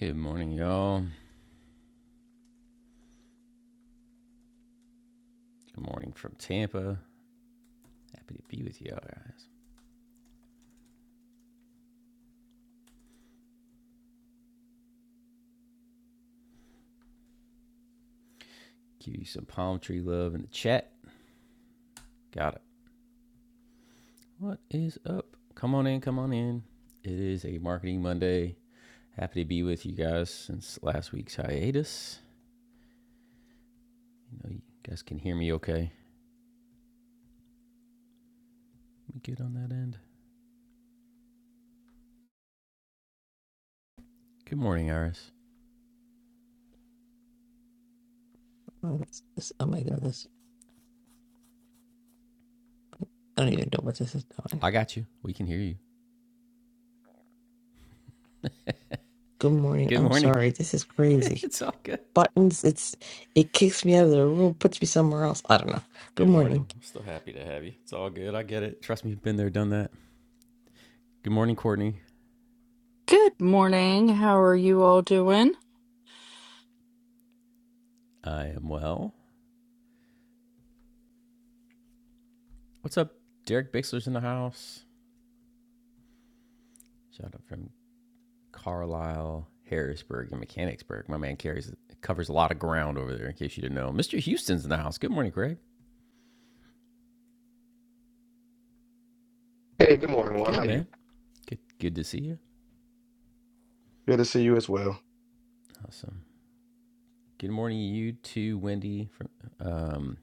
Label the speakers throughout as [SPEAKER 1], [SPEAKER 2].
[SPEAKER 1] Good morning, y'all. Good morning from Tampa. Happy to be with y'all guys. Give you some palm tree love in the chat. Got it. What is up? Come on in, come on in. It is a marketing Monday. Happy to be with you guys since last week's hiatus. You know, you guys can hear me okay. Let me get on that end. Good morning, Iris.
[SPEAKER 2] Oh, that's- this- oh my god, this I don't even know what this is doing.
[SPEAKER 1] I got you. We can hear you.
[SPEAKER 2] Good morning.
[SPEAKER 1] Good
[SPEAKER 2] I'm
[SPEAKER 1] morning.
[SPEAKER 2] sorry. This is crazy.
[SPEAKER 1] it's all good.
[SPEAKER 2] Buttons, it's it kicks me out of the room, puts me somewhere else. I don't know. Good
[SPEAKER 1] Good
[SPEAKER 2] morning.
[SPEAKER 1] morning. I'm still happy to have you. It's all good. I get it. Trust me, been there, done that. Good morning, Courtney.
[SPEAKER 3] Good morning. How are you all doing?
[SPEAKER 1] I am well. What's up? Derek Bixler's in the house. Shout out from Carlisle, Harrisburg, and Mechanicsburg. My man carries covers a lot of ground over there. In case you didn't know, Mr. Houston's in the house. Good morning, Greg.
[SPEAKER 4] Hey, good morning, Juan.
[SPEAKER 1] Good
[SPEAKER 4] How you?
[SPEAKER 1] man. Good good to see you.
[SPEAKER 4] Good to see you as well.
[SPEAKER 1] Awesome. Good morning, you too, Wendy from um,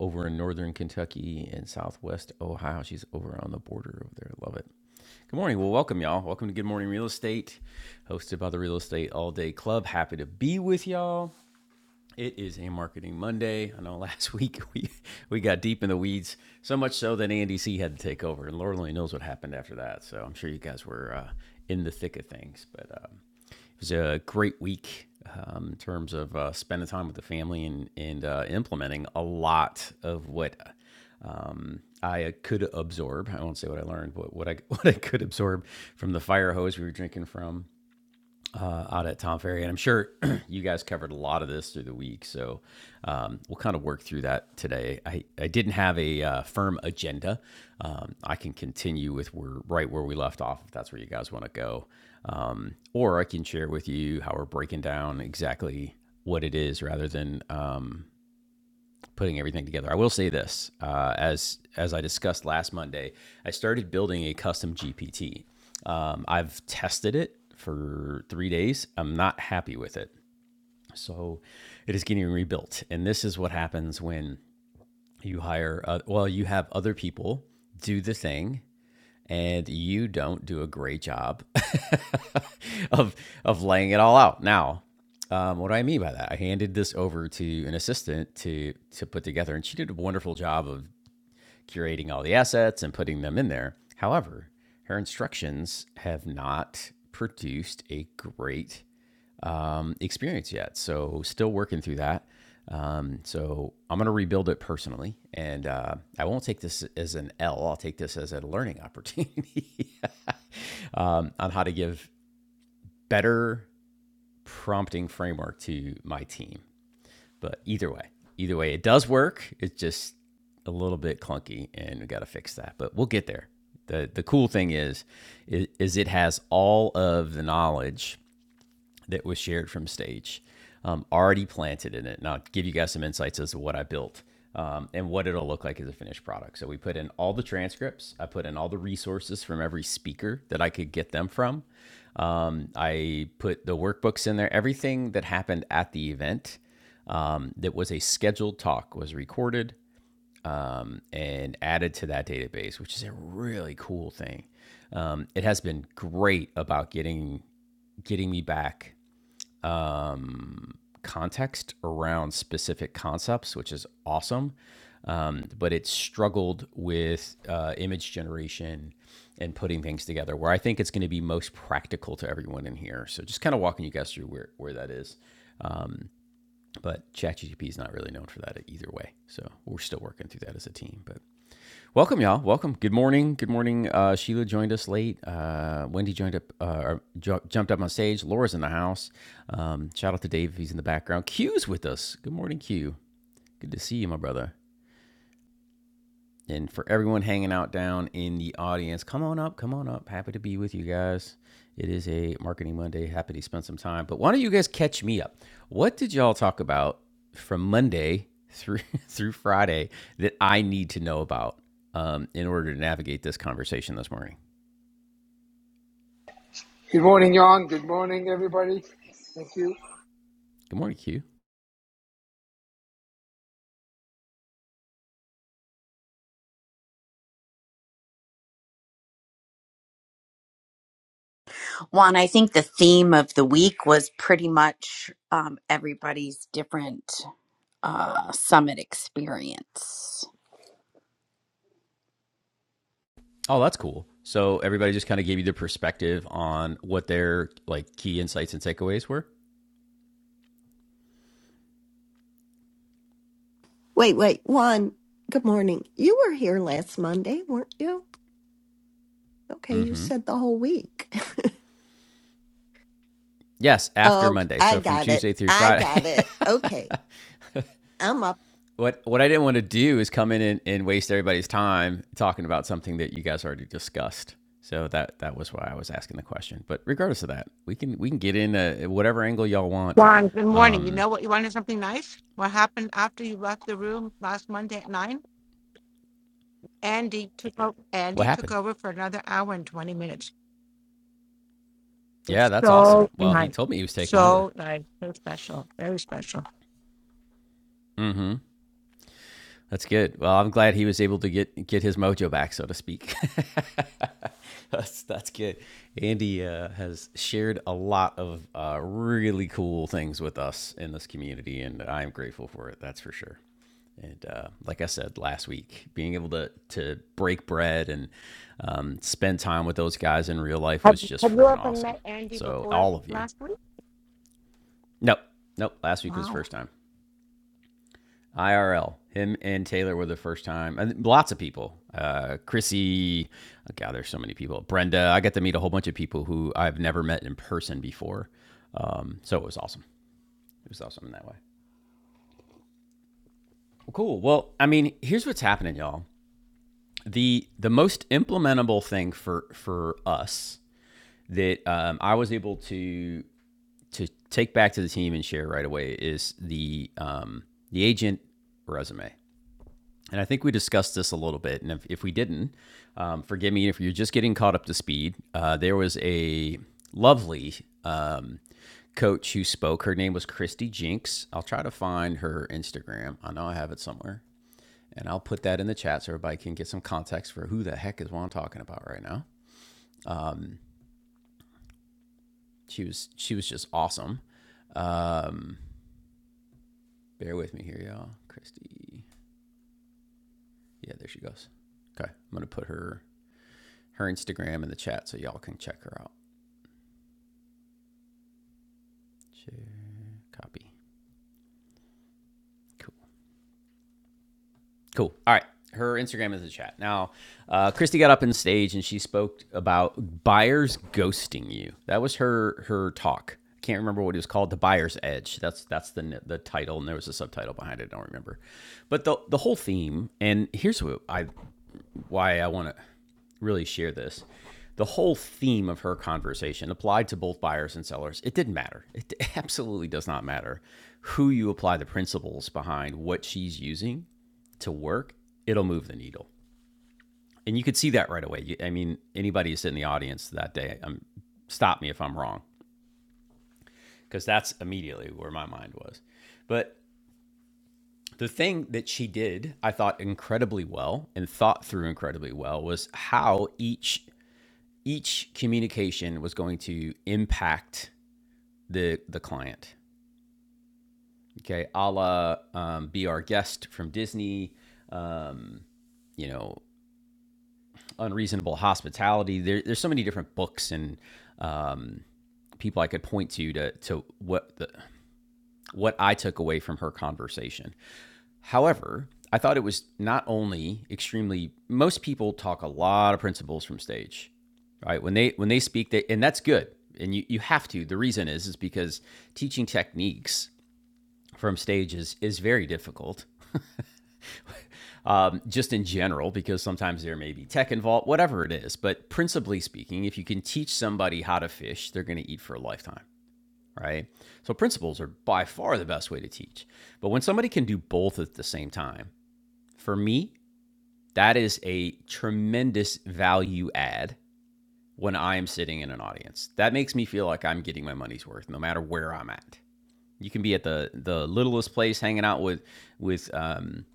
[SPEAKER 1] over in northern Kentucky and southwest Ohio. She's over on the border over there. Love it. Good morning. Well, welcome, y'all. Welcome to Good Morning Real Estate, hosted by the Real Estate All Day Club. Happy to be with y'all. It is a marketing Monday. I know last week we we got deep in the weeds, so much so that Andy C had to take over, and Lord only knows what happened after that. So I'm sure you guys were uh, in the thick of things, but um, it was a great week um, in terms of uh, spending time with the family and and uh, implementing a lot of what I could absorb. I won't say what I learned, but what I what I could absorb from the fire hose we were drinking from uh, out at Tom Ferry. And I'm sure you guys covered a lot of this through the week. So um, we'll kind of work through that today. I, I didn't have a uh, firm agenda. Um, I can continue with where, right where we left off if that's where you guys want to go. Um, or I can share with you how we're breaking down exactly what it is rather than um, putting everything together. I will say this, uh, as as I discussed last Monday, I started building a custom GPT. Um, I've tested it for three days. I'm not happy with it, so it is getting rebuilt. And this is what happens when you hire. Uh, well, you have other people do the thing, and you don't do a great job of of laying it all out. Now, um, what do I mean by that? I handed this over to an assistant to to put together, and she did a wonderful job of curating all the assets and putting them in there. However, her instructions have not produced a great um, experience yet. So, still working through that. Um, so, I'm going to rebuild it personally. And uh, I won't take this as an L, I'll take this as a learning opportunity um, on how to give better prompting framework to my team. But either way, either way, it does work. It's just a little bit clunky, and we got to fix that. But we'll get there. the The cool thing is, is, is it has all of the knowledge that was shared from stage um, already planted in it. And I'll give you guys some insights as to what I built um, and what it'll look like as a finished product. So we put in all the transcripts, I put in all the resources from every speaker that I could get them from. Um, I put the workbooks in there, everything that happened at the event. Um, that was a scheduled talk was recorded um, and added to that database, which is a really cool thing. Um, it has been great about getting getting me back um, context around specific concepts, which is awesome. Um, but it struggled with uh, image generation and putting things together, where I think it's going to be most practical to everyone in here. So just kind of walking you guys through where, where that is. But ChatGPT is not really known for that either way. So we're still working through that as a team. But Welcome, y'all. Welcome. Good morning. Good morning. Uh, Sheila joined us late. Uh, Wendy joined up, uh, or ju- jumped up on stage. Laura's in the house. Um, shout out to Dave. He's in the background. Q's with us. Good morning, Q. Good to see you, my brother. And for everyone hanging out down in the audience, come on up, come on up. Happy to be with you guys. It is a Marketing Monday. Happy to spend some time. But why don't you guys catch me up? What did y'all talk about from Monday through through Friday that I need to know about um, in order to navigate this conversation this morning?
[SPEAKER 5] Good morning, Jan. Good morning, everybody. Thank you.
[SPEAKER 1] Good morning, Q.
[SPEAKER 6] Juan, I think the theme of the week was pretty much um, everybody's different uh, summit experience.
[SPEAKER 1] Oh, that's cool. So everybody just kind of gave you the perspective on what their like key insights and takeaways were.
[SPEAKER 7] Wait, wait, Juan, good morning. You were here last Monday, weren't you? Okay, you
[SPEAKER 1] Mm-hmm.
[SPEAKER 7] said the whole week.
[SPEAKER 1] Yes, after
[SPEAKER 7] Oh,
[SPEAKER 1] Monday.
[SPEAKER 7] I
[SPEAKER 1] So from
[SPEAKER 7] got it.
[SPEAKER 1] Tuesday through
[SPEAKER 7] I
[SPEAKER 1] Friday,
[SPEAKER 7] got it. Okay, I'm up.
[SPEAKER 1] What what I didn't want to do is come in and, and waste everybody's time talking about something that you guys already discussed. So that that was why I was asking the question. But regardless of that, we can we can get in uh whatever angle y'all want.
[SPEAKER 8] Juan, good morning. You
[SPEAKER 1] Um,
[SPEAKER 8] know what? You wanted something nice? What happened after you left the room last Monday at nine? Andy took over.
[SPEAKER 1] what
[SPEAKER 8] Andy took
[SPEAKER 1] happened?
[SPEAKER 8] over for another hour and twenty minutes.
[SPEAKER 1] Yeah,
[SPEAKER 8] It's
[SPEAKER 1] that's awesome.
[SPEAKER 8] so
[SPEAKER 1] Well, he
[SPEAKER 8] nice,
[SPEAKER 1] told me he was taking over.
[SPEAKER 8] so nice, so special, very special.
[SPEAKER 1] Mm-hmm. That's good. Well, I'm glad he was able to get get his mojo back, so to speak. that's that's good. Andy uh, has shared a lot of uh, really cool things with us in this community, and I'm grateful for it. That's for sure. and uh, like I said last week, being able to to break bread and um, spend time with those guys in real life
[SPEAKER 8] Have
[SPEAKER 1] was just
[SPEAKER 8] Have you
[SPEAKER 1] freaking
[SPEAKER 8] ever
[SPEAKER 1] awesome.
[SPEAKER 8] met Andy
[SPEAKER 1] So
[SPEAKER 8] before
[SPEAKER 1] all of you,
[SPEAKER 8] last week?
[SPEAKER 1] nope, nope. Last week was the
[SPEAKER 8] Wow.
[SPEAKER 1] first time. IRL, him and Taylor were the first time, and lots of people. Uh, Chrissy, oh God, there's so many people. Brenda, I got to meet a whole bunch of people who I've never met in person before. Um, so it was awesome. It was awesome in that way. Well, cool. Well, I mean, here's what's happening, y'all. the the most implementable thing for for us that um, I was able to to take back to the team and share right away is the um, the agent resume. And I think we discussed this a little bit. And if, if we didn't, um, forgive me if you're just getting caught up to speed. Uh, there was a lovely um, coach who spoke. Her name was Christy Jinks. I'll try to find her Instagram. I know I have it somewhere. And I'll put that in the chat so everybody can get some context for who the heck is Juan talking about right now. She was she was just awesome. Um, bear with me here, y'all. Christy. Yeah, there she goes. Okay. I'm gonna put her her Instagram in the chat so y'all can check her out. She copy. Cool. All right. Her Instagram is in the chat. Now, uh, Christy got up on stage and she spoke about buyers ghosting you. That was her her talk. I can't remember what it was called. The Buyer's Edge. That's that's the the title, and there was a subtitle behind it. I don't remember. But the the whole theme. And here's what I why I want to really share this. The whole theme of her conversation applied to both buyers and sellers. It didn't matter. It absolutely does not matter who you apply the principles behind what she's using to work, it'll move the needle. And you could see that right away. I mean, anybody who's in the audience that day, um, stop me if I'm wrong, because that's immediately where my mind was. But the thing that she did, I thought incredibly well and thought through incredibly well was how each each communication was going to impact the the client. Okay, a la um, be our guest from Disney. Um, you know, unreasonable hospitality. There, there's so many different books and um, people I could point to to to what the, what I took away from her conversation. However, I thought it was not only extremely most people talk a lot of principles from stage. Right? When they when they speak they and that's good. And you, you have to. The reason is is because teaching techniques from stage is is very difficult. Um, just in general, because sometimes there may be tech involved, whatever it is. But principally speaking, if you can teach somebody how to fish, they're gonna eat for a lifetime. Right. So principles are by far the best way to teach. But when somebody can do both at the same time, for me, That is a tremendous value add when I am sitting in an audience. That makes me feel like I'm getting my money's worth no matter where I'm at. You can be at the the littlest place hanging out with with um,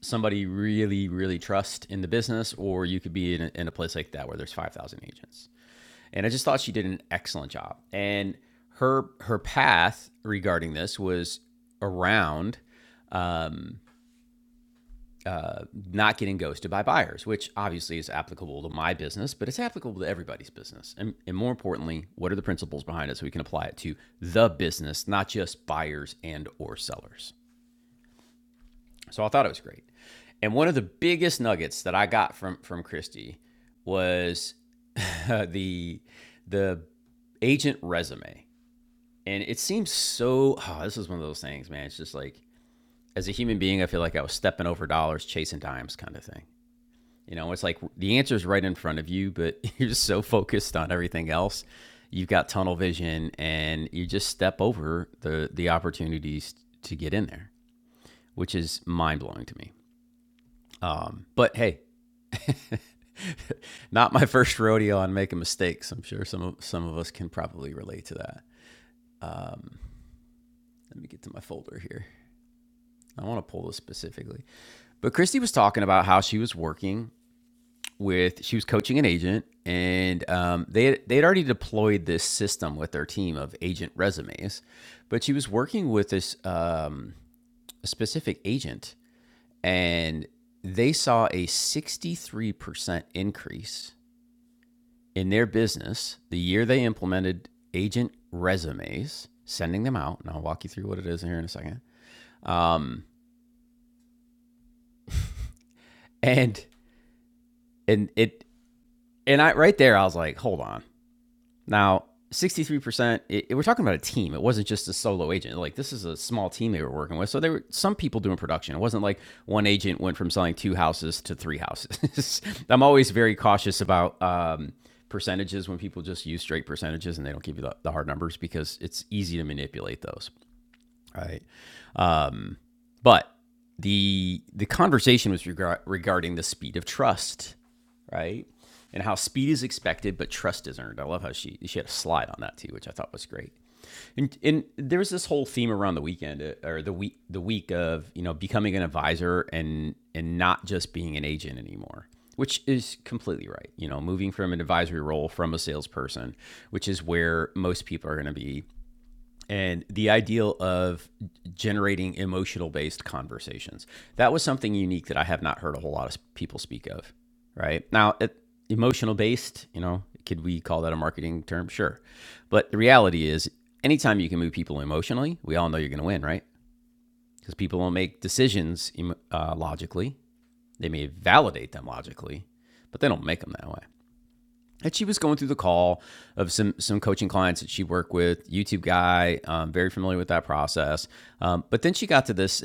[SPEAKER 1] somebody really really trust in the business, or you could be in a, in a place like that where there's five thousand agents. And I just thought she did an excellent job. And her her path regarding this was around uh, not getting ghosted by buyers, which obviously is applicable to my business, but it's applicable to everybody's business. And, and more importantly, what are the principles behind it so we can apply it to the business, not just buyers and or sellers. So I thought it was great. And one of the biggest nuggets that I got from from Christy was the the agent resume. And it seems so oh, this is one of those things, man. It's just like as a human being, I feel like I was stepping over dollars, chasing dimes kind of thing. You know, it's like the answer is right in front of you, but you're just so focused on everything else. You've got tunnel vision and you just step over the the opportunities to get in there, which is mind-blowing to me. But hey, not my first rodeo on making mistakes. I'm sure some of some of us can probably relate to that. Let me get to my folder here. I want to pull this specifically. But Christy was talking about how she was working with she was coaching an agent, and um, they had, they had already deployed this system with their team of agent resumes, but she was working with this um, a specific agent, and they saw a sixty three percent increase in their business the year they implemented agent resumes, sending them out, and I'll walk you through what it is here in a second. Um, and and it and I right there I was like, hold on, Now, 63%, it, it- we're talking about a team. It wasn't just a solo agent. Like, this is a small team they were working with. So, there were some people doing production. It wasn't like one agent went from selling two houses to three houses. I'm always very cautious about um, percentages when people just use straight percentages and they don't give you the, the hard numbers because it's easy to manipulate those. All right. But the the conversation was regar- regarding the speed of trust, right? And how speed is expected, but trust is earned. I love how she she had a slide on that too, which I thought was great. And and there was this whole theme around the weekend uh, or the week the week of you know becoming an advisor and and not just being an agent anymore, which is completely right. You know, moving from an advisory role from a salesperson, which is where most people are going to be and the ideal of generating emotional based conversations. That was something unique that I have not heard a whole lot of people speak of, right? Now, emotional based, you know, could we call that a marketing term? Sure. But the reality is, anytime you can move people emotionally, we all know you're going to win, right? Because people will make decisions uh, logically. They may validate them logically, but they don't make them that way and she was going through the call of some some coaching clients that she worked with, YouTube guy, um, very familiar with that process. Um, but then she got to this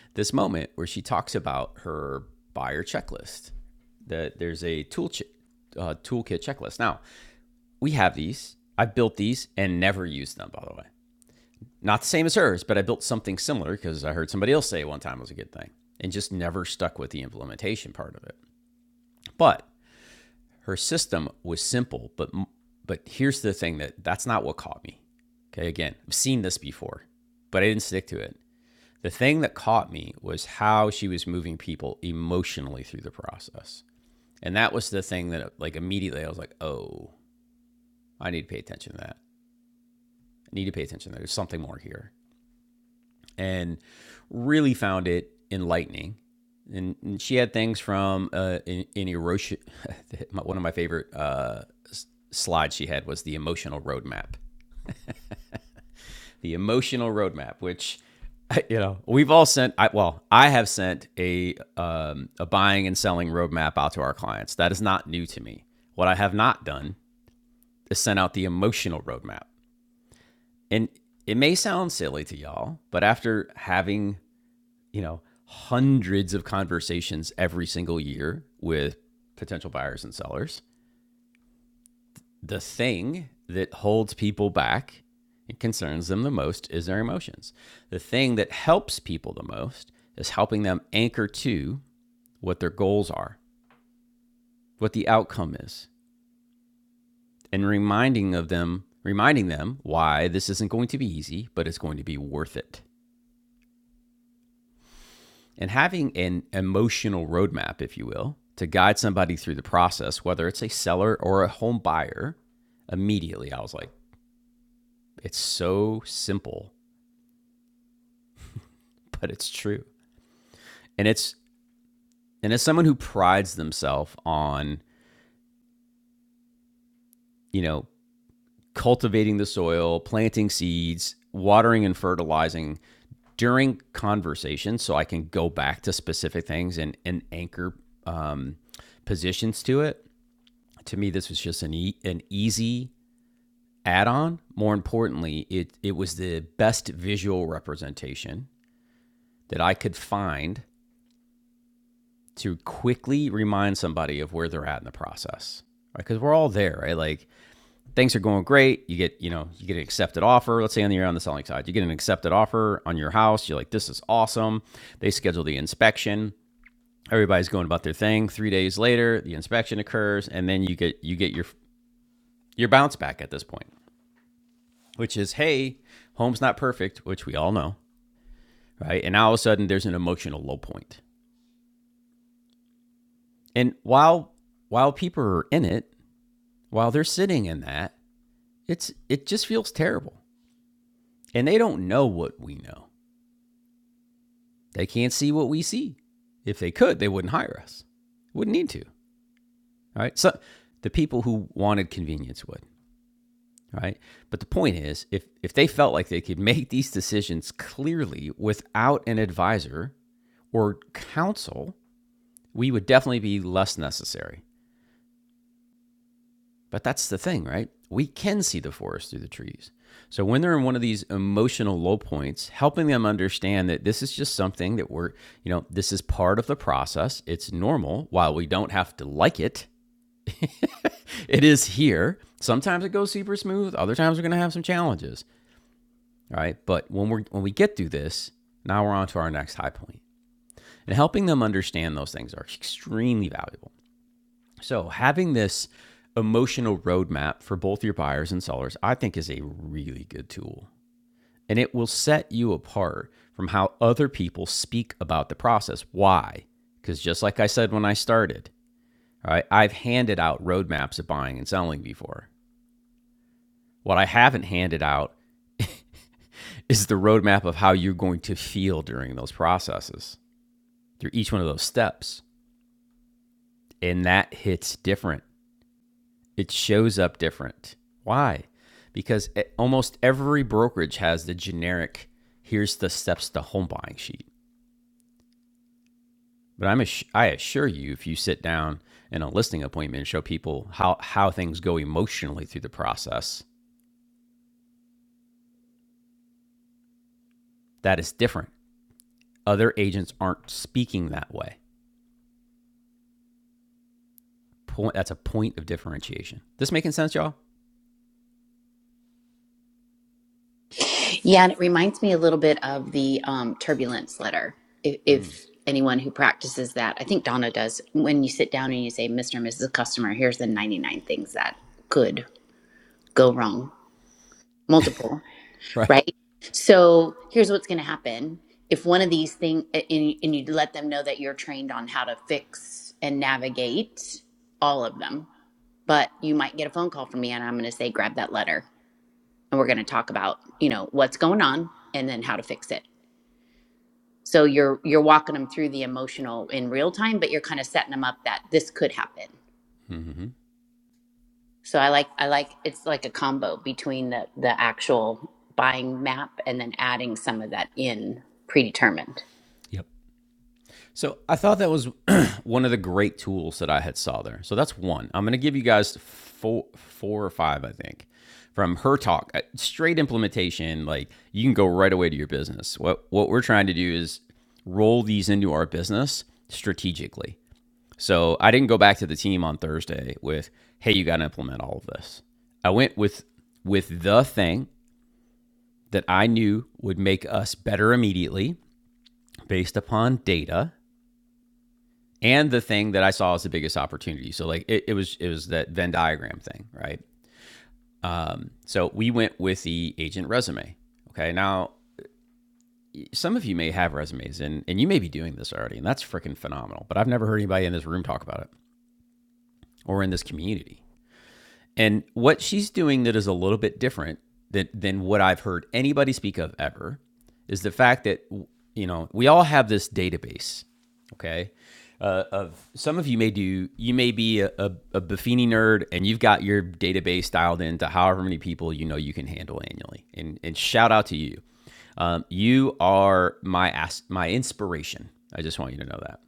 [SPEAKER 1] this moment where she talks about her buyer checklist. That there's a tool ch- uh, toolkit checklist. Now we have these. I built these and never used them. By the way, not the same as hers, but I built something similar because I heard somebody else say one time it was a good thing, and just never stuck with the implementation part of it. But her system was simple, but but here's the thing that that's not what caught me. Okay, again, I've seen this before, but I didn't stick to it. The thing that caught me was how she was moving people emotionally through the process. And that was the thing that like immediately I was like, "Oh, I need to pay attention to that. I need to pay attention to that. There's something more here." And really found it enlightening and, and she had things from uh, an, an erosion, one of my favorite uh, slide she had was the emotional roadmap. The emotional roadmap, which you know we've all sent. I, well, I have sent a um, a buying and selling roadmap out to our clients. That is not new to me. What I have not done is sent out the emotional roadmap, and it may sound silly to y'all, but after having you know hundreds of conversations every single year with potential buyers and sellers, the thing that holds people back and concerns them the most is their emotions. The thing that helps people the most is helping them anchor to what their goals are, what the outcome is, and reminding of them, reminding them why this isn't going to be easy, but it's going to be worth it. And having an emotional roadmap, if you will, to guide somebody through the process, whether it's a seller or a home buyer, immediately I was like, it's so simple, but it's true. And it's and as someone who prides themselves on, you know, cultivating the soil, planting seeds, watering and fertilizing during conversations, so I can go back to specific things and, and anchor um, positions to it. To me, this was just an, e- an easy add on. More importantly, it, it was the best visual representation that I could find to quickly remind somebody of where they're at in the process. Right. Cause we're all there, right? Like things are going great. You get, you know, you get an accepted offer. Let's say on the you're on the selling side, you get an accepted offer on your house. You're like, this is awesome. They schedule the inspection. Everybody's going about their thing. Three days later, the inspection occurs, and then you get you get your your bounce back at this point, which is, hey, home's not perfect, which we all know, right? And now all of a sudden, there's an emotional low point. And while while people are in it, while they're sitting in that, it's it just feels terrible, and they don't know what we know They can't see what we see. If they could, they wouldn't hire us. Wouldn't need to. right? So the people who wanted convenience would. right? But the point is, if if they felt like they could make these decisions clearly without an advisor or counsel, we would definitely be less necessary. But that's the thing, right? We can see the forest through the trees. So when they're in one of these emotional low points, helping them understand that this is just something that we're, you know, this is part of the process. It's normal. While we don't have to like it, it is here. Sometimes it goes super smooth. Other times we're going to have some challenges, right? But when we're when we get through this, now we're on to our next high point. And helping them understand those things are extremely valuable. So, having this emotional roadmap for both your buyers and sellers, I think is a really good tool. And it will set you apart from how other people speak about the process. Why? Because just like I said when I started, right? right, I've handed out roadmaps of buying and selling before. What I haven't handed out is the roadmap of how you're going to feel during those processes, through each one of those steps. And that hits different it shows up different. Why? Because e- almost every brokerage has the generic here's the steps to home buying sheet. But I'm ass- I assure you if you sit down in a listing appointment and show people how how things go emotionally through the process, that is different. Other agents aren't speaking that way. Point that's a point of differentiation. This making sense, y'all?
[SPEAKER 6] Yeah, and it reminds me a little bit of the um, turbulence letter. If,
[SPEAKER 1] Mm.
[SPEAKER 6] if anyone who practices that, I think Donna does, when you sit down and you say, Mr. and Mrs. Customer, here's the 99 things that could go wrong, multiple.
[SPEAKER 1] Right.
[SPEAKER 6] right? So here's what's going to happen. If one of these things, and, and you let them know that you're trained on how to fix and navigate all of them, but you might get a phone call from me and I'm going to say, grab that letter. And we're going to talk about, you know, what's going on and then how to fix it. So you're, you're walking them through the emotional in real time, but you're kind of setting them up that this could happen.
[SPEAKER 1] Mm-hmm.
[SPEAKER 6] So I like, I like, it's like a combo between the, the actual buying map and then adding some of that in predetermined.
[SPEAKER 1] Yep. So I thought that was one of the great tools that I had saw there. So that's one. I'm going to give you guys four, four or five, I think, from her talk. Uh, Straight implementation, like you can go right away to your business. What what we're trying to do is roll these into our business strategically. So I didn't go back to the team on Thursday with, "Hey, you got to implement all of this." I went with with the thing that I knew would make us better immediately based upon data and the thing that I saw as the biggest opportunity. So like it, it was it was that Venn diagram thing, right? So we went with the agent resume. Okay. Now some of you may have resumes and, and you may be doing this already, and that's freaking phenomenal. But I've never heard anybody in this room talk about it or in this community. And what she's doing that is a little bit different than, than what I've heard anybody speak of ever is the fact that, you know, we all have this database, okay? Uh, of some of you may do, you may be a, a, a Buffini nerd and you've got your database dialed into however many people you know you can handle annually. And, and shout out to you. Um, you are my, as- my inspiration. I just want you to know that.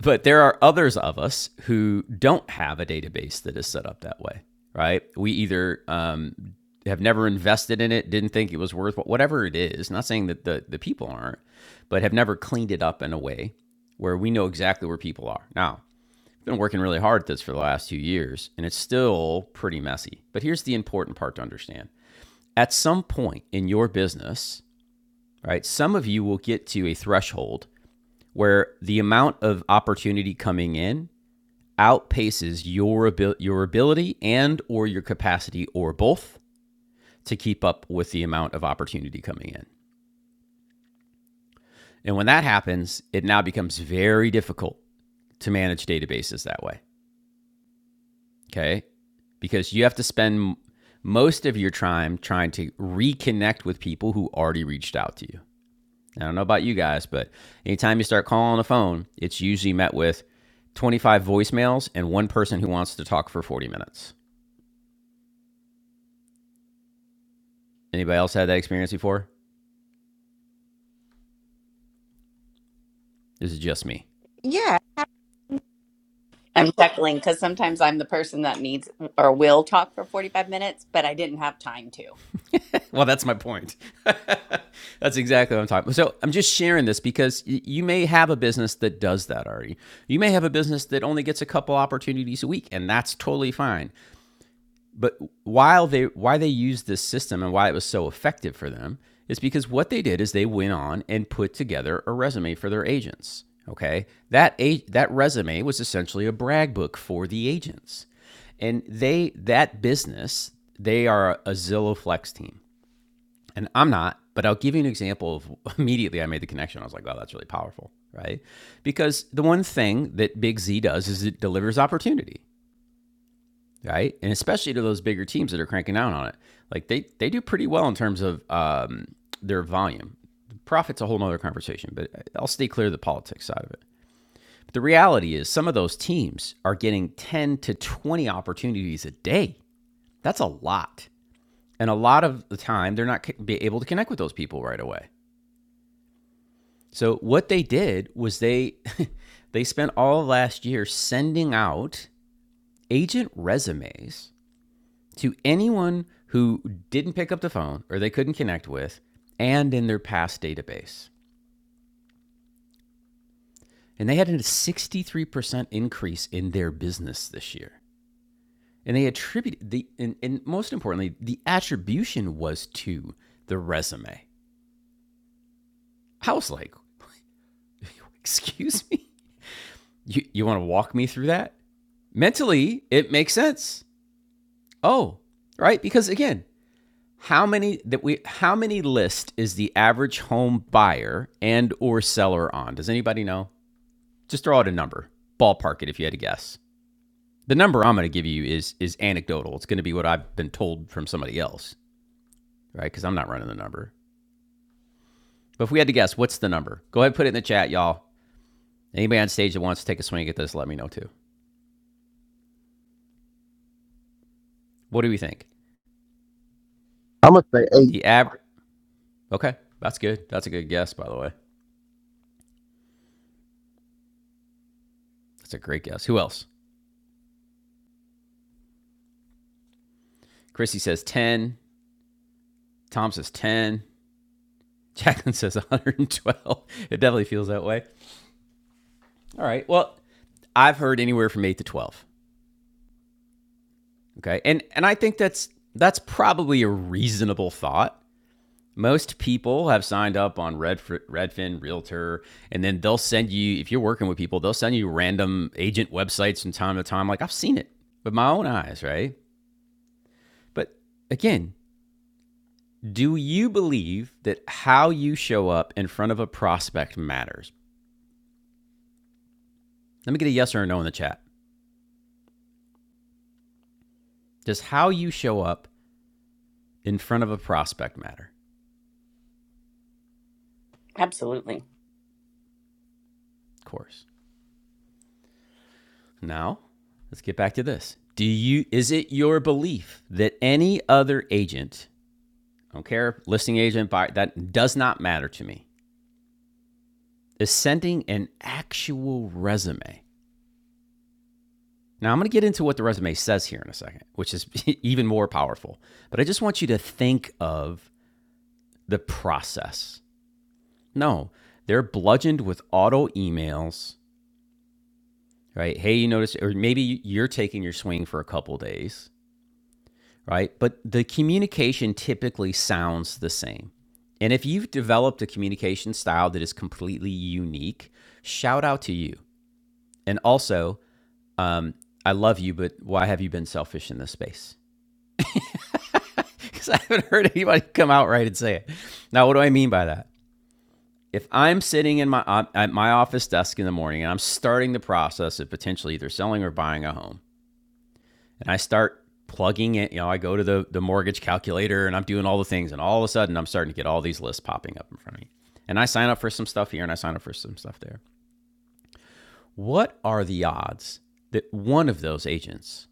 [SPEAKER 1] But there are others of us who don't have a database that is set up that way, right? We either um, have never invested in it, didn't think it was worth whatever it is. Not saying that the, the people aren't, but have never cleaned it up in a way where we know exactly where people are. Now, I've been working really hard at this for the last few years, and it's still pretty messy. But here's the important part to understand at some point in your business, right, some of you will get to a threshold where the amount of opportunity coming in outpaces your abil- your ability and or your capacity or both to keep up with the amount of opportunity coming in. And when that happens, it now becomes very difficult to manage databases that way, okay? Because you have to spend most of your time trying to reconnect with people who already reached out to you. I don't know about you guys, but anytime you start calling a phone, it's usually met with 25 voicemails and one person who wants to talk for 40 minutes. Anybody else had that experience before? This is just me.
[SPEAKER 8] Yeah,
[SPEAKER 6] I'm chuckling because sometimes I'm the person that needs or will talk for 45 minutes, but I didn't have time to.
[SPEAKER 1] Well, that's my point. that's exactly what I'm talking about. So I'm just sharing this because you may have a business that does that already. You may have a business that only gets a couple opportunities a week, and that's totally fine. But while they why they used this system and why it was so effective for them is because what they did is they went on and put together a resume for their agents. Okay, that a- that resume was essentially a brag book for the agents, and they that business they are a Zillow Flex team, and I'm not, but I'll give you an example of immediately I made the connection. I was like, wow, that's really powerful, right? Because the one thing that Big Z does is it delivers opportunity right? And especially to those bigger teams that are cranking down on it. Like they they do pretty well in terms of um, their volume. Profit's a whole nother conversation, but I'll stay clear of the politics side of it. But the reality is some of those teams are getting 10 to 20 opportunities a day. That's a lot. And a lot of the time they're not be able to connect with those people right away. So what they did was they they spent all last year sending out agent resumes to anyone who didn't pick up the phone or they couldn't connect with and in their past database. And they had a 63% increase in their business this year. And they attributed the, and, and most importantly, the attribution was to the resume. I was like, excuse me? You, you want to walk me through that? Mentally, it makes sense. Oh, right? Because again, How many that we how many list is the average home buyer and or seller on? Does anybody know? Just throw out a number. Ballpark it if you had to guess. The number I'm going to give you is is anecdotal. It's going to be what I've been told from somebody else, right? Cuz I'm not running the number. But if we had to guess, what's the number? Go ahead and put it in the chat, y'all. Anybody on stage that wants to take a swing at this, let me know too. What do we think?
[SPEAKER 4] I'm gonna say, hey,
[SPEAKER 1] The av Okay, that's good. That's a good guess, by the way. That's a great guess. Who else? Chrissy says 10. Tom says 10. Jacqueline says 112. It definitely feels that way. All right. Well, I've heard anywhere from 8 to 12. Okay. And and I think that's that's probably a reasonable thought. Most people have signed up on Redf- Redfin, Realtor, and then they'll send you if you're working with people, they'll send you random agent websites from time to time like I've seen it with my own eyes, right? But again, do you believe that how you show up in front of a prospect matters? Let me get a yes or a no in the chat. Does how you show up in front of a prospect matter?
[SPEAKER 6] Absolutely.
[SPEAKER 1] Of course. Now, let's get back to this. Do you is it your belief that any other agent, I don't care, listing agent, buyer, that does not matter to me, is sending an actual resume? Now, I'm going to get into what the resume says here in a second, which is even more powerful. But I just want you to think of the process. No, they're bludgeoned with auto emails right? Hey, you notice, or maybe you're taking your swing for a couple days, right? But the communication typically sounds the same. And if you've developed a communication style that is completely unique, shout out to you. And also, um, I love you, but why have you been selfish in this space? Because I haven't heard anybody come out right and say it. Now, what do I mean by that? If I'm sitting in my uh, at my office desk in the morning and I'm starting the process of potentially either selling or buying a home, and I start plugging it. You know, I go to the, the mortgage calculator and I'm doing all the things. And all of a sudden, I'm starting to get all these lists popping up in front of me. And I sign up for some stuff here and I sign up for some stuff there. What are the odds that one of those agents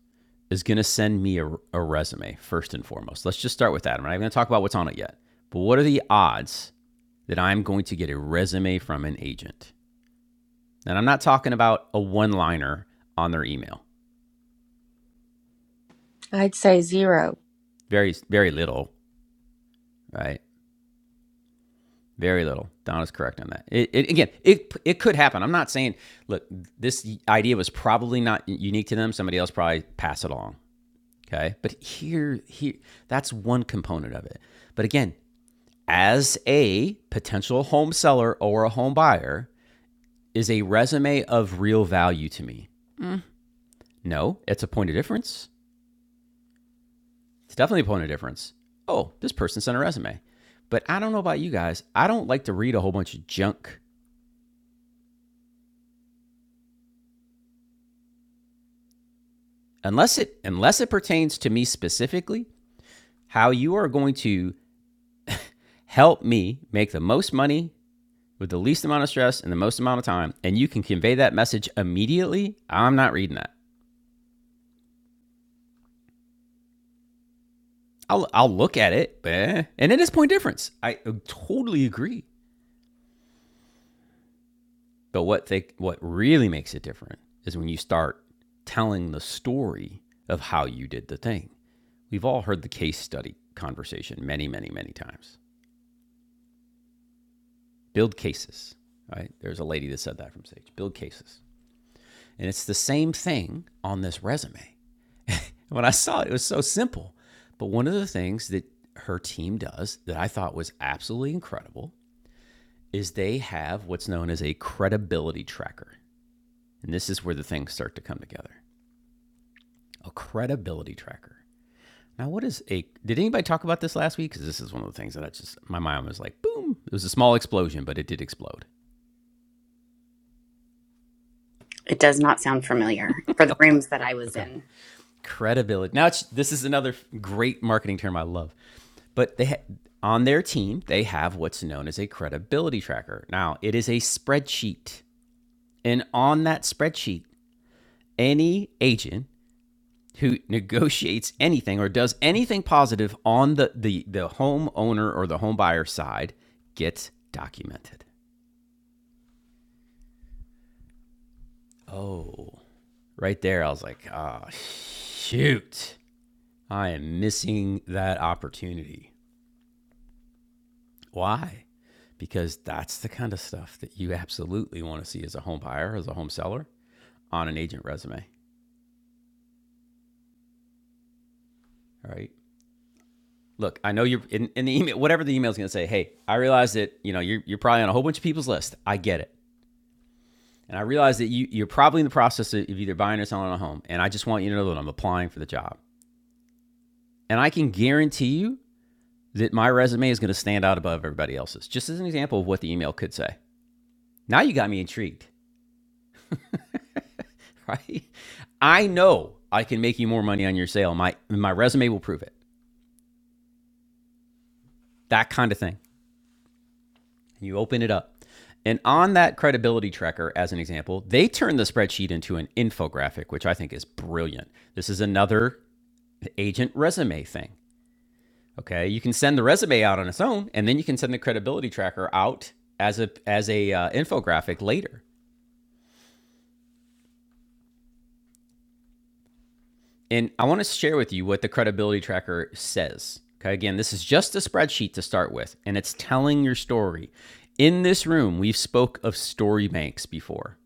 [SPEAKER 1] is going to send me a, a resume first and foremost? Let's just start with that. I'm not going to talk about what's on it yet. But what are the odds that I'm going to get a resume from an agent? And I'm not talking about a one liner on their email,
[SPEAKER 9] I'd say zero.
[SPEAKER 1] very, very little, right? Very little. Donna's correct on that. It, it, again, it it could happen. I'm not saying. Look, this idea was probably not unique to them. Somebody else probably passed it along. Okay, but here, here, that's one component of it. But again, as a potential home seller or a home buyer, is a resume of real value to me? No, it's a point of difference. It's definitely a point of difference. Oh, this person sent a resume, but I don't know about you guys. I don't like to read a whole bunch of junk unless it unless it pertains to me specifically, how you are going to help me make the most money with the least amount of stress and the most amount of time, and you can convey that message immediately, I'm not reading that. I'll I'll look at it, eh. and it is point difference. I totally agree. But what they what really makes it different is when you start telling the story of how you did the thing. We've all heard the case study conversation many, many, many times. build cases, right? There's a lady that said that from Sage build cases. And it's the same thing on this resume. When I saw it, it was so simple. But one of the things that her team does that I thought was absolutely incredible is they have what's known as a credibility tracker. And this is where the things start to come together. A credibility tracker. Now, what is a? Did anybody talk about this last week? Because this is one of the things that I just my mind was like, boom! It was a small explosion, but it did explode.
[SPEAKER 6] It does not sound familiar for the
[SPEAKER 1] Okay,
[SPEAKER 6] rooms that I was
[SPEAKER 1] okay.
[SPEAKER 6] in.
[SPEAKER 1] credibility. Now it's this is another great marketing term I love. But they ha- on their team, they have what's known as a credibility tracker. Now, it is a spreadsheet. And on that spreadsheet, any agent who negotiates anything or does anything positive on the the the homeowner or the home buyer side gets documented. Oh, right there I was like, oh shoot. I am missing that opportunity." Why? Because that's the kind of stuff that you absolutely want to see as a home buyer, as a home seller on an agent resume, right? Look, I know you're in, in the email, whatever the email is going to say, hey, I realize that, you know, you're, you're probably on a whole bunch of people's list. I get it. And I realize that you, you're probably in the process of either buying or selling a home. And I just want you to know that I'm applying for the job. And I can guarantee you that my resume is going to stand out above everybody else's, just as an example of what the email could say. Now you got me intrigued. right? I know I can make you more money on your sale. My my resume will prove it. That kind of thing. You open it up. And on that credibility tracker, as an example, they turn the spreadsheet into an infographic, which I think is brilliant. This is another agent resume thing. Okay, you can send the resume out on its own, and then you can send the credibility tracker out as a as a uh, infographic later. And I want to share with you what the credibility tracker says. Okay, again, this is just a spreadsheet to start with, and it's telling your story. In this room, we've spoke of story banks before.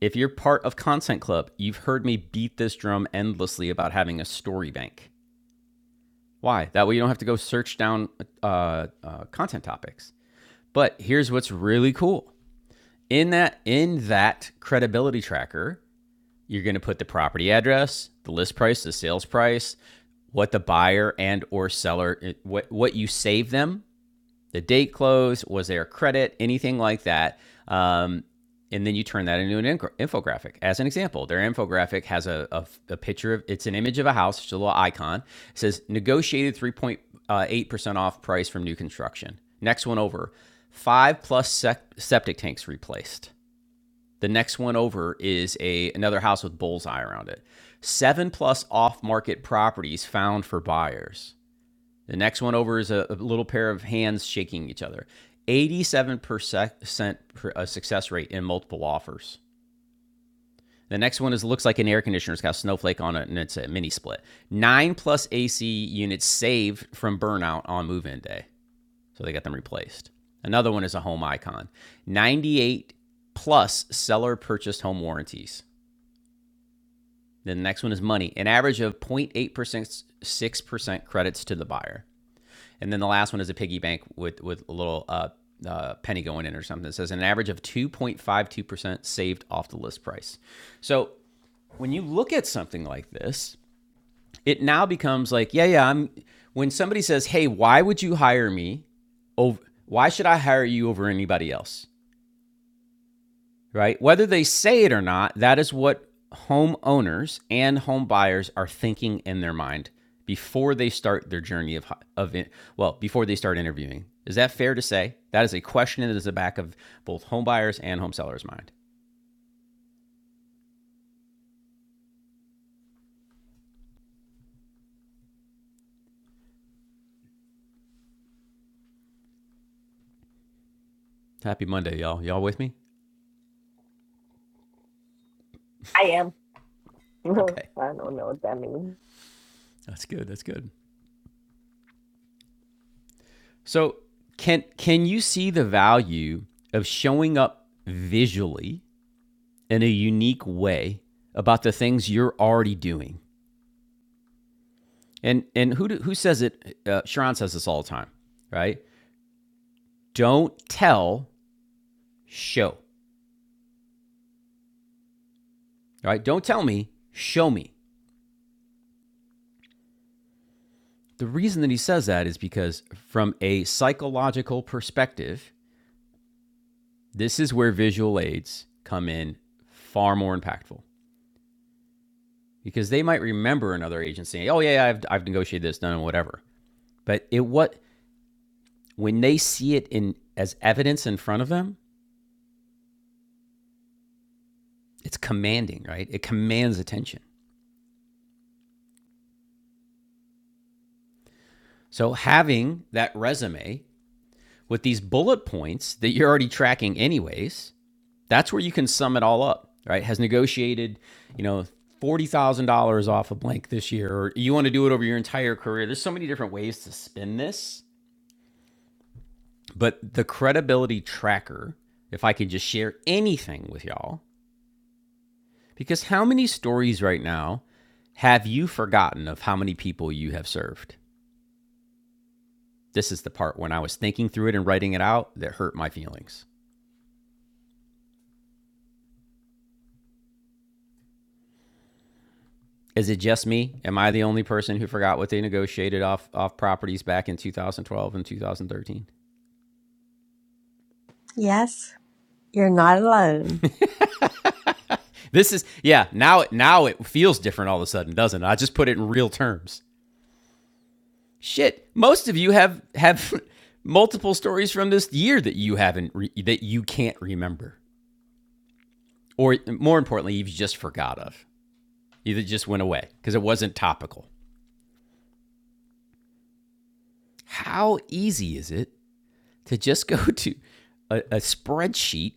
[SPEAKER 1] If you're part of Content Club, you've heard me beat this drum endlessly about having a story bank. Why? That way you don't have to go search down uh, uh, content topics. But here's what's really cool. In that in that credibility tracker, You're going to put the property address, the list price, the sales price, what the buyer and or seller what what you save them, the date close, was there credit, anything like that. Um, and then you turn that into an infographic. As an example, their infographic has a, a, a picture of it's an image of a house, just a little icon. It says negotiated 3.8% off price from new construction. Next one over, five plus septic tanks replaced. The next one over is a another house with bullseye around it. Seven plus off-market properties found for buyers. The next one over is a, a little pair of hands shaking each other. 87% uh, success rate in multiple offers. The next one is looks like an air conditioner. It's got a snowflake on it and it's a mini split. Nine plus AC units saved from burnout on move in day. So they got them replaced. Another one is a home icon. 98 plus seller purchased home warranties. Then the next one is money, an average of 0.8%, 6% credits to the buyer. And then the last one is a piggy bank with, with a little uh, uh, penny going in or something. It says an average of 2.52% saved off the list price. So when you look at something like this, it now becomes like, yeah, yeah, I'm. When somebody says, hey, why would you hire me? Over, why should I hire you over anybody else? right? Whether they say it or not, that is what homeowners and home buyers are thinking in their mind before they start their journey of of well, before they start interviewing. Is that fair to say? That is a question that is the back of both home buyers and home sellers' mind. Happy Monday, y'all. Y'all with me?
[SPEAKER 7] I am. I
[SPEAKER 1] Okay.
[SPEAKER 7] don't know what that means.
[SPEAKER 1] That's good. That's good. So, can can you see the value of showing up visually in a unique way about the things you're already doing? And and who do, who says it? Uh, Sharon says this all the time, right? Don't tell, show. Right? Don't tell me, show me. The reason that he says that is because from a psychological perspective, this is where visual aids come in far more impactful because they might remember another agent saying, "Oh yeah, yeah I've I've negotiated this, done whatever." But it what when they see it in as evidence in front of them, it's commanding, right? It commands attention. So having that resume with these bullet points that you're already tracking anyways, that's where you can sum it all up, right? Has negotiated, you know, $40,000 off a blank this year, or you want to do it over your entire career. There's so many different ways to spin this, but the credibility tracker, if I could just share anything with y'all, because how many stories right now have you forgotten of how many people you have served? This is the part when I was thinking through it and writing it out that hurt my feelings. Is it just me? Am I the only person who forgot what they negotiated off off properties back in 2012 and 2013?
[SPEAKER 9] Yes, you're not alone.
[SPEAKER 1] This is yeah, now now it feels different all of a sudden, doesn't it? I just put it in real terms. Shit, most of you have have multiple stories from this year that you haven't re- that you can't remember or more importantly, you've just forgot of. Either just went away because it wasn't topical. How easy is it to just go to a, a spreadsheet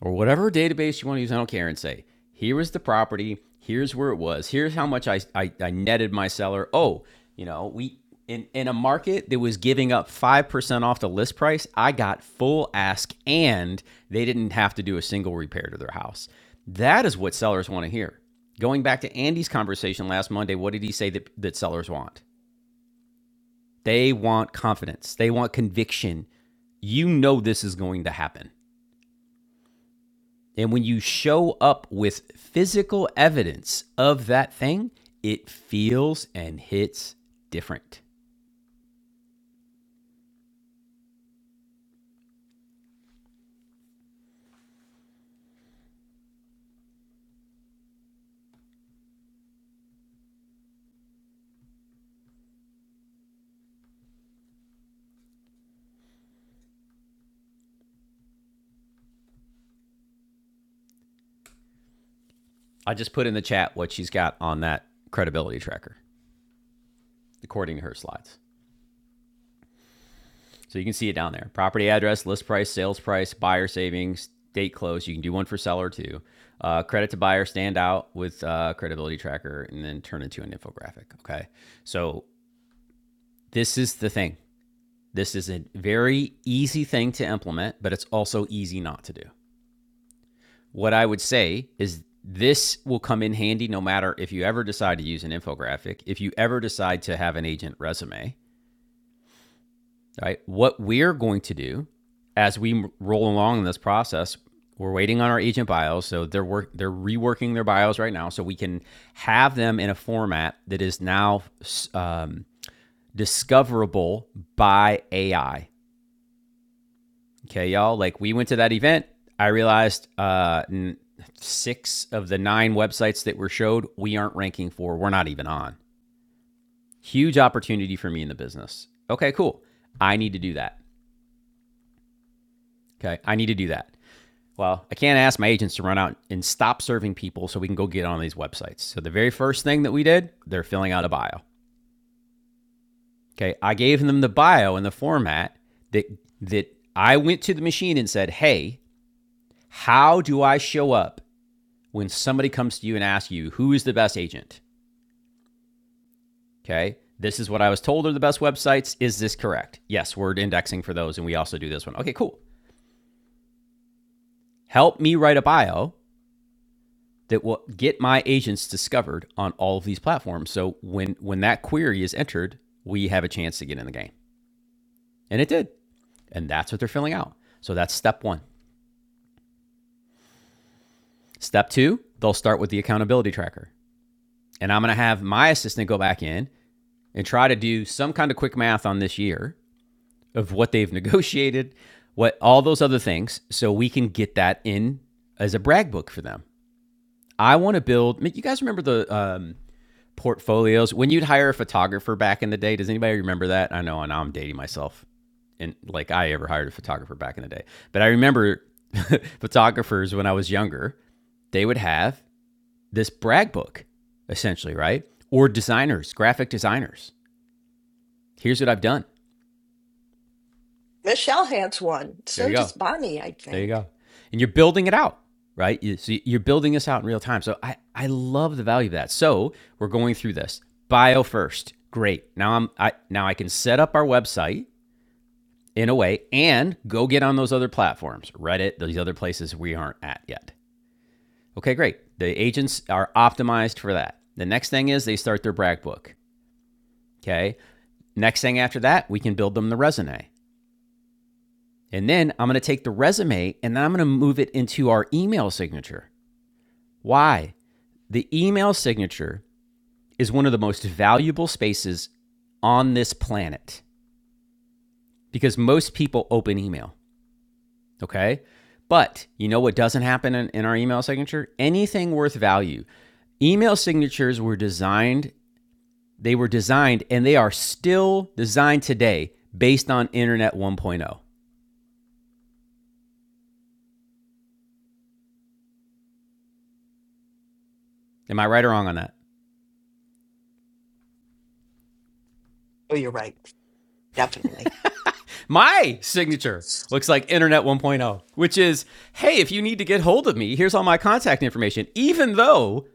[SPEAKER 1] or whatever database you want to use. I don't care and say, here is the property. Here's where it was. Here's how much I, I, I netted my seller. Oh, you know, we in, in a market that was giving up 5% off the list price, I got full ask and they didn't have to do a single repair to their house. That is what sellers want to hear. Going back to Andy's conversation last Monday, what did he say that, that sellers want? They want confidence, they want conviction. You know, this is going to happen. And when you show up with physical evidence of that thing, it feels and hits different. I just put in the chat what she's got on that credibility tracker, according to her slides. So you can see it down there property address, list price, sales price, buyer savings, date close. You can do one for seller too. Uh, credit to buyer stand out with uh, credibility tracker and then turn into an infographic. Okay. So this is the thing. This is a very easy thing to implement, but it's also easy not to do. What I would say is this will come in handy no matter if you ever decide to use an infographic, if you ever decide to have an agent resume, right? What we're going to do as we roll along in this process, we're waiting on our agent bios, so they're work they're reworking their bios right now, so we can have them in a format that is now um, discoverable by AI. Okay, y'all. Like we went to that event. I realized uh, six of the nine websites that were showed we aren't ranking for. We're not even on. Huge opportunity for me in the business. Okay, cool. I need to do that. Okay, I need to do that. Well, I can't ask my agents to run out and stop serving people so we can go get on these websites. So the very first thing that we did, they're filling out a bio. Okay, I gave them the bio in the format that that I went to the machine and said, "Hey, how do I show up when somebody comes to you and asks you, who is the best agent? Okay. This is what I was told are the best websites. Is this correct? Yes, we're indexing for those. And we also do this one. Okay, cool. Help me write a bio that will get my agents discovered on all of these platforms. So when when that query is entered, we have a chance to get in the game. And it did. And that's what they're filling out. So that's step 1. Step 2, they'll start with the accountability tracker. And I'm going to have my assistant go back in and try to do some kind of quick math on this year of what they've negotiated, what all those other things, so we can get that in as a brag book for them. I want to build. You guys remember the um, portfolios when you'd hire a photographer back in the day? Does anybody remember that? I know, and now I'm dating myself. And like I ever hired a photographer back in the day, but I remember photographers when I was younger. They would have this brag book, essentially, right? Or designers, graphic designers. Here's what I've done.
[SPEAKER 7] Michelle has one.
[SPEAKER 1] There you
[SPEAKER 7] So does
[SPEAKER 1] go.
[SPEAKER 7] Bonnie, I
[SPEAKER 1] There you
[SPEAKER 7] think.
[SPEAKER 1] go. And you're building it out, right? You, so you're building this out in real time. So I, I love the value of that. So we're going through this. Bio first. Great. Now I'm I now I can set up our website in a way and go get on those other platforms, Reddit, those other places we aren't at yet. Okay, great. The agents are optimized for that. The next thing is they start their brag book. Okay. Next thing after that, we can build them the resume. And then I'm going to take the resume and then I'm going to move it into our email signature. Why? The email signature is one of the most valuable spaces on this planet because most people open email, okay? But you know what doesn't happen in, in our email signature? Anything worth value. Email signatures were designed, they were designed, and they are still designed today based on Internet 1.0. Am I right or wrong on that?
[SPEAKER 7] Oh, you're right. Definitely.
[SPEAKER 1] My signature looks like Internet 1.0, which is hey, if you need to get hold of me, here's all my contact information, even though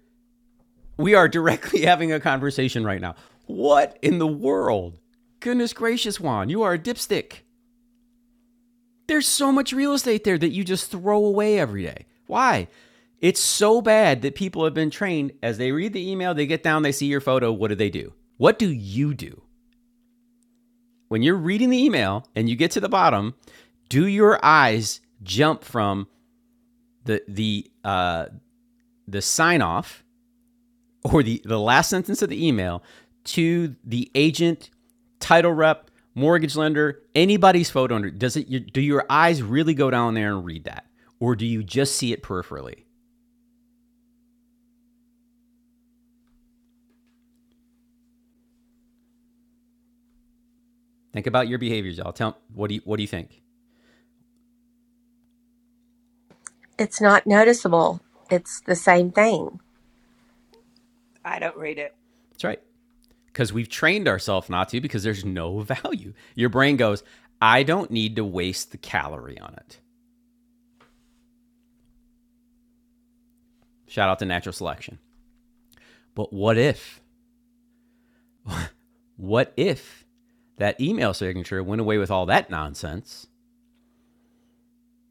[SPEAKER 1] We are directly having a conversation right now. What in the world? Goodness gracious, Juan, you are a dipstick. There's so much real estate there that you just throw away every day. Why? It's so bad that people have been trained as they read the email, they get down, they see your photo. What do they do? What do you do? When you're reading the email and you get to the bottom, do your eyes jump from the the uh, the sign off or the, the last sentence of the email to the agent, title rep, mortgage lender, anybody's photo under, does it, your, do your eyes really go down there and read that? Or do you just see it peripherally? Think about your behaviors, y'all. Tell what do you what do you think?
[SPEAKER 9] It's not noticeable. It's the same thing.
[SPEAKER 10] I don't read it.
[SPEAKER 1] That's right. Because we've trained ourselves not to because there's no value. Your brain goes, I don't need to waste the calorie on it. Shout out to natural selection. But what if? What if that email signature went away with all that nonsense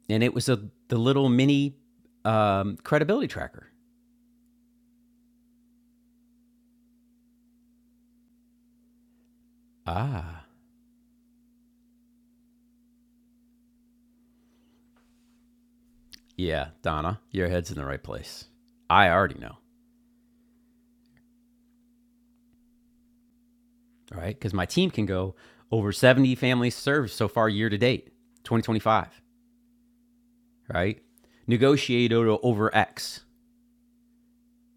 [SPEAKER 1] and it was a the little mini um, credibility tracker. Ah. Yeah, Donna, your head's in the right place. I already know, right? Because my team can go over 70 families served so far year to date, 2025, right? Negotiate over X,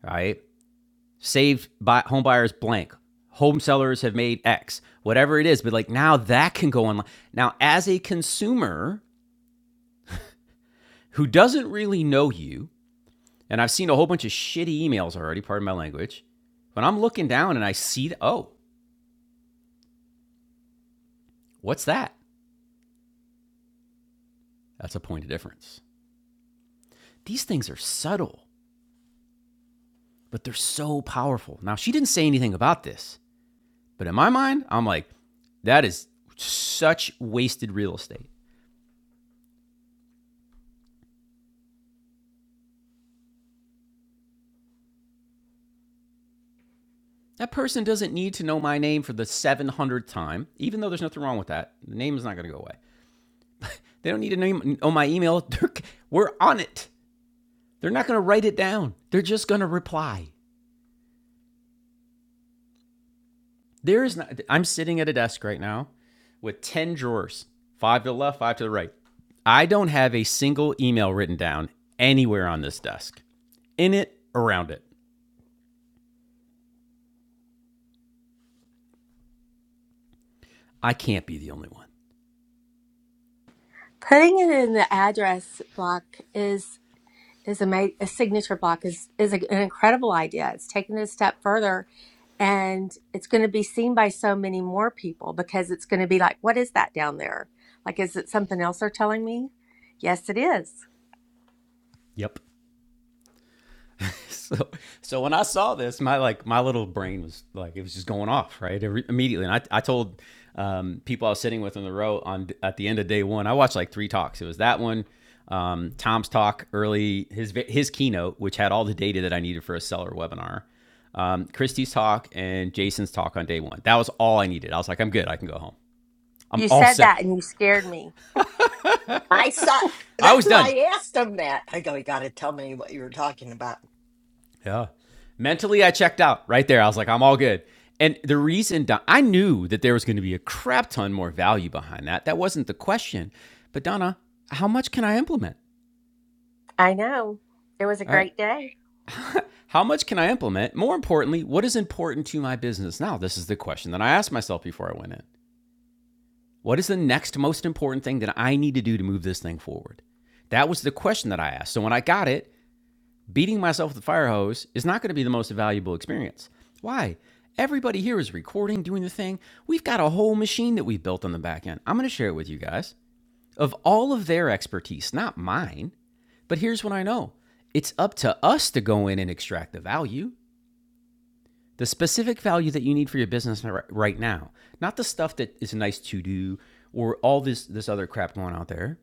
[SPEAKER 1] right? Saved by home buyers blank. Home sellers have made X, whatever it is. But like now that can go online. Now, as a consumer who doesn't really know you, And I've seen a whole bunch of shitty emails already, pardon my language. But I'm looking down and I see, th- oh, what's that? That's a point of difference. These things are subtle, but they're so powerful. Now, she didn't say anything about this, but in my mind, I'm like, that is such wasted real estate. That person doesn't need to know my name for the 700th time, even though there's nothing wrong with that. The name is not going to go away. They don't need to know my email. They're, we're on it. They're not going to write it down, they're just going to reply. There is not. I'm sitting at a desk right now with ten drawers, five to the left, five to the right. I don't have a single email written down anywhere on this desk, in it, around it. I can't be the only one.
[SPEAKER 9] Putting it in the address block is is a, ma- a signature block is is a, an incredible idea. It's taking it a step further, and it's going to be seen by so many more people because it's going to be like, what is that down there? Like, is it something else they're telling me? Yes, it is.
[SPEAKER 1] Yep. so so when I saw this, my like my little brain was like it was just going off right Every- immediately, and I I told um, people I was sitting with in the row on at the end of day one, I watched like three talks. It was that one, um, Tom's talk early, his his keynote, which had all the data that I needed for a seller webinar, um, Christy's talk, and Jason's talk on day one. That was all I needed. I was like, I'm good. I can go home. I'm
[SPEAKER 9] You
[SPEAKER 1] all
[SPEAKER 9] said that,
[SPEAKER 1] set.
[SPEAKER 9] and you scared me.
[SPEAKER 7] I saw.
[SPEAKER 1] I
[SPEAKER 7] That's
[SPEAKER 1] was
[SPEAKER 7] why
[SPEAKER 1] done.
[SPEAKER 7] I asked him that. I go, you got to tell me what you were talking about.
[SPEAKER 1] Yeah. Mentally, I checked out right there. I was like, I'm all good. And the reason Don, I knew that there was going to be a crap ton more value behind that, that wasn't the question. But Donna, how much can I implement?
[SPEAKER 9] I know. It was a
[SPEAKER 1] All right.
[SPEAKER 9] great day.
[SPEAKER 1] How much can I implement? More importantly, what is important to my business now? This is the question that I asked myself before I went in. What is the next most important thing that I need to do to move this thing forward? That was the question that I asked. So when I got it, beating myself with a fire hose is not going to be the most valuable experience. Why? Everybody here is recording, doing the thing. We've got a whole machine that we've built on the back end. I'm going to share it with you guys of all of their expertise, not mine. But here's what I know it's up to us to go in and extract the value, the specific value that you need for your business right now, not the stuff that is nice to do or all this, this other crap going out there.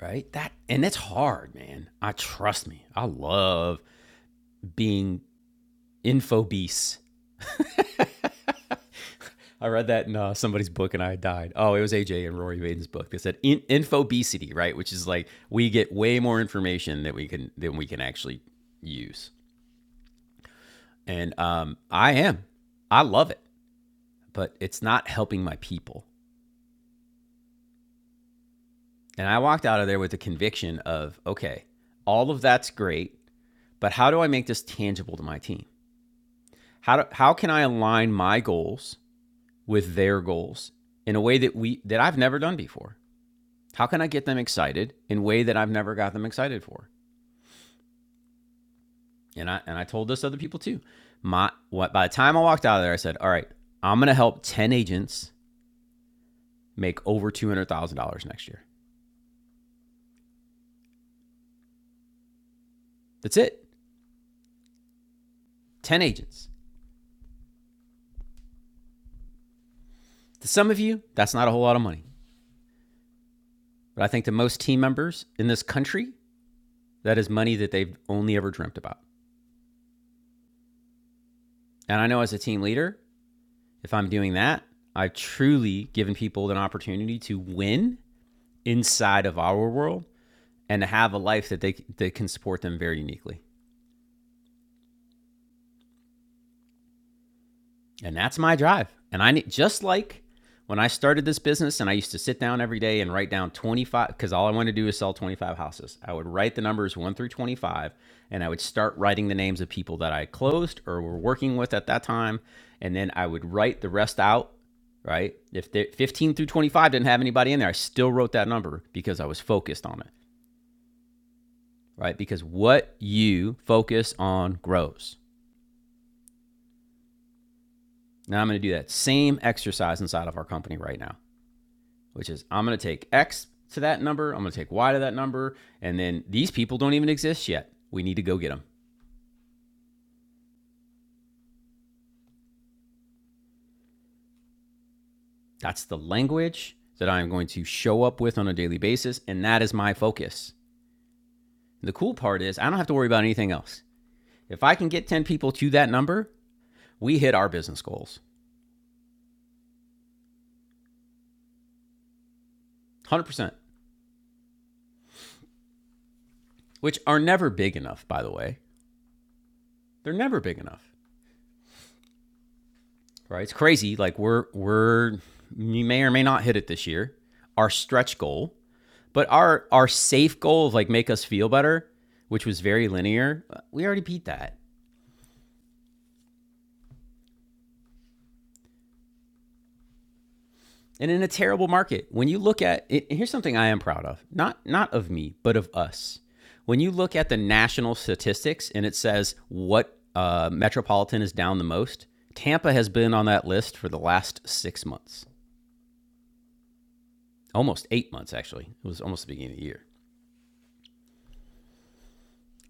[SPEAKER 1] Right? That and it's hard, man. I trust me. I love being Infobese. I read that in uh, somebody's book and I died. Oh, it was AJ and Rory Vaden's book. They said in- infobesity, right? Which is like we get way more information that we can than we can actually use. And um, I am, I love it, but it's not helping my people. And I walked out of there with the conviction of, okay, all of that's great, but how do I make this tangible to my team? How do, how can I align my goals with their goals in a way that we that I've never done before? How can I get them excited in a way that I've never got them excited for? And I and I told this to other people too. My what by the time I walked out of there, I said, all right, I'm gonna help 10 agents make over two hundred thousand dollars next year. That's it. 10 agents. To some of you, that's not a whole lot of money. But I think to most team members in this country, that is money that they've only ever dreamt about. And I know as a team leader, if I'm doing that, I've truly given people an opportunity to win inside of our world and to have a life that they that can support them very uniquely. And that's my drive. And I need just like when I started this business and I used to sit down every day and write down 25 because all I wanted to do is sell 25 houses. I would write the numbers 1 through 25 and I would start writing the names of people that I closed or were working with at that time and then I would write the rest out, right? If 15 through 25 didn't have anybody in there, I still wrote that number because I was focused on it, right? Because what you focus on grows. Now I'm going to do that same exercise inside of our company right now, which is I'm going to take X to that number, I'm going to take Y to that number, and then these people don't even exist yet. We need to go get them. That's the language that I am going to show up with on a daily basis, and that is my focus. The cool part is I don't have to worry about anything else. If I can get 10 people to that number, we hit our business goals 100%, which are never big enough, by the way. They're never big enough. Right. It's crazy. Like we're we're you may or may not hit it this year. Our stretch goal, but our our safe goal of like make us feel better, which was very linear, uh, we already beat that. And in a terrible market, when you look at it, here's something I am proud of. Not not of me, but of us. When you look at the national statistics and it says what uh, metropolitan is down the most, Tampa has been on that list for the last six months, almost eight months actually. It was almost the beginning of the year.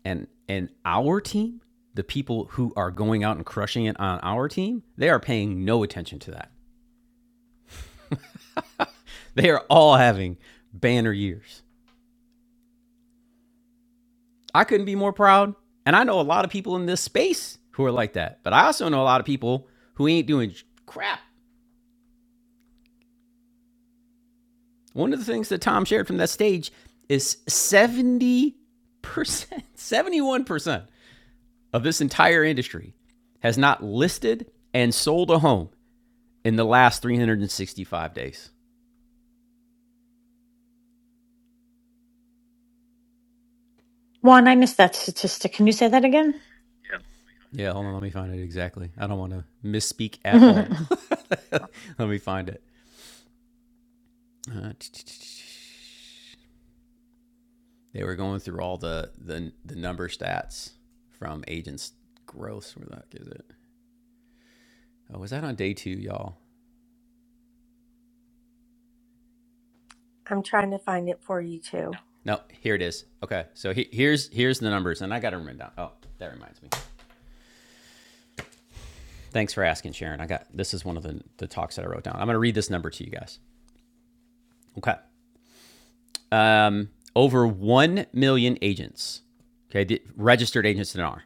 [SPEAKER 1] and and our team, the people who are going out and crushing it on our team, they are paying no attention to that. They are all having banner years. I couldn't be more proud. And I know a lot of people in this space who are like that, but I also know a lot of people who ain't doing crap. One of the things that Tom shared from that stage is 70%, 71% of this entire industry has not listed and sold a home in the last 365 days.
[SPEAKER 11] Juan, I missed that statistic. Can you say that again?
[SPEAKER 1] Yeah, hold on. Let me find it exactly. I don't want to misspeak at
[SPEAKER 11] Yeah.
[SPEAKER 1] all. let me find it. Uh, They were going through all the the, the number stats from agents' gross. Where the heck is it? Oh, was that on day two, y'all?
[SPEAKER 9] I'm trying to find it for you too.
[SPEAKER 1] No, here it is. Okay, so he, here's here's the numbers, and I got them written down. Oh, that reminds me. Thanks for asking, Sharon. I got this is one of the the talks that I wrote down. I'm gonna read this number to you guys. Okay. um, over 1 million agents, okay, the registered agents in R.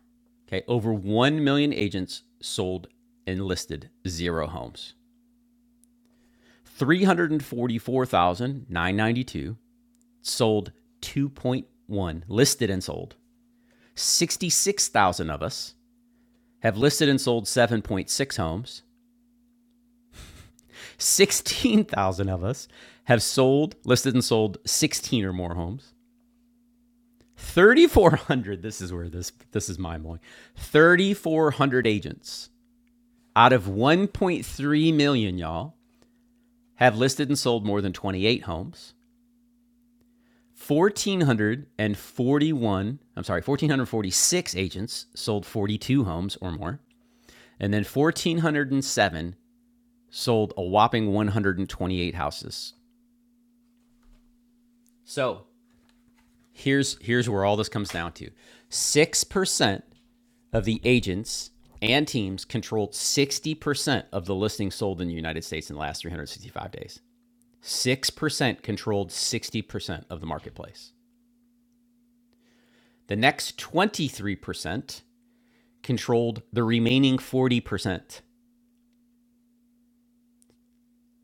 [SPEAKER 1] okay, over 1 million agents sold and listed zero homes. 344,992 sold 2.1, listed and sold. 66,000 of us have listed and sold 7.6 homes. 16,000 of us have sold, listed and sold 16 or more homes. 3,400. This is where this this is mind blowing. 3,400 agents out of 1.3 million, y'all, have listed and sold more than 28 homes. 1,441, I'm sorry, 1,446 agents sold 42 homes or more. And then 1,407 sold a whopping 128 houses. So here's here's where all this comes down to. 6% of the agents and teams controlled 60% of the listings sold in the United States in the last 365 days. 6% controlled 60% of the marketplace. The next 23% controlled the remaining 40%.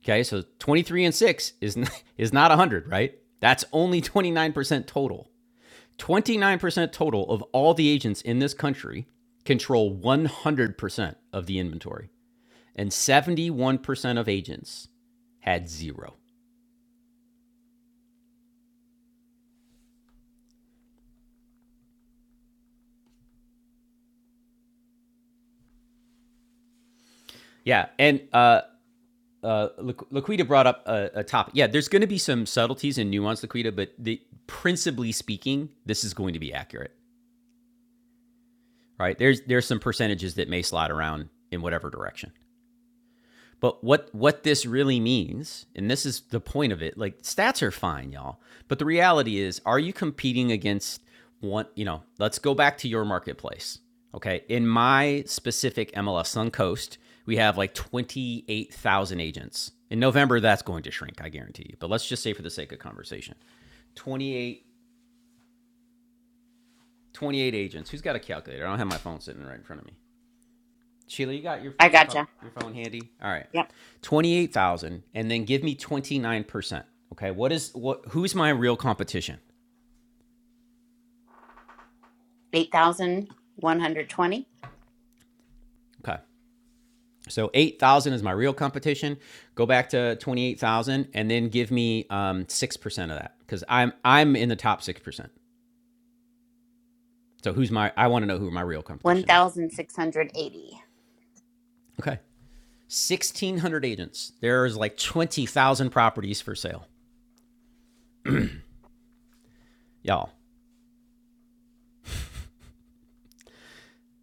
[SPEAKER 1] Okay, so 23 and 6 is n- is not 100, right? That's only 29% total. 29% total of all the agents in this country control 100% of the inventory. and 71% of agents had zero. Yeah, and uh, uh, Laquita brought up a, a topic. Yeah, there's going to be some subtleties and nuance, Laquita, but the, principally speaking, this is going to be accurate, right? There's there's some percentages that may slide around in whatever direction. But what what this really means, and this is the point of it, like stats are fine, y'all. But the reality is, are you competing against one, you know, let's go back to your marketplace. Okay. In my specific MLS Suncoast, we have like 28,000 agents. In November, that's going to shrink, I guarantee you. But let's just say for the sake of conversation, 28 28 agents. Who's got a calculator? I don't have my phone sitting right in front of me. Sheila, you got your
[SPEAKER 6] I
[SPEAKER 1] your phone
[SPEAKER 6] gotcha.
[SPEAKER 1] your phone handy. All right,
[SPEAKER 6] Yep.
[SPEAKER 1] twenty eight thousand, and then give me twenty nine percent. Okay, what is what? Who's my real competition?
[SPEAKER 6] eight thousand one hundred twenty-one
[SPEAKER 1] Okay, so eight thousand is my real competition. Go back to twenty eight thousand, and then give me um six percent of that because I'm I'm in the top six percent. So who's my? I want to know who my real competition is.
[SPEAKER 6] thousand six hundred eighty.
[SPEAKER 1] Okay, sixteen hundred agents. There's like twenty thousand properties for sale, y'all.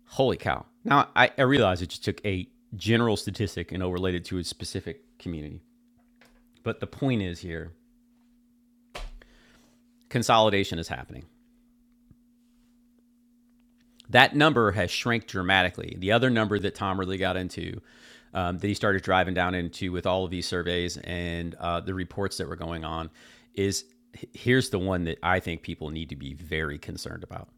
[SPEAKER 1] Holy cow. Now, I, I realize it just took a general statistic and overlaid it to a specific community. But the point is here consolidation is happening. That number has shrank dramatically. The other number that Tom really got into, um, that he started driving down into with all of these surveys and uh, the reports that were going on, is here's the one that I think people need to be very concerned about.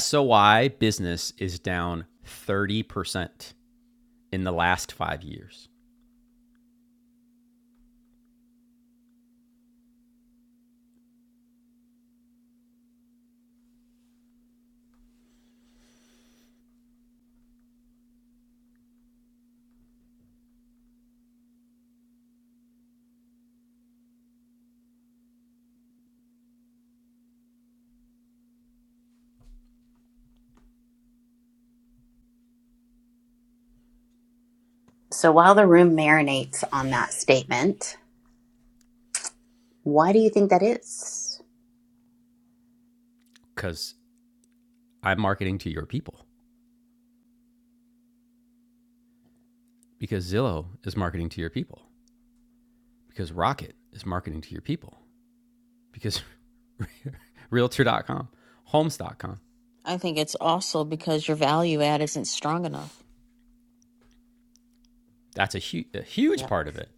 [SPEAKER 1] SOI business is down 30% in the last five years
[SPEAKER 6] So while the room marinates on that statement, why do you think that is?
[SPEAKER 1] because I'm marketing to your people because Zillow is marketing to your people because Rocket is marketing to your people because realtor.com, homes.com.
[SPEAKER 12] I think it's also because your value add isn't strong enough.
[SPEAKER 1] That's a, hu- a huge
[SPEAKER 12] Yep.
[SPEAKER 1] part of it,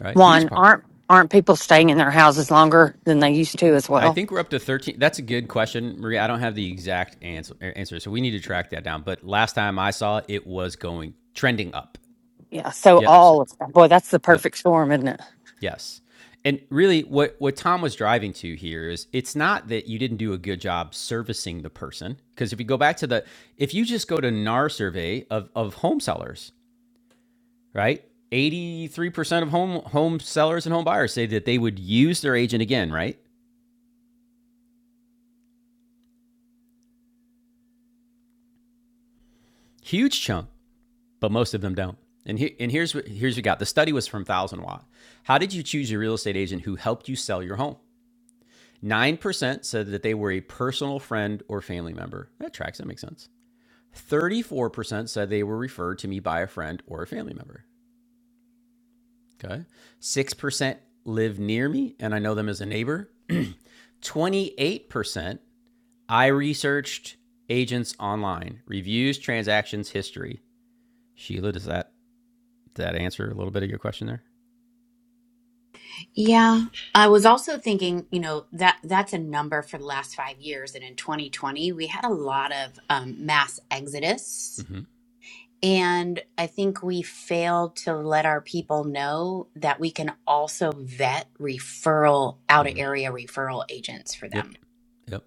[SPEAKER 1] right? Huge
[SPEAKER 13] One,
[SPEAKER 1] part.
[SPEAKER 13] aren't aren't people staying in their houses longer than they used to as
[SPEAKER 1] I
[SPEAKER 13] well?
[SPEAKER 1] think we're up to 13. That's a good question, Maria. I don't have the exact answer, answer, so we need to track that down. But last time I saw it, it was going trending up.
[SPEAKER 13] Yeah. So
[SPEAKER 1] Yep. so,
[SPEAKER 13] all of that. Boy, that's the
[SPEAKER 1] Yep.
[SPEAKER 13] perfect storm, isn't it?
[SPEAKER 1] Yes. And really what what Tom was driving to here is it's not that you didn't do a good job servicing the person because if you go back to the if you just go to NAR survey of of home sellers, right? 83% of home home sellers and home buyers say that they would use their agent again, right? Huge chunk, but most of them don't. And here and here's what here's what you got. The study was from Thousand Watt. How did you choose your real estate agent who helped you sell your home? 9% said that they were a personal friend or family member. That tracks, that makes sense. 34% said they were referred to me by a friend or a family member. Okay. 6% live near me and I know them as a neighbor. 28% I researched agents online, reviews, transactions, history. Sheila, does that that answer a little bit of your question there?
[SPEAKER 6] Yeah, I was also thinking, you know, that that's a number for the last five years, and in 2020 we had a lot of um, mass exodus
[SPEAKER 1] Mm-hmm.
[SPEAKER 6] And I think we fail to let our people know that we can also vet referral out of area referral agents for
[SPEAKER 1] Yep.
[SPEAKER 6] them.
[SPEAKER 1] Yep.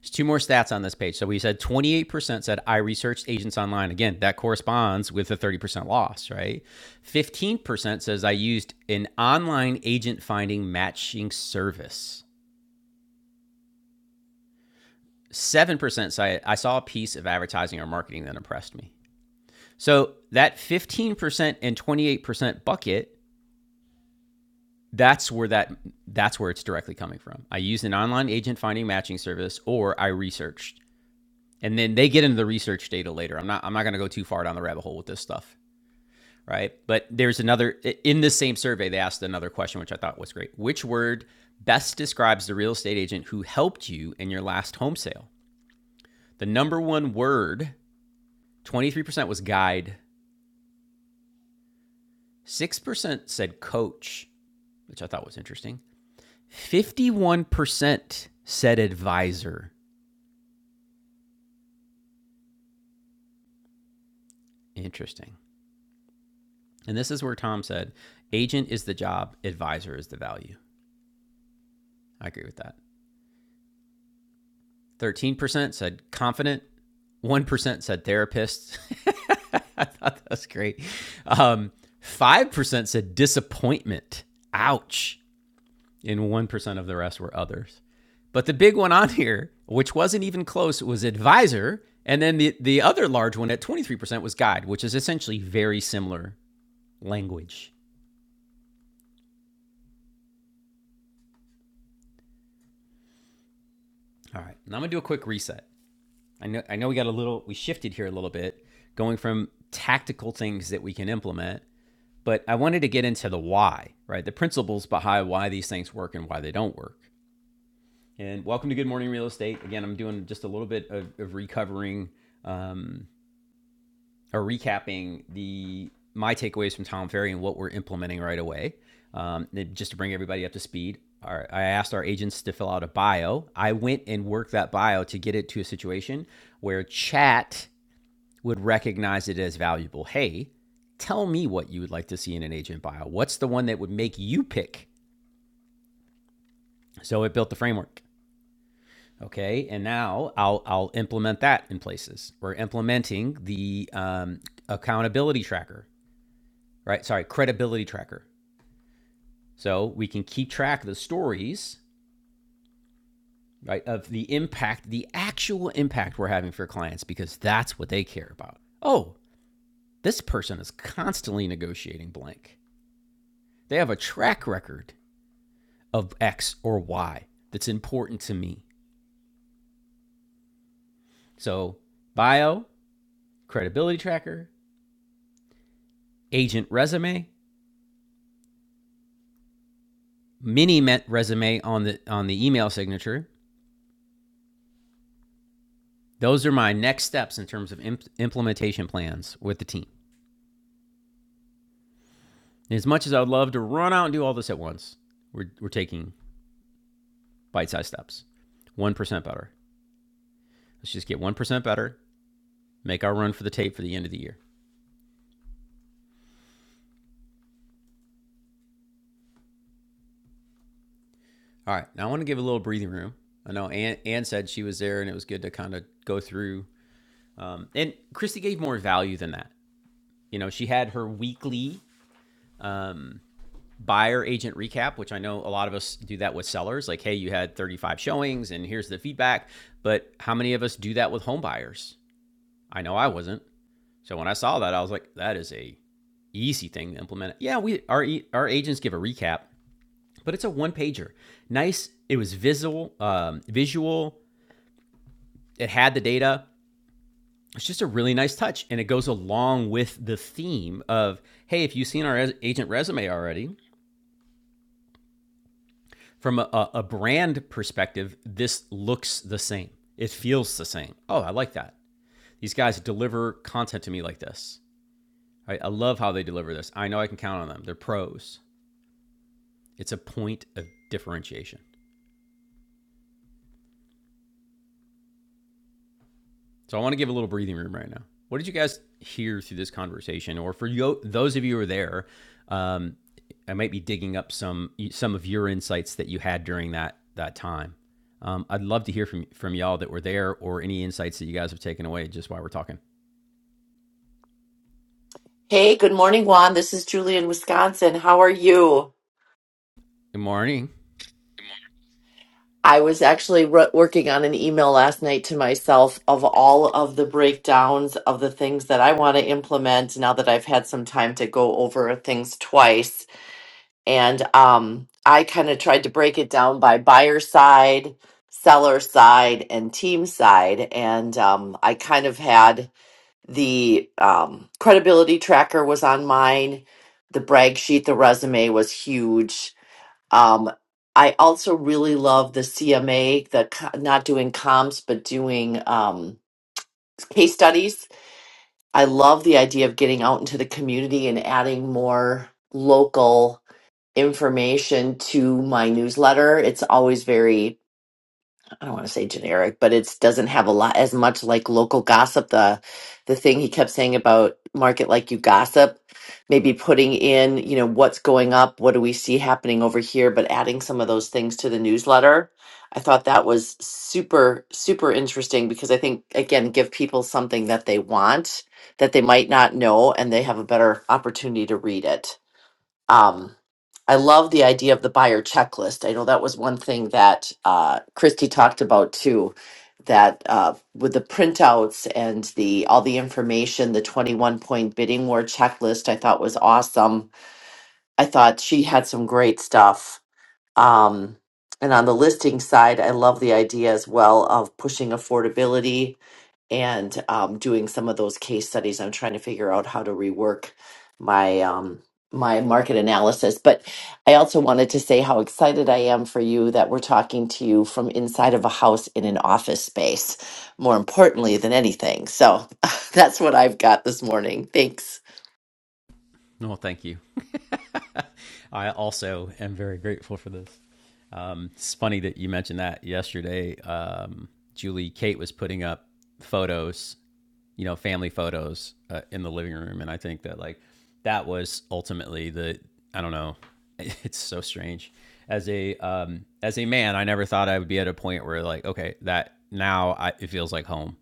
[SPEAKER 1] There's two more stats on this page. So we said 28% said I researched agents online. Again, that corresponds with the 30% loss, right? 15% says I used an online agent finding matching service. 7% said I saw a piece of advertising or marketing that impressed me. So that 15% and 28% bucket, that's where that that's where it's directly coming from. I used an online agent finding matching service or I researched and then they get into the research data later. I'm not I'm not going to go too far down the rabbit hole with this stuff, right? But there's another in this same survey they asked another question which I thought was great. Which word best describes the real estate agent who helped you in your last home sale? The number one word, 23% was guide, 6% said coach, which I thought was interesting. 51% said advisor. Interesting. And this is where Tom said agent is the job, advisor is the value. I agree with that. 13% said confident, 1% said therapist. I thought that was great. Um, 5% said disappointment. Ouch. And 1% of the rest were others. But the big one on here, which wasn't even close, was advisor. And then the, the other large one at 23% was guide, which is essentially very similar language. All right. Now I'm going to do a quick reset. I know, I know we got a little, we shifted here a little bit, going from tactical things that we can implement But I wanted to get into the why, right? The principles behind why these things work and why they don't work. And welcome to Good Morning Real Estate. Again, I'm doing just a little bit of, of recovering um, or recapping the my takeaways from Tom Ferry and what we're implementing right away. Um, just to bring everybody up to speed, our, I asked our agents to fill out a bio. I went and worked that bio to get it to a situation where chat would recognize it as valuable. Hey, tell me what you would like to see in an agent bio. What's the one that would make you pick? So it built the framework. Okay, and now I'll I'll implement that in places. We're implementing the um, accountability tracker, right? Sorry, credibility tracker. So we can keep track of the stories, right, of the impact, the actual impact we're having for clients, because that's what they care about. Oh, this person is constantly negotiating blank. They have a track record of X or Y that's important to me. So, bio, credibility tracker, agent resume, mini met resume on the on the email signature. Those are my next steps in terms of imp- implementation plans with the team. And as much as I would love to run out and do all this at once, we're, we're taking bite-sized steps. 1% better. Let's just get 1% better, make our run for the tape for the end of the year. All right. Now I want to give a little breathing room. I know Ann, Ann said she was there and it was good to kind of go through Um, and Christy gave more value than that. You know, she had her weekly buyer agent recap, which I know a lot of us do that with sellers. Like, hey, you had 35 showings and here's the feedback. But how many of us do that with home buyers? I know I wasn't. So when I saw that, I was like, that is a easy thing to implement. Yeah, we our e- our agents give a recap, but it's a one pager. Nice. It was visual. Um, visual. It had the data. it's just a really nice touch and it goes along with the theme of hey if you've seen our res- agent resume already from a- a, brand perspective this looks the same it feels the same oh i like that these guys deliver content to me like this i, I love how they deliver this i know i can count on them they're pros it's a point of differentiation So I want to give a little breathing room right now. What did you guys hear through this conversation, or for you, those of you who are there? Um, I might be digging up some some of your insights that you had during that that time. Um, I'd love to hear from from y'all that were there, or any insights that you guys have taken away just while we're talking.
[SPEAKER 14] Hey, good morning, Juan. This is Julie in Wisconsin. How are you?
[SPEAKER 1] Good morning.
[SPEAKER 14] I was actually wr- working on an email last night to myself of all of the breakdowns of the things that I want to implement now that I've had some time to go over things twice. And um, I kind of tried to break it down by buyer side, seller side, and team side. And um, I kind of had the um, credibility tracker was on mine. The brag sheet, the resume was huge Um, I also really love the CMA, the co- not doing comps, but doing um, case studies. I love the idea of getting out into the community and adding more local information to my newsletter. It's always very I don't want to say generic, but it doesn't have a lot as much like local gossip. The the thing he kept saying about market like you gossip, maybe putting in, you know, what's going up, what do we see happening over here, but adding some of those things to the newsletter. I thought that was super, super interesting because I think again, give people something that they want that they might not know and they have a better opportunity to read it. Um, I love the idea of the buyer checklist. I know that was one thing that uh, Christy talked about too. That uh, with the printouts and the all the information, the twenty-one point bidding war checklist, I thought was awesome. I thought she had some great stuff. Um, and on the listing side, I love the idea as well of pushing affordability and um, doing some of those case studies. I'm trying to figure out how to rework my um, my market analysis. But I also wanted to say how excited I am for you that we're talking to you from inside of a house in an office space. More importantly than anything, so that's what I've got this morning. Thanks.
[SPEAKER 1] No, oh, thank you. I also am very grateful for this. Um, it's funny that you mentioned that yesterday. Um, Julie Kate was putting up photos you know, family photos uh, in the living room. And I think that like that was ultimately the, I don't know, it's so strange. As a, um, as a man, I never thought I would be at a point where like, okay, that now I, it feels like home.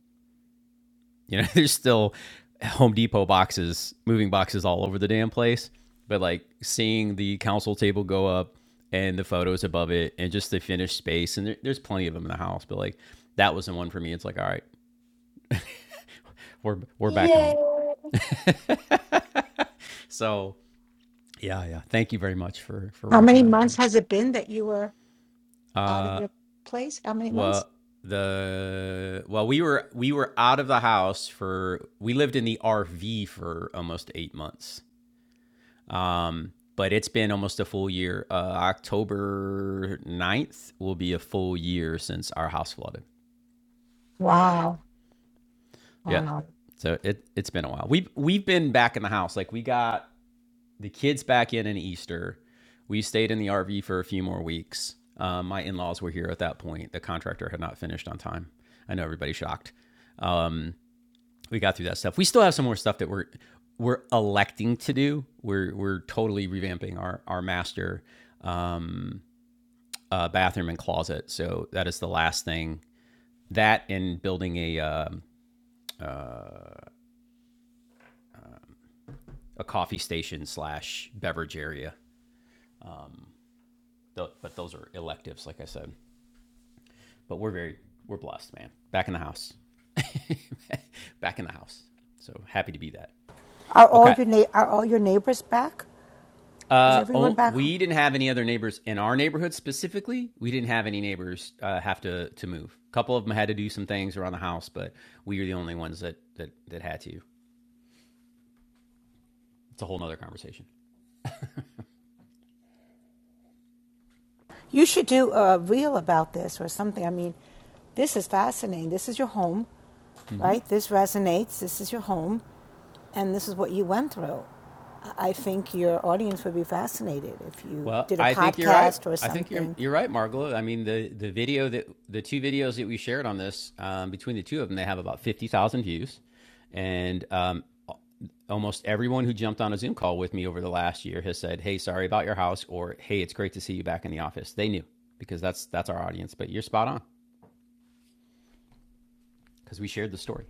[SPEAKER 1] You know, there's still Home Depot boxes, moving boxes all over the damn place. But like seeing the council table go up and the photos above it and just the finished space, and there, there's plenty of them in the house. But like that was the one for me. It's like, all right, we're we're back
[SPEAKER 14] Yay.
[SPEAKER 1] home. So Yeah, yeah. Thank you very much for for
[SPEAKER 8] How many
[SPEAKER 1] recognizing
[SPEAKER 8] months has
[SPEAKER 1] that.
[SPEAKER 8] it been that you were out of
[SPEAKER 1] Uh,
[SPEAKER 8] your place? How many months?
[SPEAKER 1] well, the well, we were we were out of the house for we lived in the RV for almost eight months. Um, but it's been almost a full year. Uh, October ninth will be a full year since our house flooded.
[SPEAKER 8] Wow.
[SPEAKER 1] Yep.
[SPEAKER 8] Wow.
[SPEAKER 1] So it it's been a while. We've we've been back in the house. Like we got the kids back in in Easter. We stayed in the RV for a few more weeks. Um, my in laws were here at that point. The contractor had not finished on time. I know everybody's shocked. Um, we got through that stuff. We still have some more stuff that we're we're electing to do. We're we're totally revamping our our master um, uh, bathroom and closet. So that is the last thing. That and building a um, a coffee station slash beverage area. But those are electives, like I said. but we're very we're blessed, man. Back in the house, back in the house. So happy to be that.
[SPEAKER 8] are all
[SPEAKER 1] Okay.
[SPEAKER 8] your na- are all your neighbors back? Is
[SPEAKER 1] Uh,
[SPEAKER 8] everyone
[SPEAKER 1] oh,
[SPEAKER 8] back?
[SPEAKER 1] we didn't have any other neighbors in our neighborhood specifically. We didn't have any neighbors uh, have to to move. A couple of them had to do some things around the house, but we were the only ones that that that had to. It's a whole nother conversation.
[SPEAKER 8] You should do a reel about this or something. I mean, this is fascinating. This is your home, right? This resonates. This is your home, and this is what you went through. I think your audience would be fascinated if you
[SPEAKER 1] Well,
[SPEAKER 8] did a
[SPEAKER 1] I think you're right.
[SPEAKER 8] podcast or
[SPEAKER 1] I think you're
[SPEAKER 8] something.
[SPEAKER 1] you're right, Margolo. I mean the the video that the two videos that we shared on this um, between the two of them, they have about fifty thousand views, and um, almost everyone who jumped on a Zoom call with me over the last year has said, "Hey, sorry about your house," or "Hey, it's great to see you back in the office." They knew because that's that's our audience. But you're spot on because we shared the story.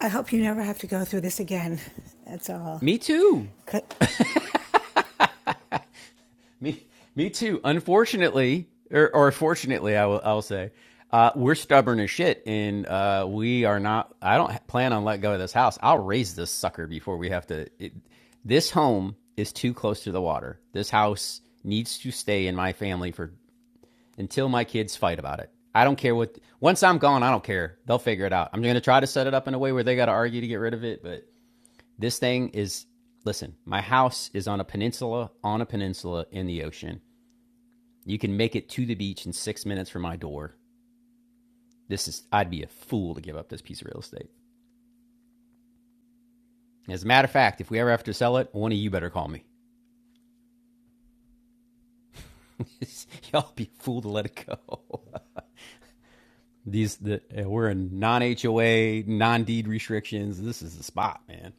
[SPEAKER 8] I hope you never have to go through this again. That's all.
[SPEAKER 1] Me too. Me, me too. Unfortunately, or, or fortunately, I will, I will say, uh, we're stubborn as shit, and uh, we are not. I don't plan on letting go of this house. I'll raise this sucker before we have to. It, this home is too close to the water. This house needs to stay in my family for until my kids fight about it. I don't care what. Once I'm gone, I don't care. They'll figure it out. I'm going to try to set it up in a way where they got to argue to get rid of it. But this thing is. Listen, my house is on a peninsula, on a peninsula in the ocean. You can make it to the beach in six minutes from my door. This is, I'd be a fool to give up this piece of real estate. As a matter of fact, if we ever have to sell it, one of you better call me. Y'all be a fool to let it go. These, the, uh, we're in non HOA, non deed restrictions. This is the spot, man.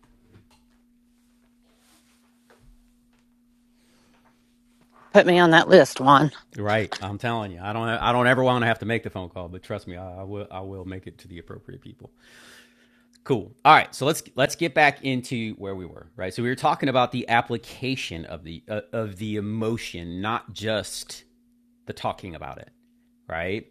[SPEAKER 13] Put me on that list, Juan.
[SPEAKER 1] Right, I'm telling you, I don't, I don't ever want to have to make the phone call, but trust me, I, I will, I will make it to the appropriate people. Cool. All right, so let's let's get back into where we were, right? So we were talking about the application of the uh, of the emotion, not just the talking about it, right?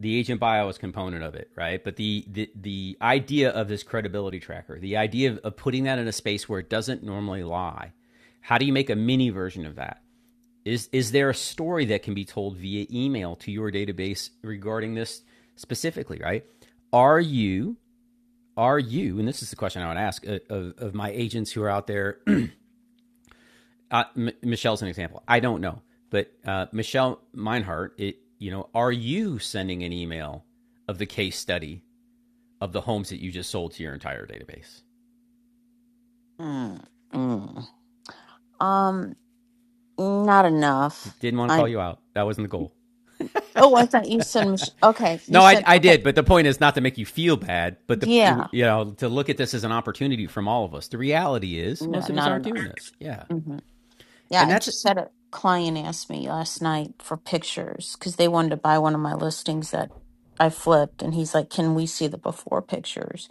[SPEAKER 1] The agent bios component of it, right? But the the the idea of this credibility tracker, the idea of, of putting that in a space where it doesn't normally lie. How do you make a mini version of that? Is is there a story that can be told via email to your database regarding this specifically, right? Are you are you and this is the question i would ask uh, of, of my agents who are out there uh, M- michelle's an example i don't know but uh, michelle meinhardt it, you know are you sending an email of the case study of the homes that you just sold to your entire database
[SPEAKER 12] Mm, mm. Um, not
[SPEAKER 1] D-
[SPEAKER 12] enough.
[SPEAKER 1] didn't want to call
[SPEAKER 12] I
[SPEAKER 1] you out that wasn't the goal
[SPEAKER 12] oh, I thought you said Mich- okay. You
[SPEAKER 1] no I,
[SPEAKER 12] said
[SPEAKER 1] I
[SPEAKER 12] okay.
[SPEAKER 1] did but the point is not to make you feel bad but the
[SPEAKER 12] Yeah,
[SPEAKER 1] you know to look at this as an opportunity from all of us the reality is
[SPEAKER 12] yeah,
[SPEAKER 1] most of us
[SPEAKER 12] not
[SPEAKER 1] aren't doing
[SPEAKER 12] enough.
[SPEAKER 1] this yeah
[SPEAKER 12] hmm Yeah,
[SPEAKER 1] and
[SPEAKER 12] I
[SPEAKER 1] that's it.
[SPEAKER 12] just had a client ask me last night for pictures because they wanted to buy one of my listings that I flipped, and he's like, "Can we see the before pictures?"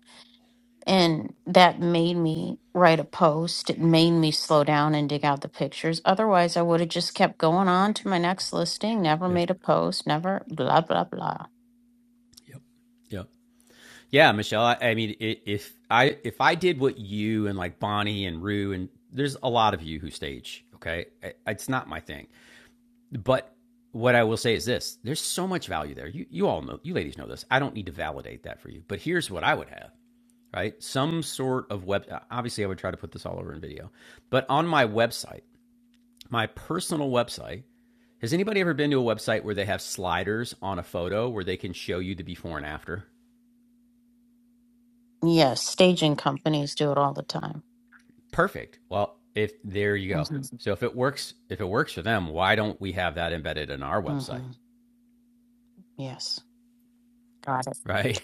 [SPEAKER 12] And that made me write a post. It made me slow down and dig out the pictures. Otherwise, I would have just kept going on to my next listing, never
[SPEAKER 1] Yep.
[SPEAKER 12] made a post, never blah, blah, blah.
[SPEAKER 1] Yep. Yep. Yeah, Michelle. I, I mean, if I if I did what you and like Bonnie and Rue and there's a lot of you who stage. Okay, it's not my thing, but what I will say is this: there's so much value there. You you all know, you ladies know this. I don't need to validate that for you, but here's what I would have. Right, some sort of web. Obviously, I would try to put this all over in video, but on my website, my personal website. Has anybody ever been to a website where they have sliders on a photo where they can show you the before and after?
[SPEAKER 12] Yes, staging companies do it all the time.
[SPEAKER 1] Perfect. Well, if there you
[SPEAKER 12] hmm
[SPEAKER 1] go. So if it works, if it works for them, why don't we have that embedded in our website,
[SPEAKER 12] hmm Yes, got it.
[SPEAKER 1] right?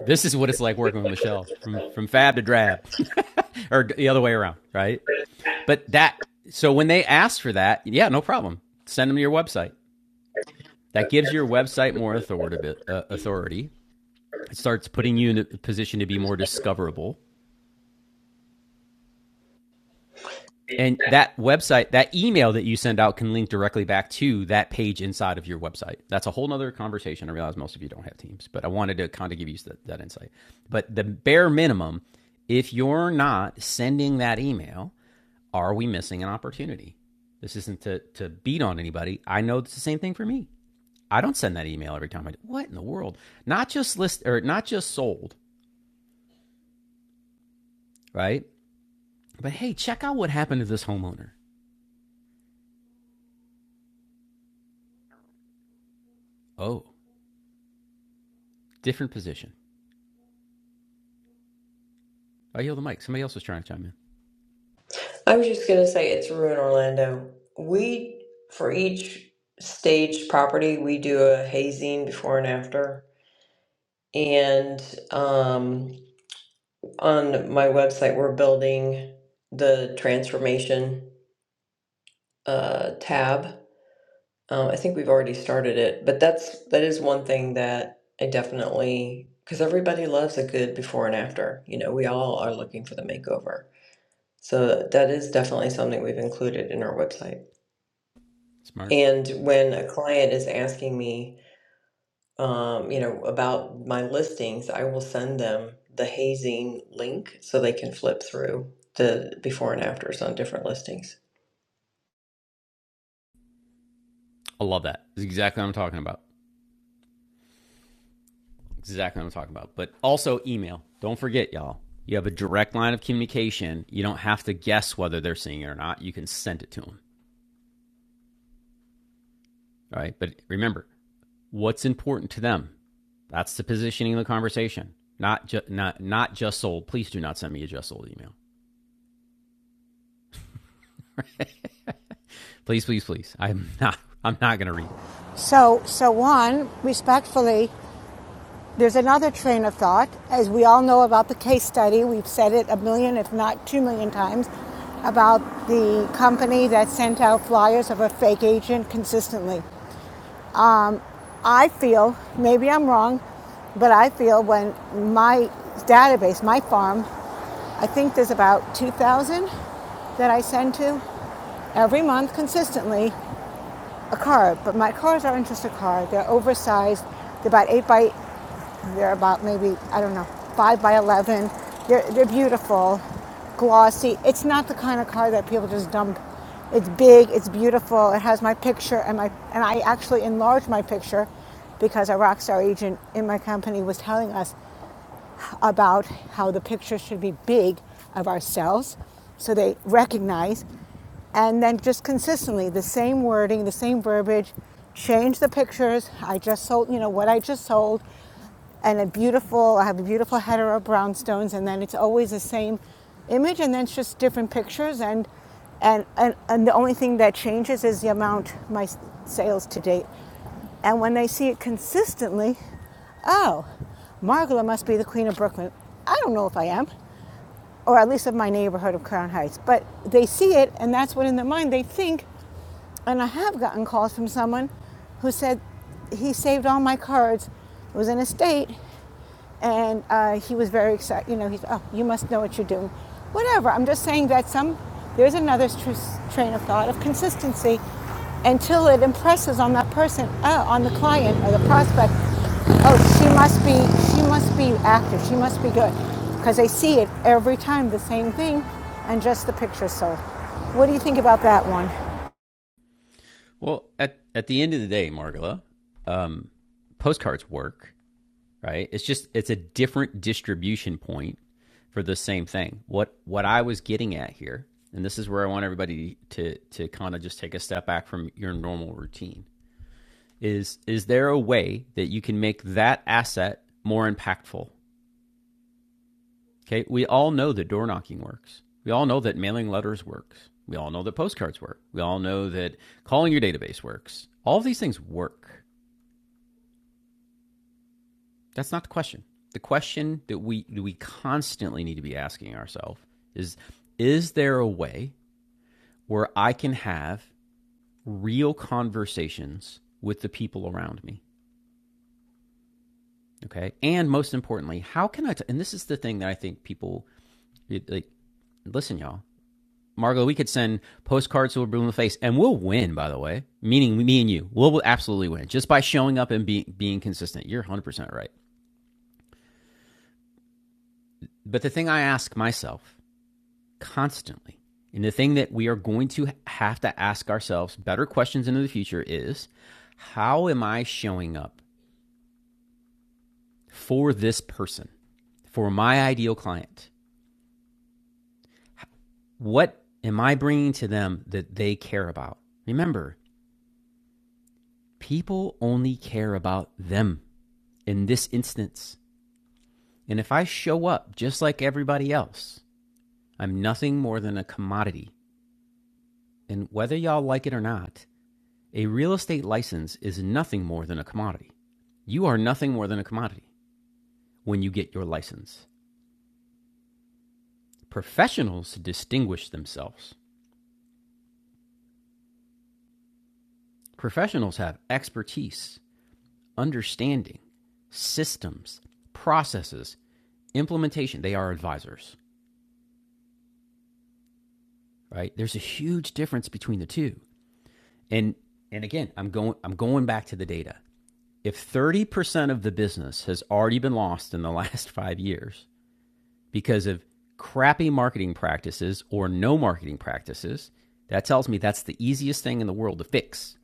[SPEAKER 1] This is what it's like working with Michelle from from fab to drab, or the other way around, right? But that so when they ask for that, yeah, no problem. Send them to your website. That gives your website more authority. Uh, authority. It starts putting you in a position to be more discoverable,
[SPEAKER 15] I
[SPEAKER 1] And that website, that email that you send out can link directly back to that page inside of your website. That's a whole nother conversation. I realize most of you don't have teams, but I wanted to kind of give you that, that insight. But the bare minimum, if you're not sending that email, are we missing an opportunity? This isn't to, to beat on anybody. I know it's the same thing for me. I don't send that email every time I do. What in the world? Not just list or not just sold, right? But hey, check out what happened to this homeowner. Oh, different position I yelled the mic. Somebody else was trying to chime in.
[SPEAKER 15] was just gonna say it's Ruin Orlando. We for each staged property we do a hazing before and after. And um, on my website we're building the transformation uh, tab. Um, I think we've already started it, but that's that is one thing that I definitely because everybody loves a good before and after. You know, we all are looking for the makeover. So that is definitely something we've included in our website.
[SPEAKER 1] Smart.
[SPEAKER 15] And when a client is asking me, um, you know, about my listings, I will send them the hazing link so they can flip through the before and afters on different listings.
[SPEAKER 1] I love that. That's exactly what I'm talking about. Exactly what I'm talking about. But also email. Don't forget, y'all. You have a direct line of communication. You don't have to guess whether they're seeing it or not. You can send it to them. All right. But remember, what's important to them? That's the positioning of the conversation. Not just not not just sold. Please do not send me a just sold email. Please, please, please. I'm not I'm not gonna read it.
[SPEAKER 8] So, so one, respectfully, There's another train of thought. As we all know about the case study, we've said it a million, if not two million times, about the company that sent out flyers of a fake agent consistently. I feel, maybe I'm wrong, but I feel when my database, my farm, I think there's about 2,000 that I send to every month consistently a card. But my cards aren't just a card, they're oversized. They're about 8 by They're about maybe, I don't know, 5 by 11. They're, they're beautiful, glossy. It's not the kind of car that people just dump. It's big, it's beautiful. It has my picture and my and I actually enlarged my picture because our rockstar agent in my company was telling us about how the picture should be big of ourselves so they recognize and then just consistently the same wording the same verbiage change the pictures i just sold you know what i just sold and a beautiful i have a beautiful header of brownstones and then it's always the same image and then it's just different pictures and and and, and the only thing that changes is the amount my sales to date and when they see it consistently, oh, Margola must be the queen of Brooklyn. I don't know if I am, or at least of my neighborhood of Crown Heights, but they see it, and that's what in their mind they think. And I have gotten calls from someone who said, he saved all my cards. It was in a state and uh, he was very excited. You know, he's oh, you must know what you're doing. Whatever. I'm just saying that some there's another tr- train of thought of consistency until it impresses on that person, uh, on the client or the prospect. Oh, she must be she must be active. She must be good because they see it every time the same thing, and just the picture sold. What do you think about that one?
[SPEAKER 1] Well, at at the end of the day, Margola, um, postcards work right? It's just it's a different distribution point for the same thing. What what I was getting at here, and this is where I want everybody to to kind of just take a step back from your normal routine, is is there a way that you can make that asset more impactful? Okay? We all know that door knocking works. We all know that mailing letters works. We all know that postcards work. We all know that calling your database works. All of these things work. That's not the question. The question that we that we constantly need to be asking ourselves is is there a way where I can have real conversations with the people around me? Okay? And most importantly, how can I t- and this is the thing that I think people like listen y'all. Margo, we could send postcards to a blue in the face and we'll win by the way, meaning me and you. We'll absolutely win just by showing up and being being consistent. You're 100% right. But the thing I ask myself constantly. And the thing that we are going to have to ask ourselves better questions into the future is how am I showing up for this person, for my ideal client? What am I bringing to them that they care about? Remember, people only care about them in this instance. And if I show up just like everybody else, I'm nothing more than a commodity. And whether y'all like it or not, A real estate license is nothing more than a commodity. You are nothing more than a commodity when you get your license. Professionals distinguish themselves. Professionals have expertise, understanding, systems, processes, implementation. They are advisors, right? There's a huge difference between the two. And and again, I'm going I'm going back to the data. If 30% of the business has already been lost in the last 5 years, because of crappy marketing practices or no marketing practices, that tells me that's the easiest thing in the world to fix.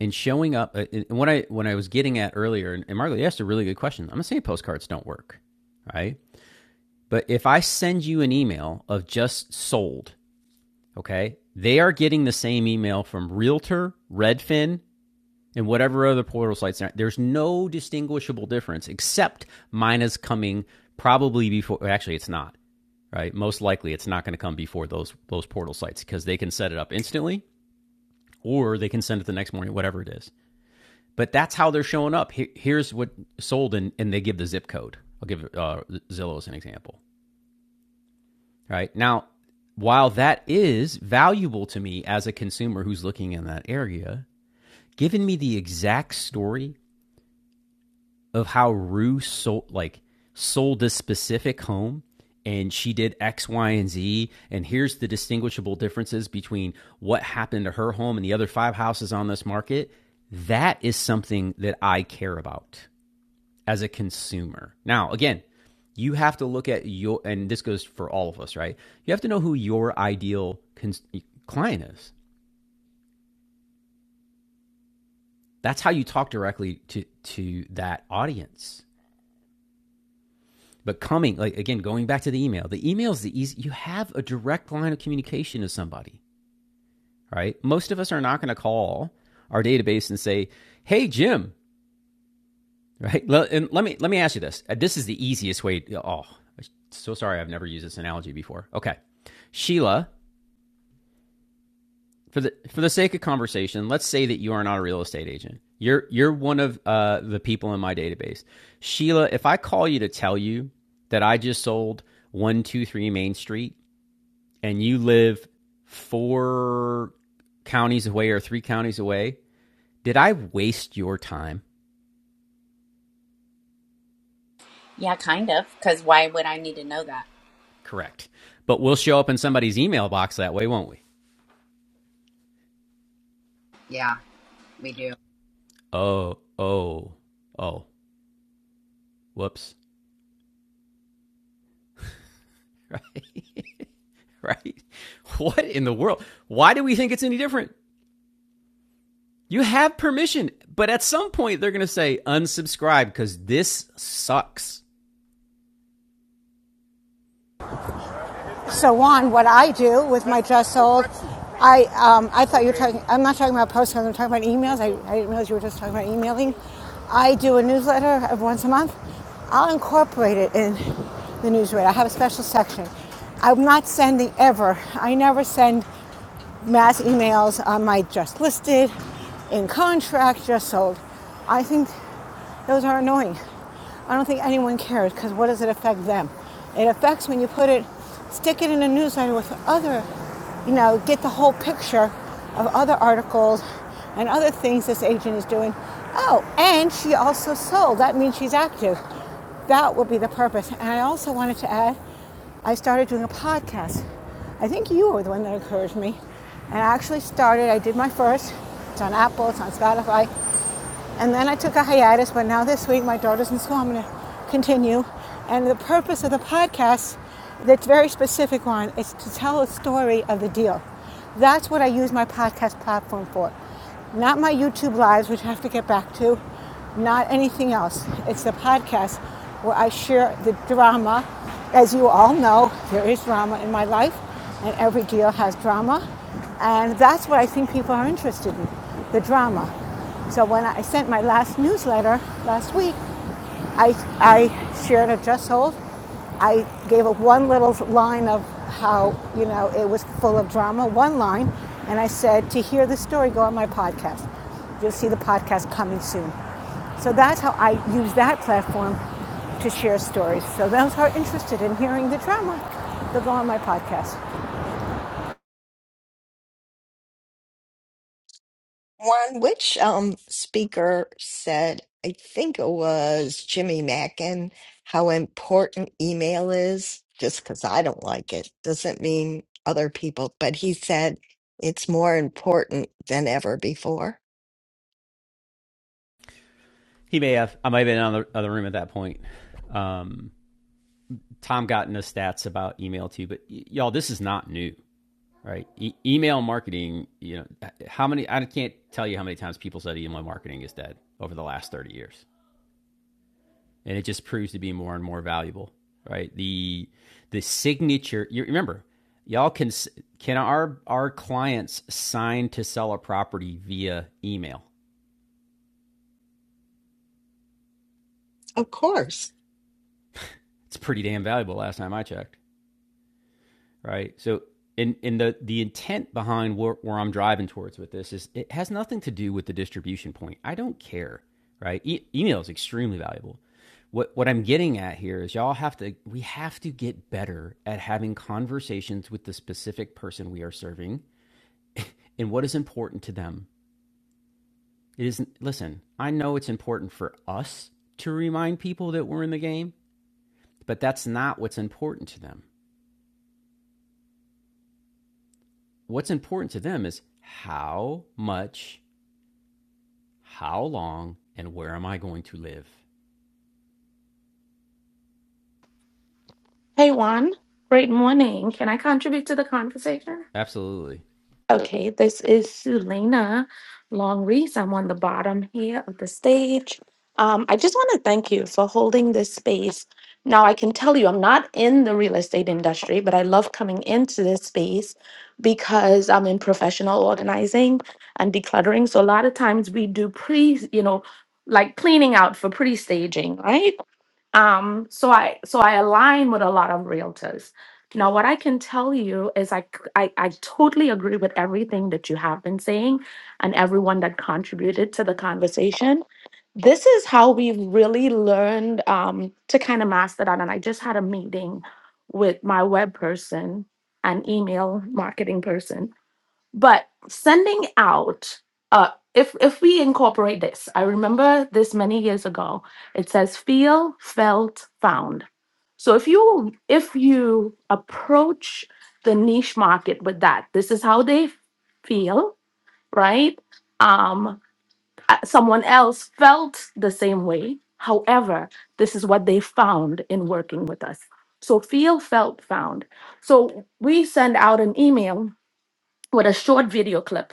[SPEAKER 1] And showing up, uh, and what I when I was getting at earlier, and, and Margaret asked a really good question. I'm gonna say postcards don't work, right? But if I send you an email of just sold, okay, they are getting the same email from Realtor, Redfin, and whatever other portal sites there. There's no distinguishable difference except mine is coming probably before. well, Actually, it's not. Right, most likely it's not going to come before those those portal sites because they can set it up instantly, or they can send it the next morning, whatever it is. But that's how they're showing up. here's what sold, and, and they give the zip code. I'll give uh, Zillow as an example. Right now, while that is valuable to me as a consumer who's looking in that area, giving me the exact story of how Rue sold like sold this specific home and she did X, Y, and Z. And here's the distinguishable differences between what happened to her home and the other five houses on this market. That is something that I care about as a consumer. Now, again, you have to look at your, and this goes for all of us, right? You have to know who your ideal cons- client is. That's how you talk directly to, to that audience. But coming, like again, going back to the email, the email is the easy. You have a direct line of communication to somebody, right? Most of us are not going to call our database and say, "Hey, Jim," right? And let me let me ask you this. Uh, This is the easiest way. Oh, so sorry, I've never used this analogy before. Okay, Sheila, for the for the sake of conversation, let's say that you are not a real estate agent. You're you're one of uh, the people in my database. Sheila, if I call you to tell you that I just sold one two three Main Street and you live four counties away or three counties away, did I waste your time?
[SPEAKER 6] Yeah, kind of. Because why would I need to know that?
[SPEAKER 1] Correct. But we'll show up in somebody's email box that way, won't we?
[SPEAKER 6] Yeah, we do.
[SPEAKER 1] Oh, oh, oh, whoops. right? What in the world? Why do we think it's any different? You have permission, but at some point they're going to say unsubscribe because this sucks.
[SPEAKER 8] so on, what I do with my dress sold, I um, I thought you were talking. I'm not talking about postcards. I'm talking about emails. I, I didn't realize you were just talking about emailing. I do a newsletter of once a month. I'll incorporate it in the newsletter. I have a special section. I'm not sending ever. I never send mass emails on my just listed, in contract, just sold. I think those are annoying. I don't think anyone cares because what does it affect them? It affects when you put it, stick it in a newsletter with other, you know, get the whole picture of other articles and other things this agent is doing. Oh, and she also sold. That means she's active. That will be the purpose. And I also wanted to add I started doing a podcast. I think you were the one that encouraged me. And I actually started, I did my first. It's on Apple, it's on Spotify. And then I took a hiatus, but now this week my daughter's in school. I'm going to continue. And the purpose of the podcast, that's very specific one, is to tell a story of the deal. That's what I use my podcast platform for. Not my YouTube lives, which I have to get back to, not anything else. It's the podcast where I share the drama. As you all know, there is drama in my life, and every deal has drama. And that's what I think people are interested in the drama. So when I sent my last newsletter last week, I, I shared a just hold. I gave a one little line of how, you know, it was full of drama, one line, and I said, to hear the story, go on my podcast. You'll see the podcast coming soon. So that's how I use that platform to share stories. So those who are interested in hearing the drama, they'll go on my podcast.
[SPEAKER 7] One which um speaker said, I think it was Jimmy Mackin, how important email is, just because I don't like it doesn't mean other people, but he said it's more important than ever before.
[SPEAKER 1] He may have, I might have been in the other room at that point. Um, Tom got into stats about email too, but y- y'all, this is not new, right? E- email marketing, you know, how many, I can't tell you how many times people said email marketing is dead over the last 30 years. And it just proves to be more and more valuable, right? The, the signature, you remember, y'all can, can our, our clients sign to sell a property via email?
[SPEAKER 7] Of course.
[SPEAKER 1] It's pretty damn valuable last time I checked. right? So, in in the the intent behind where, where I'm driving towards with this is it has nothing to do with the distribution point. I don't care, right? E- email is extremely valuable. What what I'm getting at here is y'all have to we have to get better at having conversations with the specific person we are serving and what is important to them. It isn't listen, I know it's important for us to remind people that we're in the game, but that's not what's important to them. What's important to them is how much how long and where am I going to live?
[SPEAKER 16] Hey Juan, great morning. Can I contribute to the conversation?
[SPEAKER 1] Absolutely.
[SPEAKER 16] Okay, this is Sulina Long Reese. I'm on the bottom here of the stage. Um, I just want to thank you for holding this space. Now, I can tell you, I'm not in the real estate industry, but I love coming into this space because I'm in professional organizing and decluttering. So a lot of times we do pre, you know, like cleaning out for pre-staging, right? Um, so I so I align with a lot of realtors. Now, what I can tell you is I, c- I I totally agree with everything that you have been saying and everyone that contributed to the conversation. This is how we've really learned um, to kind of master that. And I just had a meeting with my web person and email marketing person but sending out, uh, if if we incorporate this, I remember this many years ago. It says feel, felt, found. So if you if you approach the niche market with that, this is how they feel, right? Um, uh, someone else felt the same way. However, this is what they found in working with us. So feel, felt, found. So we send out an email with a short video clip.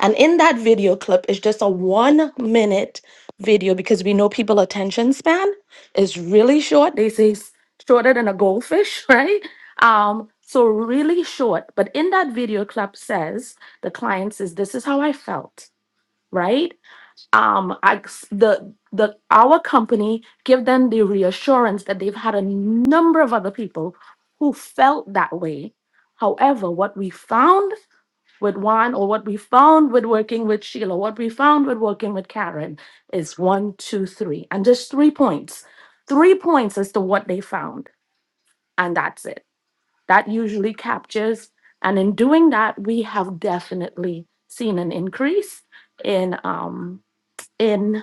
[SPEAKER 16] And in that video clip is just a one minute video because we know people attention span is really short. They say s- shorter than a goldfish, right? Um, so really short. But in that video clip says the client says, This is how I felt, right? Um, I the the our company give them the reassurance that they've had a number of other people who felt that way. However, what we found with Juan or what we found with working with Sheila, what we found with working with Karen is one, two, three, and just three points. Three points as to what they found, and that's it. That usually captures, and in doing that, we have definitely seen an increase in um in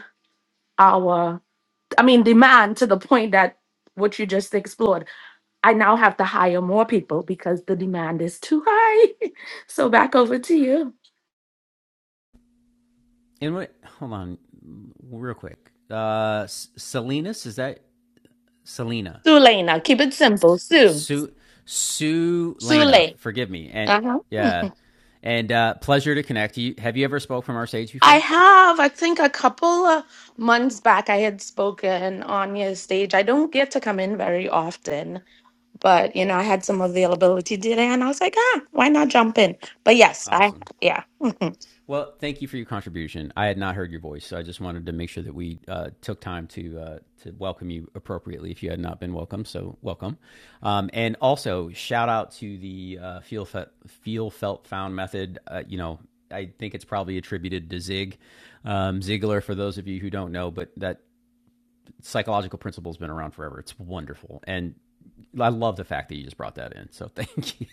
[SPEAKER 16] our I mean demand to the point that what you just explored. I now have to hire more people because the demand is too high. so back over to you.
[SPEAKER 1] And wait, hold on, real quick. Uh, Salinas is that Selena?
[SPEAKER 16] Sule now. Keep it simple. Sue.
[SPEAKER 1] Sue Sue Lena,
[SPEAKER 16] Sule.
[SPEAKER 1] forgive me. And
[SPEAKER 16] Uh-huh.
[SPEAKER 1] yeah, and uh, pleasure to connect. to You have you ever spoke from our stage
[SPEAKER 16] I
[SPEAKER 1] before?
[SPEAKER 16] have, I think a couple of months back, I had spoken on your stage. I don't get to come in very often, but you know, I had some availability today and I was like, ah, why not jump in? But yes, I,
[SPEAKER 1] Awesome.
[SPEAKER 16] yeah.
[SPEAKER 1] Well, thank you for your contribution. I had not heard your voice, so I just wanted to make sure that we uh, took time to uh, to welcome you appropriately if you had not been welcome. So welcome, um, and also shout out to the uh, feel felt, feel felt found method. Uh, you know, I think it's probably attributed to Zig um, Ziglar for those of you who don't know, but that psychological principle's been around forever. It's wonderful. And I love the fact that you just brought that in. So thank you.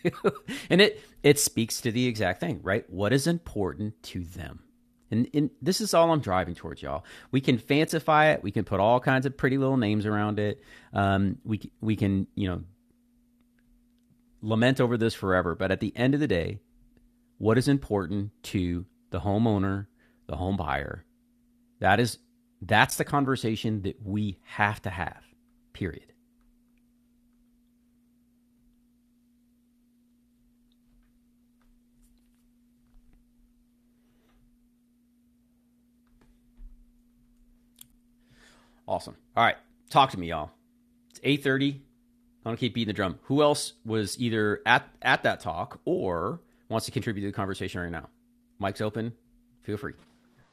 [SPEAKER 1] and it it speaks to the exact thing, right? What is important to them? And, and this is all I'm driving towards, y'all. We can fancify it. We can put all kinds of pretty little names around it. Um, we we can you know lament over this forever. But at the end of the day, what is important to the homeowner, the home buyer? That is that's the conversation that we have to have. Period. Awesome. All right, talk to me, y'all. It's eight thirty. I don't keep beating the drum. Who else was either at at that talk or wants to contribute to the conversation right now? Mic's open. Feel free.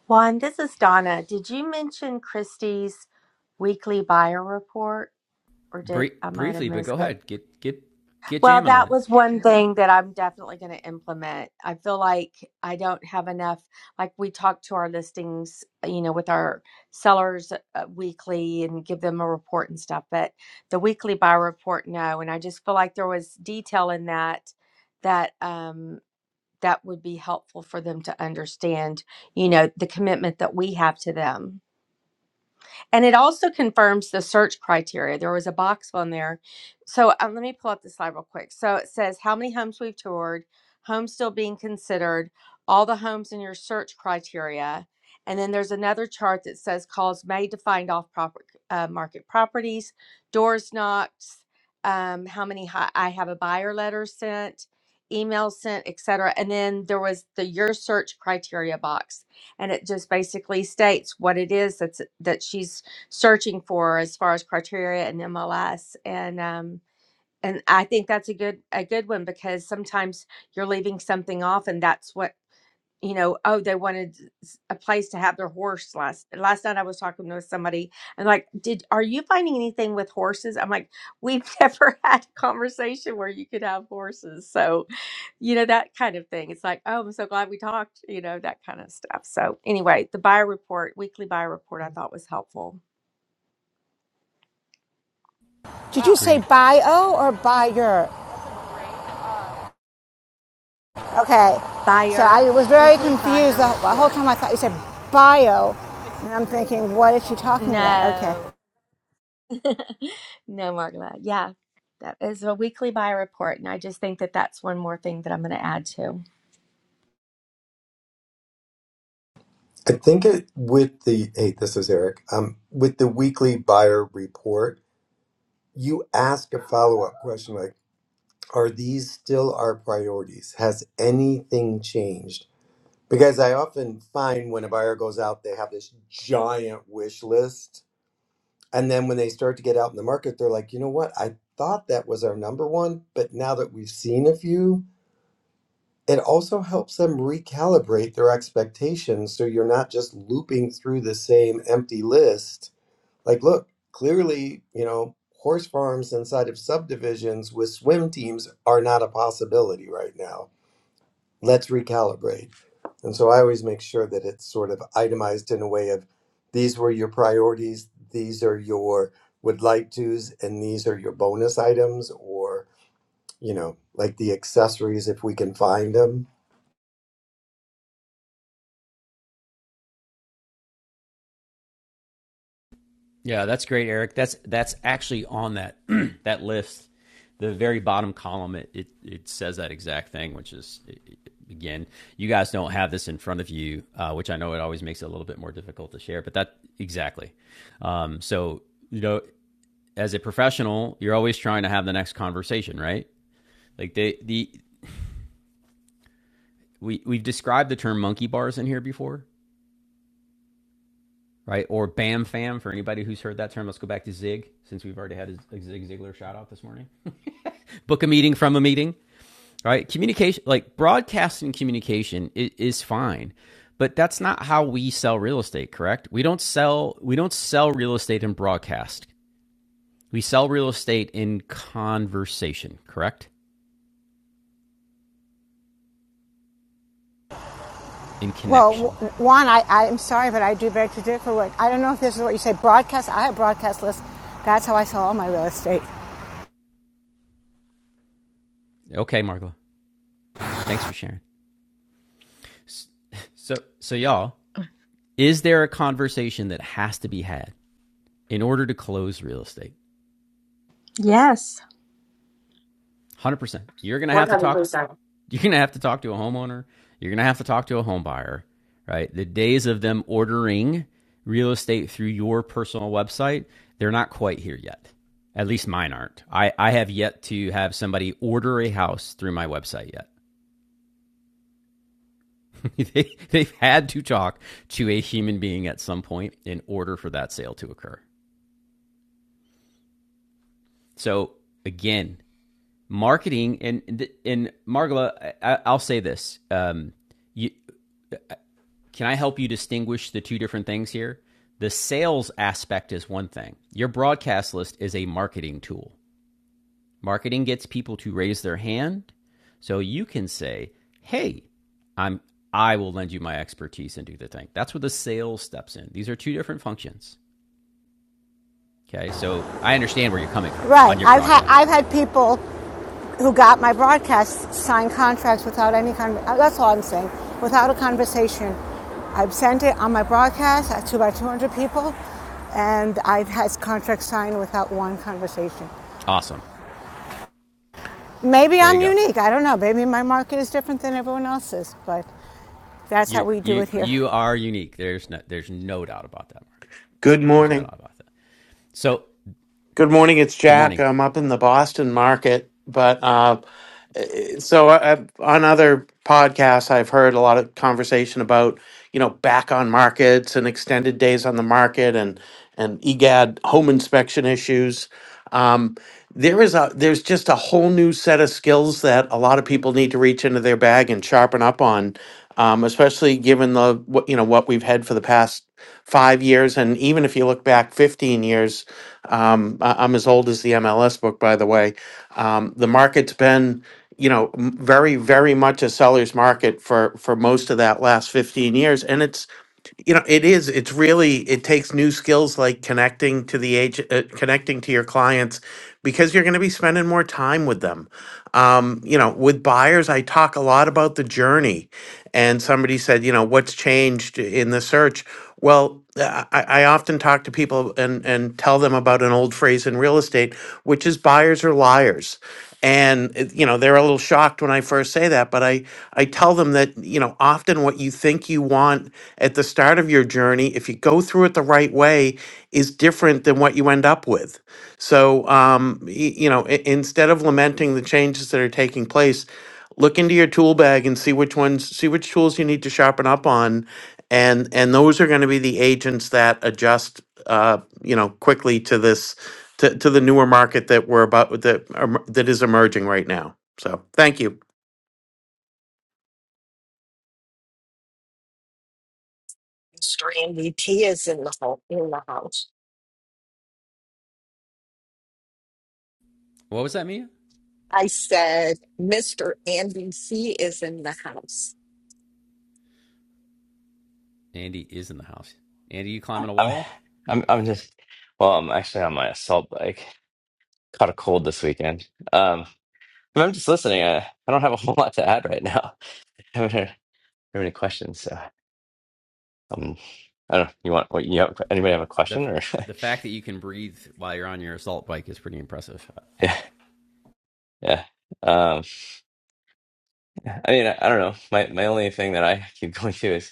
[SPEAKER 9] Juan, this is Donna. Did you mention Christie's weekly buyer report? Or did
[SPEAKER 1] Bri-
[SPEAKER 9] I might have
[SPEAKER 1] briefly, but
[SPEAKER 9] missed
[SPEAKER 1] go
[SPEAKER 9] it?
[SPEAKER 1] ahead. Get get get
[SPEAKER 9] Well,
[SPEAKER 1] jamming on
[SPEAKER 9] that
[SPEAKER 1] it.
[SPEAKER 9] was one thing that I'm definitely going to implement. I feel like I don't have enough. Like we talk to our listings, you know, with our sellers uh, weekly and give them a report and stuff. But the weekly buyer report, no. And I just feel like there was detail in that that um, that would be helpful for them to understand. You know, the commitment that we have to them. And it also confirms the search criteria. There was a box on there. So um, let me pull up the slide real quick. So it says how many homes we've toured, homes still being considered, all the homes in your search criteria. And then there's another chart that says calls made to find off proper, uh, market properties, doors knocked, um, how many hi- I have a buyer letter sent, email sent, etc. And then there was the your search criteria box and it just basically states what it is that's that she's searching for as far as criteria and MLS and um and I think that's a good a good one because sometimes you're leaving something off and that's what you know oh they wanted s- a place to have their horse last last night I was talking to somebody and like did are you finding anything with horses I'm like we've never had a conversation where you could have horses so you know that kind of thing it's like oh I'm so glad we talked you know that kind of stuff so anyway the buyer report weekly buyer report I thought was helpful
[SPEAKER 8] Did you say
[SPEAKER 1] Agreed.
[SPEAKER 8] bio or buyer? Okay, so
[SPEAKER 9] Buyer,
[SPEAKER 8] I was very
[SPEAKER 9] weekly
[SPEAKER 8] confused
[SPEAKER 9] buyer
[SPEAKER 8] the whole,
[SPEAKER 9] report.
[SPEAKER 8] time. I thought you said bio, and I'm thinking, what is she talking about? Okay.
[SPEAKER 9] No, no, Margla. Yeah, that is a weekly buyer report. And I just think that that's one more thing that I'm going to add to.
[SPEAKER 17] I think it with the hey, this is Eric. Um, with the weekly buyer report, you ask a follow up question like, "Are these still our priorities? Has anything changed?" Because I often find when a buyer goes out, they have this giant wish list, and then when they start to get out in the market, they're like, "You know what? I thought that was our number one, but now that we've seen a few." It also helps them recalibrate their expectations so you're not just looping through the same empty list Like, look, clearly, you know, horse farms inside of subdivisions with swim teams are not a possibility right now. Let's recalibrate. And so I always make sure that it's sort of itemized in a way of these were your priorities, these are your would like tos, and these are your bonus items, or, you know, like the accessories if we can find them
[SPEAKER 1] Yeah, that's great, Eric. That's that's actually on that that list, the very bottom column. It, it it says that exact thing, which is it, it, again, you guys don't have this in front of you, uh, which I know it always makes it a little bit more difficult to share. But that exactly. Um, so you know, as a professional, you're always trying to have the next conversation, right? Like the the we we've described the term monkey bars in here before, right? Or bam fam for anybody who's heard that term. Let's go back to Zig since we've already had a, a Zig Ziglar shout out this morning. book a meeting from a meeting, right? Communication, like broadcasting communication is, is fine, but that's not how we sell real estate, correct? We don't sell, we don't sell real estate in broadcast. We sell real estate in conversation, correct? In
[SPEAKER 8] Well, w-
[SPEAKER 1] connection.
[SPEAKER 8] one, I, I'm sorry, but I do very traditional work. I don't know if this is what you say. Broadcast. I have broadcast lists. That's how I sell all my real estate.
[SPEAKER 1] Okay, Margo. Thanks for sharing. So, so y'all, is there a conversation that has to be had in order to close real estate?
[SPEAKER 9] Yes.
[SPEAKER 1] 100%. You're going to have to talk
[SPEAKER 14] 100%.
[SPEAKER 1] You're going to have to talk to a homeowner. You're going to have to talk to a home buyer, right? The days of them ordering real estate through your personal website, they're not quite here yet. At least mine aren't. I, I have yet to have somebody order a house through my website yet. they, they've had to talk to a human being at some point in order for that sale to occur. So again, marketing and and Margola, I, I'll say this: um, you, Can I help you distinguish the two different things here? The sales aspect is one thing. Your broadcast list is a marketing tool. Marketing gets people to raise their hand. So you can say, "Hey, I'm I will lend you my expertise and do the thing." That's where the sales steps in. These are two different functions. Okay? So I understand where you're coming from
[SPEAKER 8] Right.
[SPEAKER 1] on your
[SPEAKER 8] I've had
[SPEAKER 1] broadcast.
[SPEAKER 8] I've had people who got my broadcast signed contracts without any kind con- uh, that's all I'm saying without a conversation. I've sent it on my broadcast uh, to about 200 people, and I've had contracts signed without one conversation.
[SPEAKER 1] Awesome.
[SPEAKER 8] Maybe
[SPEAKER 1] There you
[SPEAKER 8] I'm
[SPEAKER 1] go.
[SPEAKER 8] unique. I don't know. Maybe my market is different than everyone else's, but that's how
[SPEAKER 1] You
[SPEAKER 8] we do
[SPEAKER 1] you
[SPEAKER 8] it here.
[SPEAKER 1] you are unique. There's no there's no doubt about that. Margo.
[SPEAKER 18] Good
[SPEAKER 1] There's no
[SPEAKER 18] morning.
[SPEAKER 1] doubt about that. So,
[SPEAKER 18] Good morning. It's
[SPEAKER 1] good
[SPEAKER 18] Jack.
[SPEAKER 1] morning.
[SPEAKER 18] I'm up in the Boston market, but uh, eh, so I, I've- on other podcasts, I've heard a lot of conversation about you know back on markets and extended days on the market and and EGAD home inspection issues. Um, there is a there's just a whole new set of skills that a lot of people need to reach into their bag and sharpen up on um, especially given the what you know what we've had for the past five years and even if you look back 15 years um, I, i'm as old as the mls book by the way um, the market's been you know m- very very much a seller's market for for most of that last 15 years and it's you know it is it's really it takes new skills like connecting to the age uh, connecting to your clients because you're going to be spending more time with them um, you know with buyers i talk a lot about the journey and somebody said you know what's changed in the search well uh, i, I often talk to people and, and tell them about an old phrase in real estate which is buyers are liars and it- you know they're a little shocked when i first say that but i i tell them that you know often what you think you want at the start of your journey if you go through it the right way is different than what you end up with so um y- you know i- instead of lamenting the changes that are taking place look into your tool bag and see which ones see which tools you need to sharpen up on and and those are going to be the agents that adjust uh you know quickly to this to, to the newer market that we're about, that, em- that is emerging right now. So, thank you.
[SPEAKER 7] Mr. Andy is in the ho in the house.
[SPEAKER 1] What was that, Mia?
[SPEAKER 7] I said, Mr. Andy C is in the house.
[SPEAKER 1] Andy is in the house. Andy, you climbing a
[SPEAKER 19] I'm
[SPEAKER 1] wall?
[SPEAKER 19] I'm I'm just well, I'm actually on my assault bike. Caught a cold this weekend. Um, but I'm just listening. I, I don't have a whole lot to add right now. I haven't heard, heard any questions, so um, I don't. know. You want? What, you have, anybody have a
[SPEAKER 1] The
[SPEAKER 19] question or?
[SPEAKER 1] the fact that you can breathe while you're on your assault bike is pretty impressive.
[SPEAKER 19] yeah, yeah. Um, I mean, I, I don't know. My my only thing that I keep going to is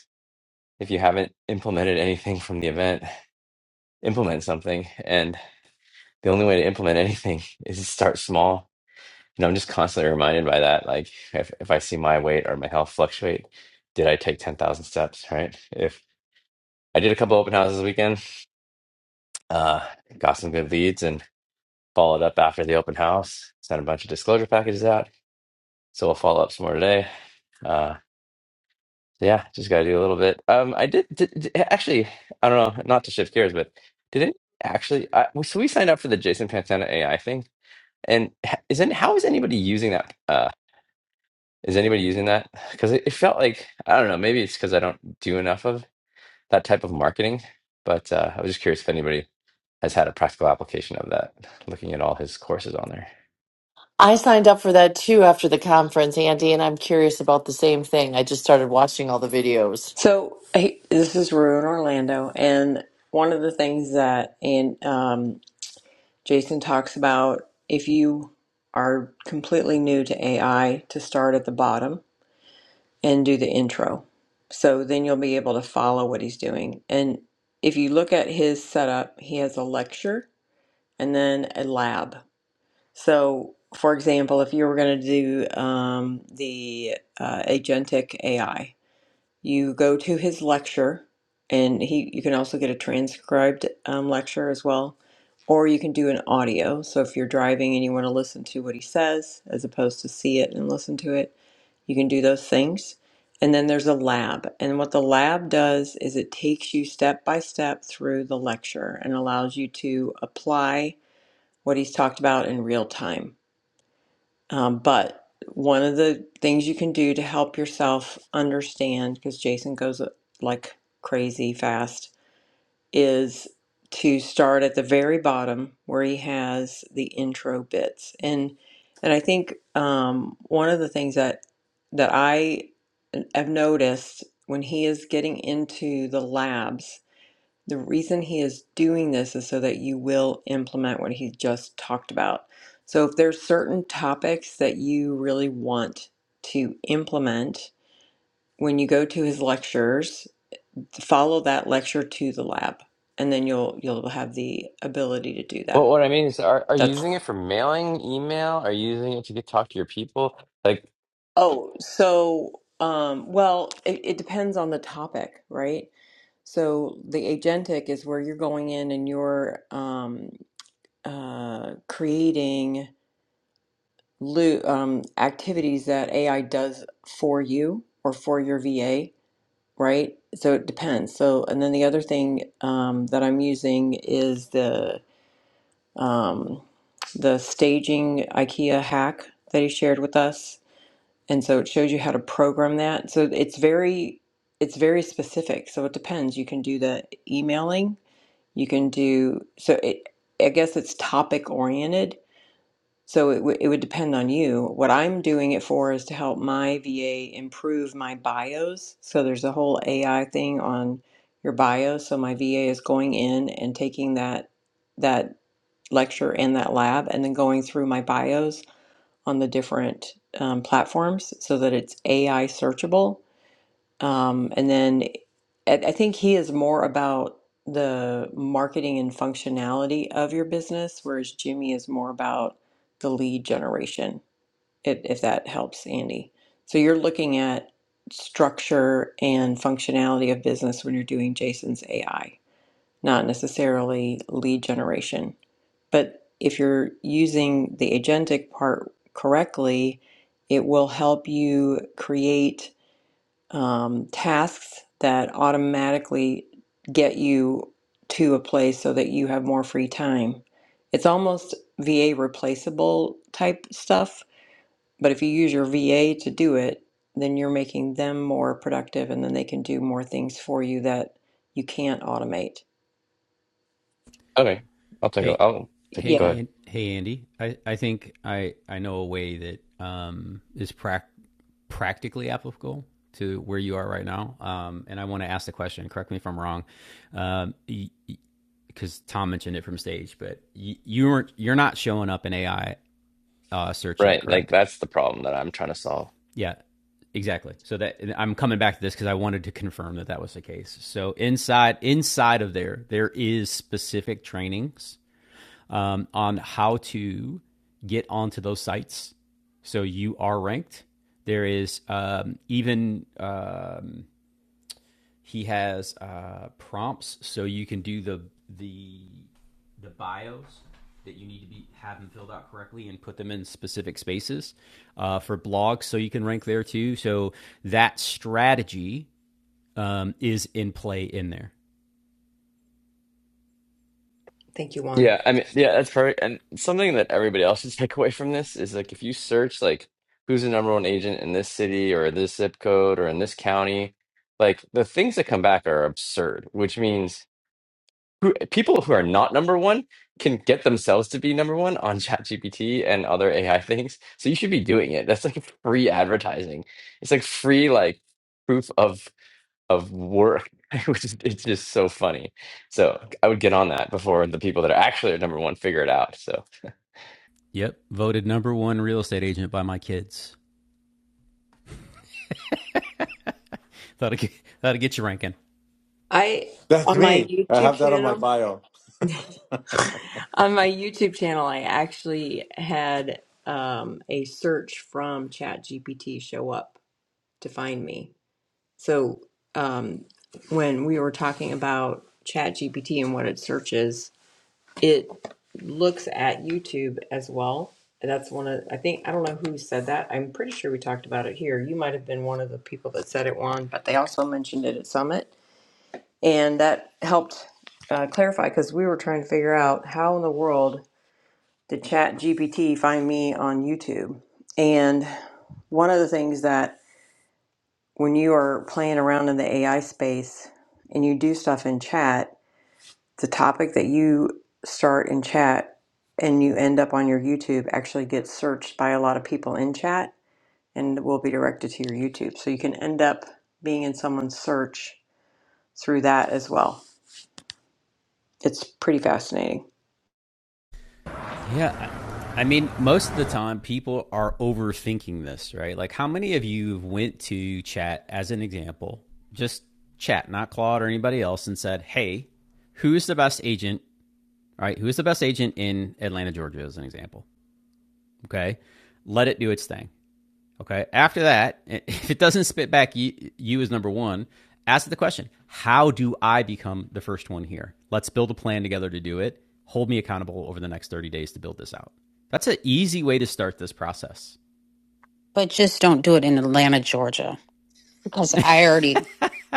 [SPEAKER 19] if you haven't implemented anything from the event, implement something. And the only way to implement anything is to start small And I'm just constantly reminded by that. Like if, if I see my weight or my health fluctuate, did I take 10,000 steps, right? If I did a couple open houses this weekend, uh, got some good leads and followed up after the open house, sent a bunch of disclosure packages out. So we'll follow up some more today. Uh, yeah, just got to do a little bit. Um, I did, did, did- actually, I don't know, not to shift gears, but did it actually, I, so we signed up for the Jason Pantana AI thing. And h- isn't, how is anybody using that? uh, Is anybody using that? Because it, it felt like I don't know. Maybe it's because I don't do enough of that type of marketing. But uh, I was just curious if anybody has had a practical application of that. Looking at all his courses on there.
[SPEAKER 14] I signed up for that too after the conference, Andy, and I'm curious about the same thing. I just started watching all the videos.
[SPEAKER 15] So hey, this is Rue in Orlando, and one of the things that and um, Jason talks about if you are completely new to AI, to start at the bottom and do the intro. So then you'll be able to follow what he's doing. And if you look at his setup, he has a lecture and then a lab. So, for example, if you were going to do um, the uh, agentic AI, you go to his lecture, and he you can also get a transcribed um, lecture as well, or you can do an audio. So if you're driving and you want to listen to what he says as opposed to see it and listen to it, you can do those things. And then there's a lab. And what the lab does is it takes you step by step through the lecture and allows you to apply what he's talked about in real time. Um, but one of the things you can do to help yourself understand, because Jason goes uh, like crazy fast, is to start at the very bottom where he has the intro bits. And and I think um, one of the things that that I uh, have noticed when he is getting into the labs the reason he is doing this is so that you will implement what he just talked about. So if there's certain topics that you really want to implement, when you go to his lectures, follow that lecture to the lab and then you'll you'll have the ability to do
[SPEAKER 19] Well,
[SPEAKER 15] that.
[SPEAKER 19] what I mean is, are are you
[SPEAKER 15] That's
[SPEAKER 19] using it for mailing, email? Are you using it to get talk to your people? Like,
[SPEAKER 15] oh, so um well, it, it depends on the topic, right? So the agentic is where you're going in and you're um uh creating lo- um, activities that AI does for you or for your VA, right? So it depends. So, and then the other thing um, that I'm using is the um, the staging IKEA hack that he shared with us, and so it shows you how to program that. So it's very it's very specific. So it depends. You can do the emailing. You can do so. It, I guess it's topic oriented so it, w- it would depend on you. What I'm doing it for is to help my VA improve my bios. So there's a whole AI thing on your bio. So my VA is going in and taking that that lecture and that lab, and then going through my bios on the different um, platforms so that it's AI searchable um, and then I, I think he is more about the marketing and functionality of your business, whereas Jimmy is more about the lead generation, if, if that helps, Andy. So you're looking at structure and functionality of business when you're doing Jason's AI, not necessarily lead generation. But if you're using the agentic part correctly, it will help you create um, tasks that automatically get you to a place so that you have more free time. It's almost VA replaceable type stuff, but if you use your VA to do it, then you're making them more productive and then they can do more things for you that you can't automate.
[SPEAKER 19] okay, I'll take. a-
[SPEAKER 1] Hey,
[SPEAKER 19] I'll take.
[SPEAKER 1] hey,
[SPEAKER 19] Go
[SPEAKER 15] Yeah.
[SPEAKER 19] ahead.
[SPEAKER 1] and hey, Andy. I, I think I, I know a way that um, is prac practically applicable to where you are right now. Um, and I want to ask the question. Correct me if I'm wrong, Um, because Tom mentioned it from stage. But you, you weren't you're not showing up in AI uh, search yet,
[SPEAKER 19] Right, like
[SPEAKER 1] correct?
[SPEAKER 19] that's the problem that I'm trying to solve.
[SPEAKER 1] Yeah, exactly. So that I'm coming back to this because I wanted to confirm that that was the case. So inside inside of there, there is specific trainings um, on how to get onto those sites. So you are ranked. There is um, even um, he has uh, prompts, so you can do the the the bios that you need to be have them filled out correctly and put them in specific spaces uh, for blogs, so you can rank there too. So that strategy um, is in play in there.
[SPEAKER 15] Thank you, Juan.
[SPEAKER 19] Yeah, I mean, yeah, that's perfect. And something that everybody else should take away from this is like if you search like who's the number one agent in this city or this zip code or in this county, like the things that come back are absurd, which means who, people who are not number one can get themselves to be number one on ChatGPT and other AI things. So you should be doing it. That's like free advertising. It's like free like proof of of work, which is it's just so funny. So I would get on that before the people that are actually at number one figure it out. So
[SPEAKER 1] Yep, voted number one real estate agent by my kids. That'll get, that'll get you ranking.
[SPEAKER 15] I,
[SPEAKER 20] That's
[SPEAKER 15] on my
[SPEAKER 20] me. I
[SPEAKER 15] YouTube
[SPEAKER 20] have that on my
[SPEAKER 15] channel,
[SPEAKER 20] bio.
[SPEAKER 15] On my YouTube channel, I actually had um, a search from ChatGPT show up to find me. So um, when we were talking about ChatGPT and what it searches, it looks at YouTube as well. And That's one of I think I don't know who said that. I'm pretty sure we talked about it here. You might have been one of the people that said it, Juan, but they also mentioned it at Summit, and that helped uh, clarify because we were trying to figure out how in the world to chat GPT find me on YouTube. And one of the things that when you are playing around in the AI space and you do stuff in chat, the topic that you start in chat and you end up on your YouTube actually gets searched by a lot of people in chat and will be directed to your YouTube. So you can end up being in someone's search through that as well. It's pretty fascinating.
[SPEAKER 1] Yeah. I, I mean, most of the time people are overthinking this, right? Like how many of you went to chat as an example, just chat, not Claude or anybody else and said, Hey, who's the best agent, right? Who is the best agent in Atlanta, Georgia as an example? Okay. Let it do its thing. Okay. After that, if it doesn't spit back you, you as number one, ask the question How do I become the first one here? Let's build a plan together to do it. Hold me accountable over the next 30 days to build this out. That's an easy way to start this process.
[SPEAKER 12] But just don't do it in Atlanta, Georgia, because
[SPEAKER 1] All
[SPEAKER 12] I already,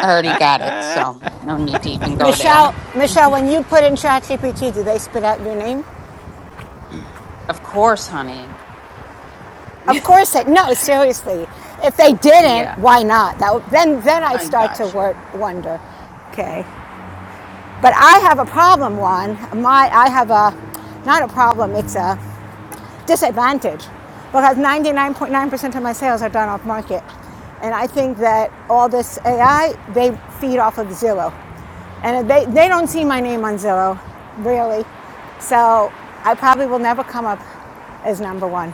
[SPEAKER 12] I already got it. So no need to even go there.
[SPEAKER 8] Michelle, Michelle, when you put in ChatGPT, do they spit out your name?
[SPEAKER 12] Of course, honey.
[SPEAKER 8] Of course they. No, seriously. If they didn't,
[SPEAKER 12] yeah,
[SPEAKER 8] why not? That then then I'd
[SPEAKER 12] I
[SPEAKER 8] start to
[SPEAKER 12] got you.
[SPEAKER 8] wonder. Okay. But I have a problem, one. My, I have a, not a problem, it's a disadvantage because 99.9% of my sales are done off market. And I think that all this AI, they feed off of Zillow. And they, they don't see my name on Zillow, really. So I probably will never come up as number one.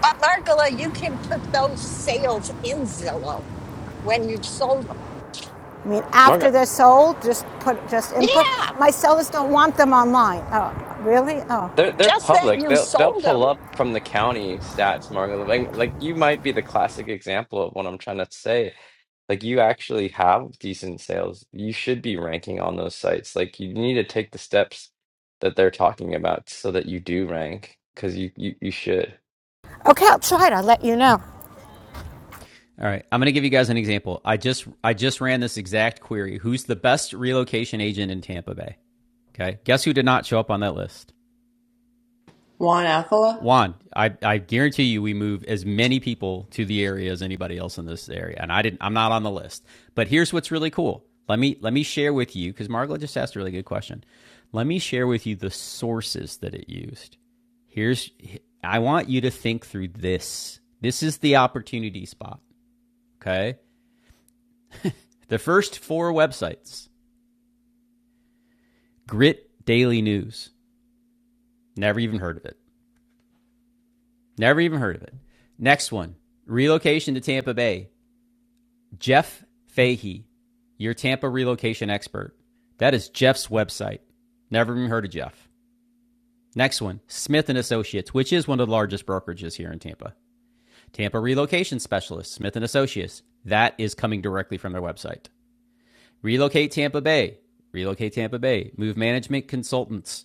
[SPEAKER 7] But Margola, you can put those sales in Zillow when you sold them.
[SPEAKER 8] I mean,
[SPEAKER 19] Margo,
[SPEAKER 8] after they're sold, just put just input.
[SPEAKER 7] Yeah,
[SPEAKER 8] My sellers don't want them online. Oh, really? Oh,
[SPEAKER 19] they're they're
[SPEAKER 7] just that
[SPEAKER 19] public.
[SPEAKER 7] you
[SPEAKER 19] They'll they'll
[SPEAKER 7] sold
[SPEAKER 19] pull
[SPEAKER 7] them.
[SPEAKER 19] up from the county stats, Margo. Like like you might be the classic example of what I'm trying to say. Like you actually have decent sales. You should be ranking on those sites. Like you need to take the steps that they're talking about so that you do rank because you, you you should.
[SPEAKER 8] okay. I'll try it. I'll let you know.
[SPEAKER 1] right, I'm going to give you guys an example. I just I just ran this exact query. Who's the best relocation agent in Tampa Bay? Okay. Guess who did not show up on that list?
[SPEAKER 15] Juan Alcala?
[SPEAKER 1] Juan, I, I guarantee you we move as many people to the area as anybody else in this area. And I didn't I'm not on the list. But here's what's really cool. Let me let me share with you, because Margaret just asked a really good question. Let me share with you the sources that it used. Here's I want you to think through this. This is the opportunity spot. Okay. The first four websites Grit Daily News. Never even heard of it. Never even heard of it. Next one relocation to Tampa Bay. Jeff Fahey, your Tampa relocation expert. That is Jeff's website. Never even heard of Jeff. Next one, Smith and Associates, which is one of the largest brokerages here in Tampa. Tampa relocation specialist, Smith and Associates. That is coming directly from their website. Relocate Tampa Bay, Relocate Tampa Bay, Move Management Consultants,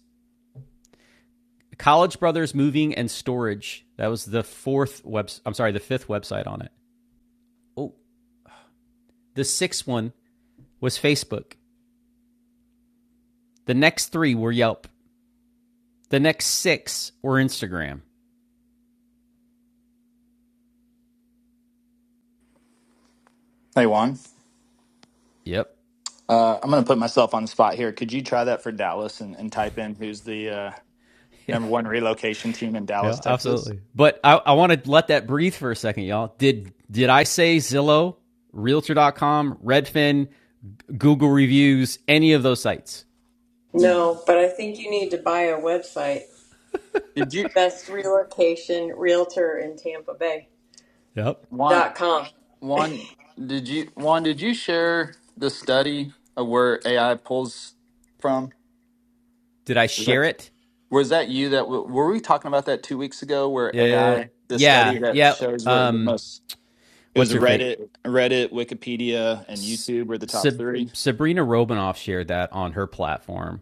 [SPEAKER 1] College Brothers Moving and Storage. That was the fourth web. I'm sorry, the fifth website on it. Oh, the sixth one was Facebook. The next three were Yelp. The next six were Instagram.
[SPEAKER 21] Hey Juan,
[SPEAKER 1] Yep.
[SPEAKER 21] uh, I'm going to put myself on the spot here. Could you try that for Dallas and, and type in who's the uh, number one relocation team in Dallas,
[SPEAKER 1] Yeah,
[SPEAKER 21] Texas?
[SPEAKER 1] absolutely. But I, I want to let that breathe for a second, y'all. Did did I say Zillow, Realtor dot com, Redfin, Google reviews, any of those sites?
[SPEAKER 15] No, but I think you need to buy a website
[SPEAKER 21] Did you
[SPEAKER 15] Best relocation realtor in Tampa Bay
[SPEAKER 1] Yep.
[SPEAKER 21] Juan
[SPEAKER 15] dot com.
[SPEAKER 21] Juan did you Juan did you share the study of where AI pulls from?
[SPEAKER 1] Did I
[SPEAKER 21] Was that,
[SPEAKER 1] share it?
[SPEAKER 21] was that you that w- were we talking about that two weeks ago where
[SPEAKER 1] Uh,
[SPEAKER 21] AI the study
[SPEAKER 1] yeah,
[SPEAKER 21] that
[SPEAKER 1] yeah.
[SPEAKER 21] shows where the
[SPEAKER 1] Um,
[SPEAKER 21] most It was
[SPEAKER 1] what's her face?
[SPEAKER 21] Reddit, Reddit, Wikipedia, and
[SPEAKER 1] S-
[SPEAKER 21] YouTube were the top
[SPEAKER 1] Sab-
[SPEAKER 21] three.
[SPEAKER 1] Sabrina Robinoff shared that on her platform,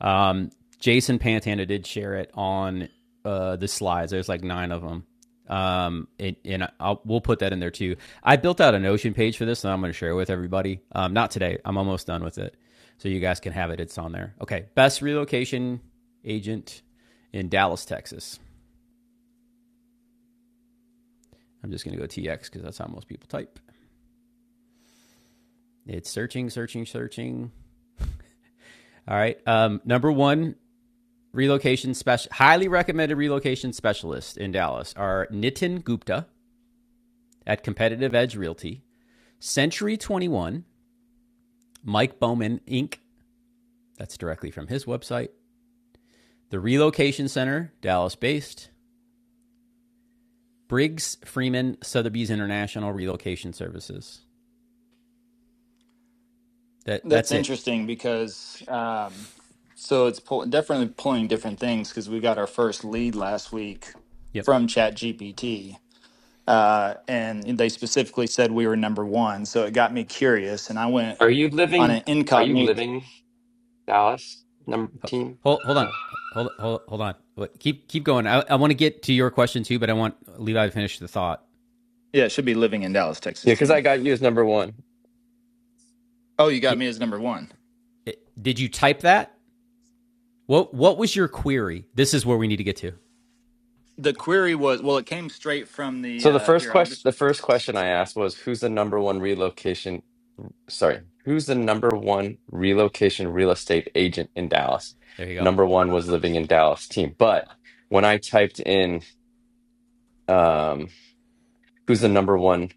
[SPEAKER 1] Um, Jason Pantana did share it on uh, the slides. There's like nine of them. Um, it, and I'll, we'll put that in there too. I built out a Notion page for this, and I'm going to share it with everybody. Um, not today. I'm almost done with it, so you guys can have it. It's on there. Okay, best relocation agent in Dallas, Texas. I'm just going to go TX because that's how most people type. It's searching, searching, searching. All right. Um, number one relocation special, highly recommended relocation specialist in Dallas are Nitin Gupta at Competitive Edge Realty, Century 21, Mike Bowman Inc., that's directly from his website, the Relocation Center, Dallas based, Briggs Freeman Sotheby's International Relocation Services. That
[SPEAKER 21] That's
[SPEAKER 1] that's it.
[SPEAKER 21] interesting because um, so it's pull, definitely pulling different things because we got our first lead last week
[SPEAKER 1] Yep.
[SPEAKER 21] from ChatGPT, uh, and they specifically said we were number one. So it got me curious, and I went
[SPEAKER 19] Are you
[SPEAKER 21] on
[SPEAKER 19] living?
[SPEAKER 21] an
[SPEAKER 19] Are you
[SPEAKER 21] incognito.
[SPEAKER 19] living Dallas number
[SPEAKER 1] Hold hold
[SPEAKER 19] team?
[SPEAKER 1] on. Hold hold, hold on. Keep keep going. I, I want to get to your question too, but I want Levi to finish the thought.
[SPEAKER 21] Yeah, it should be living in Dallas, Texas
[SPEAKER 19] Yeah, because
[SPEAKER 21] team.
[SPEAKER 19] I got you as number one.
[SPEAKER 21] Oh, you got me as number one.
[SPEAKER 1] Did you type that? What what was your query? This is where we need to get to.
[SPEAKER 21] The query was well, it came straight from the
[SPEAKER 19] So the
[SPEAKER 21] uh,
[SPEAKER 19] first
[SPEAKER 21] here. I'll
[SPEAKER 19] question,
[SPEAKER 21] just
[SPEAKER 19] the first question I asked was, who's the number one relocation? Sorry, who's the number one relocation real estate agent in Dallas?
[SPEAKER 1] There you go.
[SPEAKER 19] Number one was living in Dallas team. But when I typed in, um, who's the number one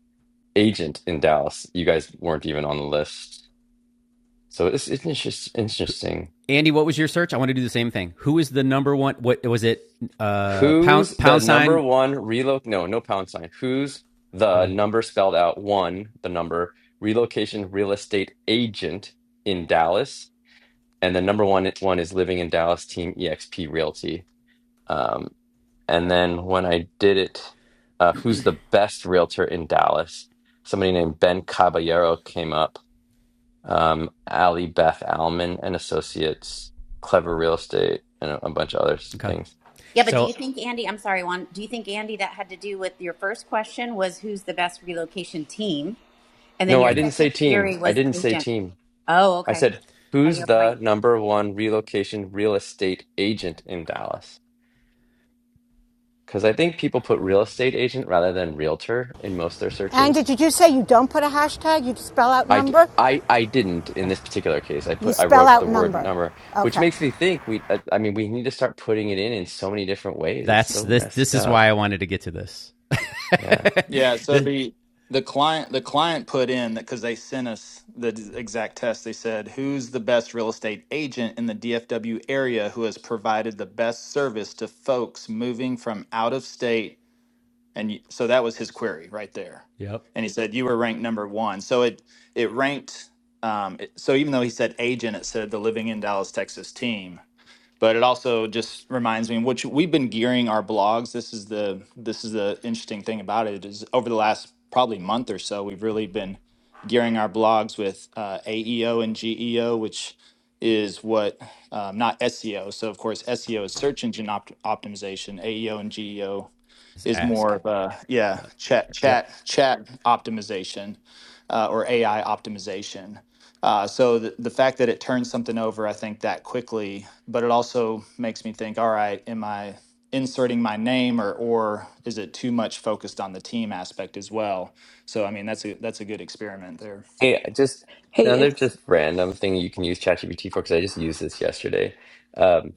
[SPEAKER 19] agent in Dallas, you guys weren't even on the list. So it's it's just interesting
[SPEAKER 1] Andy, what was your search? I want to do the same thing. Who is the number one? What was it? Uh, pound
[SPEAKER 19] Who's the
[SPEAKER 1] pound
[SPEAKER 19] number
[SPEAKER 1] sign.
[SPEAKER 19] one reloc? No, no pound sign. Who's the
[SPEAKER 1] Okay.
[SPEAKER 19] number spelled out one, the number relocation real estate agent in Dallas, and the number one one is living in Dallas team EXP Realty. Um, and then when I did it, uh, who's the best realtor in Dallas? Somebody named Ben Caballero came up. Um, Ali Beth Alman and Associates, Clever Real Estate, and a, a bunch of other
[SPEAKER 1] Okay.
[SPEAKER 19] things.
[SPEAKER 6] Yeah, but do you
[SPEAKER 1] So
[SPEAKER 6] think Andy? I'm sorry, Juan. Do you think Andy that had to do with your first question was who's the best relocation team, and then
[SPEAKER 19] No, I
[SPEAKER 6] your
[SPEAKER 1] mm,
[SPEAKER 19] didn't say
[SPEAKER 6] second
[SPEAKER 19] team.
[SPEAKER 6] query
[SPEAKER 19] I
[SPEAKER 6] was
[SPEAKER 19] didn't say
[SPEAKER 6] agent?
[SPEAKER 19] team.
[SPEAKER 6] Oh,
[SPEAKER 19] I
[SPEAKER 6] okay.
[SPEAKER 19] said,
[SPEAKER 6] Are you
[SPEAKER 19] who's
[SPEAKER 6] mic?
[SPEAKER 19] the number one relocation real estate agent in Dallas? Because I think people put real estate agent rather than realtor in most of their
[SPEAKER 8] And
[SPEAKER 19] searches.
[SPEAKER 8] did you say you don't put a hashtag? You spell out
[SPEAKER 19] I, d-
[SPEAKER 8] number?
[SPEAKER 19] I, I didn't in this particular case. I
[SPEAKER 8] You
[SPEAKER 19] put I
[SPEAKER 8] spell
[SPEAKER 19] wrote the
[SPEAKER 8] out
[SPEAKER 19] word
[SPEAKER 8] number.
[SPEAKER 19] number, which
[SPEAKER 8] Okay.
[SPEAKER 19] makes me think we. I I mean, we need to start putting it in in so many different ways. It's
[SPEAKER 1] that's
[SPEAKER 19] so
[SPEAKER 1] this.
[SPEAKER 19] messed
[SPEAKER 1] This is
[SPEAKER 19] up.
[SPEAKER 1] why I wanted to get to this.
[SPEAKER 19] Yeah.
[SPEAKER 21] Yeah, so
[SPEAKER 1] this
[SPEAKER 21] the the client the client put in that because they sent us the d- exact test. They said, "Who's the best real estate agent in the DFW area who has provided the best service to folks moving from out of state?" And y- so that was his query right there.
[SPEAKER 1] Yep.
[SPEAKER 21] And he said, "You were ranked number one." So it it ranked. Um, it, so even though he said agent, it said the Living in Dallas, Texas team but it also just reminds me which we've been gearing our blogs this is the this is the interesting thing about it is over the last probably month or so we've really been gearing our blogs with uh, aeo and geo which is what um, not seo so of course seo is search engine opt- optimization aeo and geo
[SPEAKER 1] just
[SPEAKER 21] is
[SPEAKER 1] ask.
[SPEAKER 21] more of a yeah
[SPEAKER 1] Yep.
[SPEAKER 21] chat
[SPEAKER 1] Yep.
[SPEAKER 21] chat chat optimization uh, or AI optimization. Uh, so the, the fact that it turns something over, I think that quickly, but it also makes me think, all right, am I inserting my name or or is it too much focused on the team aspect as well? So I mean that's a that's a good experiment there.
[SPEAKER 19] Hey, just
[SPEAKER 15] Hey,
[SPEAKER 19] another
[SPEAKER 15] it's
[SPEAKER 19] just random thing you can use ChatGPT for because I just used this yesterday. Um,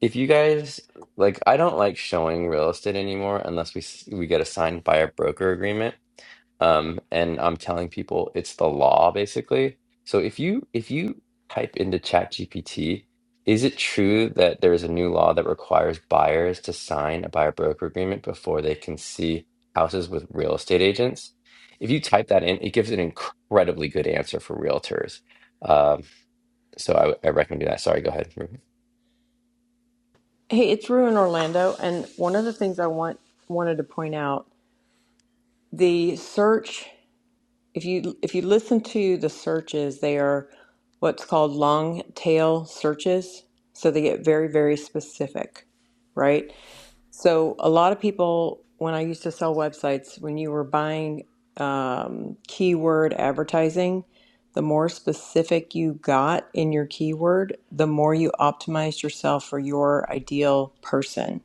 [SPEAKER 19] if you guys like, I don't like showing real estate anymore unless we s- we get it signed by a broker agreement um, and I'm telling people it's the law basically. So if you if you type into ChatGPT, is it true that there is a new law that requires buyers to sign a buyer broker agreement before they can see houses with real estate agents? If you type that in, it gives an incredibly good answer for realtors. Um, so I, I recommend doing that. Sorry, go ahead.
[SPEAKER 15] hey, it's Rue in Orlando, and one of the things I want wanted to point out, the search, if you if you listen to the searches, they are what's called long tail searches, so they get very, very specific, right? So a lot of people, when I used to sell websites, when you were buying um, keyword advertising, the more specific you got in your keyword, the more you optimized yourself for your ideal person.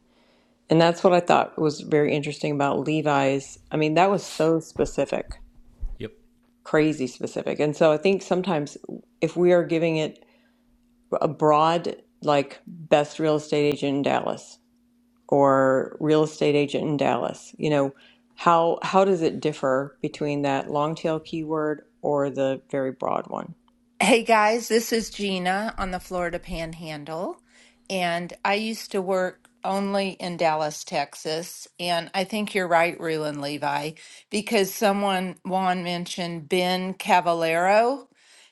[SPEAKER 15] And that's what I thought was very interesting about Levi's. I mean, that was so specific,
[SPEAKER 1] Yep.
[SPEAKER 15] crazy specific. And so I think sometimes if we are giving it a broad, like best real estate agent in Dallas, or real estate agent in Dallas. You know, how how does it differ between that long tail keyword or the very broad one?
[SPEAKER 22] Hey guys, this is Gina on the Florida Panhandle, and I used to work only in Dallas, Texas. And I think you're right, Ruland Levi, because someone, Juan mentioned Ben Cavallero.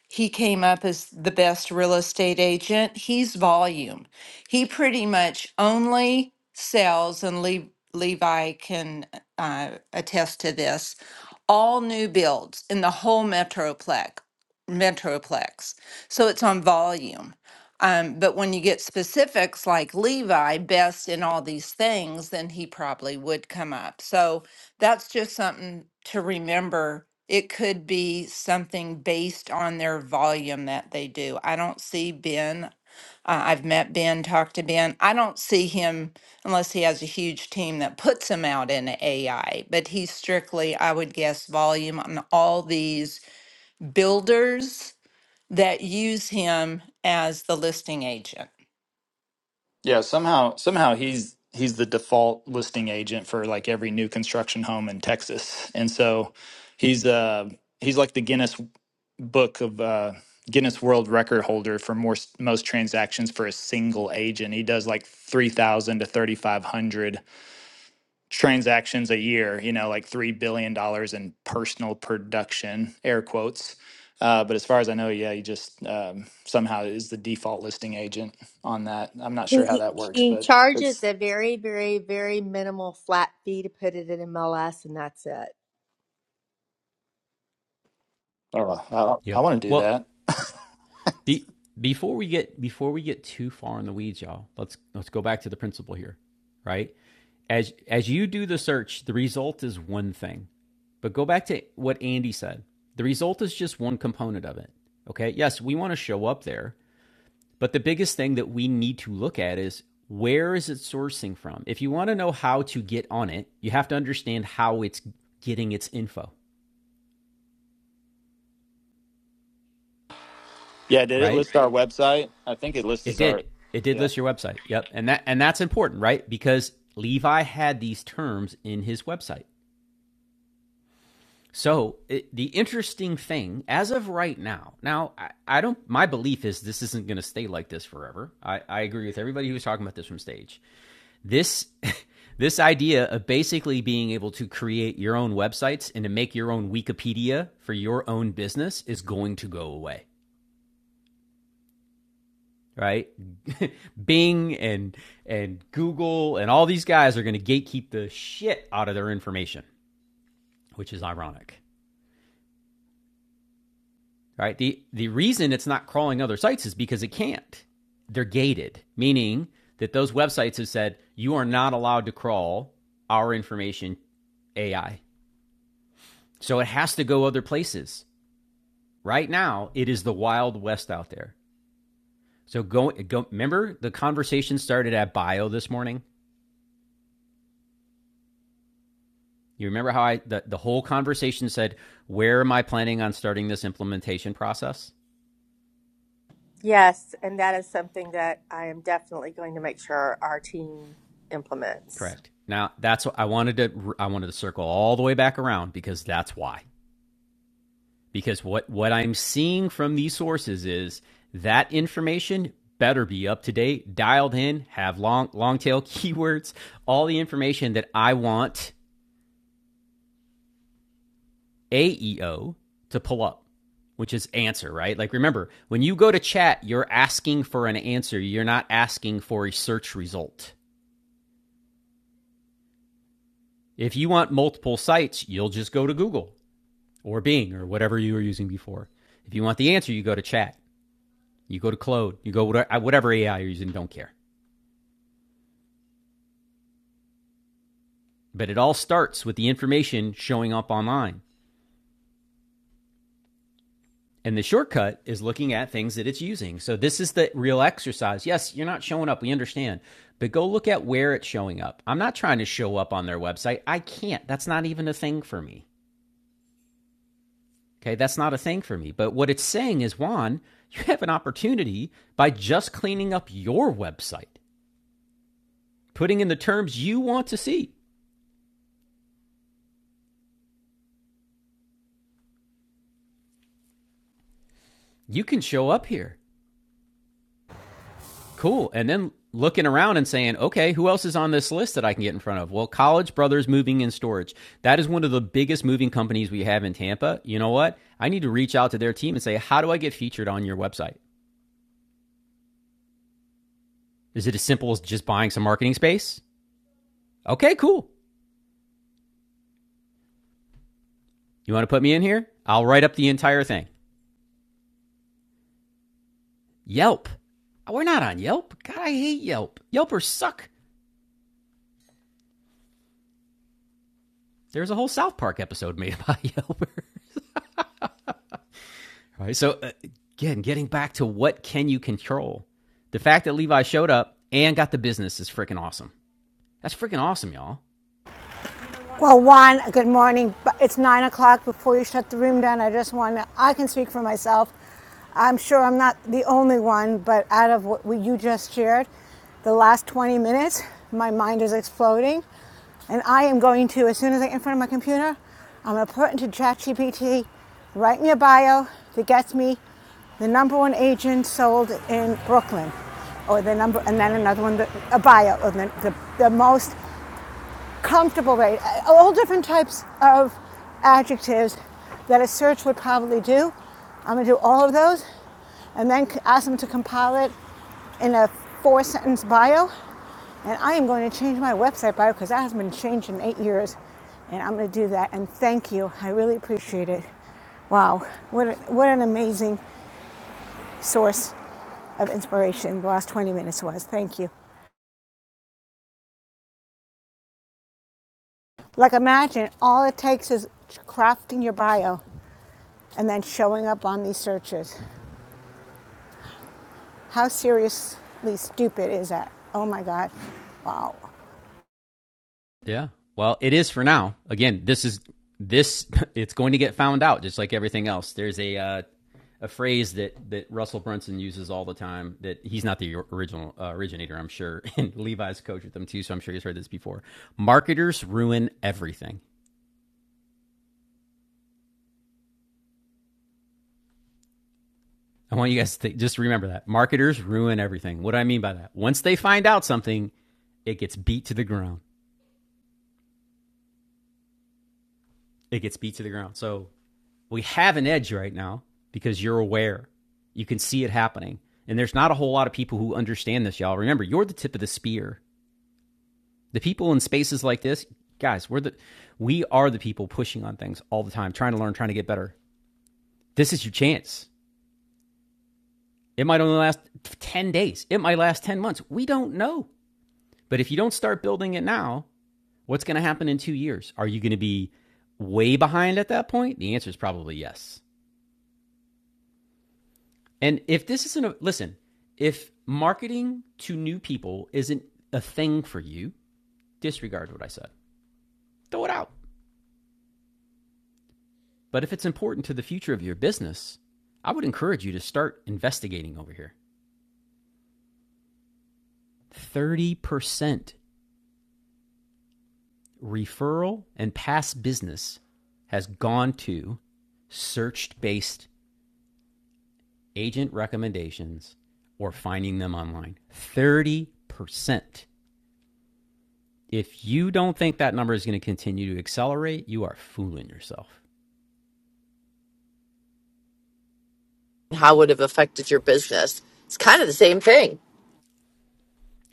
[SPEAKER 22] He came up as the best real estate agent. He's volume. He pretty much only sells, and Le- Levi can uh, attest to this, all new builds in the whole metroplex. Metroplex. So it's on volume. Um, but when you get specifics like Levi, best in all these things, then he probably would come up. So that's just something to remember. It could be something based on their volume that they do. I don't see Ben. Uh, I've met Ben, talked to Ben. I don't see him unless he has a huge team that puts him out in AI, but he's strictly, I would guess, volume on all these builders that use him as the listing agent.
[SPEAKER 21] Yeah, somehow somehow he's he's the default listing agent for like every new construction home in Texas. And so he's uh he's like the Guinness book of uh Guinness World Record holder for more most transactions for a single agent. He does like 3,000 to 3,500 transactions a year, you know, like $3 billion dollars in personal production, air quotes. Uh, but as far as I know, yeah, he just um, somehow is the default listing agent on that. I'm not sure how
[SPEAKER 9] He,
[SPEAKER 21] that works,
[SPEAKER 9] he
[SPEAKER 21] but it's,
[SPEAKER 9] charges a very, very, very minimal flat fee to put it in MLS, and that's it.
[SPEAKER 21] oh, well, I, I
[SPEAKER 1] Yep.
[SPEAKER 21] want to do
[SPEAKER 1] Well,
[SPEAKER 21] that.
[SPEAKER 1] Be, before we get before we get too far in the weeds, y'all, let's let's go back to the principle here, right? As as you do the search, the result is one thing. But go back to what Andy said. The result is just one component of it. Okay? Yes, we want to show up there, but the biggest thing that we need to look at is where is it sourcing from? If you want to know how to get on it, you have to understand how it's getting its info,
[SPEAKER 21] Yeah, did it
[SPEAKER 1] right?
[SPEAKER 21] list our website? I think it
[SPEAKER 1] It
[SPEAKER 21] lists
[SPEAKER 1] did.
[SPEAKER 21] our,
[SPEAKER 1] It did
[SPEAKER 21] yeah.
[SPEAKER 1] list your website. Yep. And that and that's important, right? Because Levi had these terms in his website. So it, the interesting thing, as of right now, now I, I don't. My belief is this isn't going to stay like this forever. I, I agree with everybody who's talking about this from stage. This this idea of basically being able to create your own websites and to make your own Wikipedia for your own business is going to go away. right? Bing and and Google and all these guys are going to gatekeep the shit out of their information, which is ironic, right? The the reason it's not crawling other sites is because it can't. They're gated, meaning that those websites have said you are not allowed to crawl our information AI. So it has to go other places. Right now, it is the wild west out there. So go, go remember the conversation started at bio this morning You remember how I the, the whole conversation said, "Where am I planning on starting this implementation process?"
[SPEAKER 9] Yes, and that is something that I am definitely going to make sure our team implements.
[SPEAKER 1] Correct. Now, that's what I wanted to I wanted to circle all the way back around because that's why. Because what what I'm seeing from these sources is that information better be up to date, dialed in, have long long tail keywords, all the information that I want AEO to pull up, which is answer, right? Like remember, when you go to chat, you're asking for an answer. You're not asking for a search result. If you want multiple sites, you'll just go to Google or Bing or whatever you were using before. If you want the answer, you go to chat, you go to Claude. you go whatever AI you're using, don't care. But it all starts with the information showing up online. And the shortcut is looking at things that it's using. So this is the real exercise. Yes, you're not showing up. We understand. But go look at where it's showing up. I'm not trying to show up on their website. I can't. That's not even a thing for me. Okay. That's not a thing for me. But what it's saying is, Juan, you have an opportunity by just cleaning up your website, putting in the terms you want to see. You can show up here. Cool. And then looking around and saying, okay, who else is on this list that I can get in front of? Well, College Brothers Moving and Storage. That is one of the biggest moving companies we have in Tampa. You know what? I need to reach out to their team and say, how do I get featured on your website? Is it as simple as just buying some marketing space? Okay, cool. You want to put me in here? I'll write up the entire thing. Yelp. We're not on Yelp. God, I hate Yelp. Yelpers suck. There's a whole South Park episode made about Yelpers. Right. So uh, again, getting back to what can you control? The fact that Levi showed up and got the business is freaking awesome. That's freaking awesome, y'all.
[SPEAKER 8] Well, one, good morning. It's nine o'clock. Before you shut the room down, I just want to, I can speak for myself. I'm sure I'm not the only one, but out of what you just shared, the last 20 minutes, my mind is exploding. And I am going to, as soon as I get in front of my computer, I'm going to put into ChatGPT, write me a bio that gets me the number one agent sold in Brooklyn, or the number, and then another one, a bio, or the, the, the most comfortable way. Uh, All different types of adjectives that a search would probably do. I'm gonna do all of those and then ask them to compile it in a four sentence bio. And I am going to change my website bio because that has been changed in eight years. And I'm gonna do that. And thank you. I really appreciate it. Wow, what, a, what an amazing source of inspiration the last 20 minutes was. Thank you. Like, imagine all it takes is crafting your bio and then showing up on these searches. How seriously stupid is that? Oh my God. Wow.
[SPEAKER 1] Yeah. Well, it is for now. Again, this is this it's going to get found out just like everything else. There's a uh, a phrase that that Russell Brunson uses all the time that he's not the original uh, originator, I'm sure. And Levi's coach with them too, so I'm sure he's heard this before. Marketers ruin everything. I want you guys to think, just remember that. Marketers ruin everything. What do I mean by that? Once they find out something, it gets beat to the ground. It gets beat to the ground. So we have an edge right now because you're aware. You can see it happening. And there's not a whole lot of people who understand this, y'all. Remember, you're the tip of the spear. The people in spaces like this, guys, we're the we are the people pushing on things all the time, trying to learn, trying to get better. This is your chance. It might only last 10 days. It might last 10 months. We don't know. But if you don't start building it now, What's going to happen in two years? Are you going to be way behind at that point? The answer is probably yes. And if this isn't a listen, if marketing to new people isn't a thing for you, disregard what I said. Throw it out. But if it's important to the future of your business, I would encourage you to start investigating over here. 30% referral and past business has gone to search based agent recommendations or finding them online. 30%. If you don't think that number is going to continue to accelerate, you are fooling yourself.
[SPEAKER 14] How would it have affected your business? It's kind of the same thing.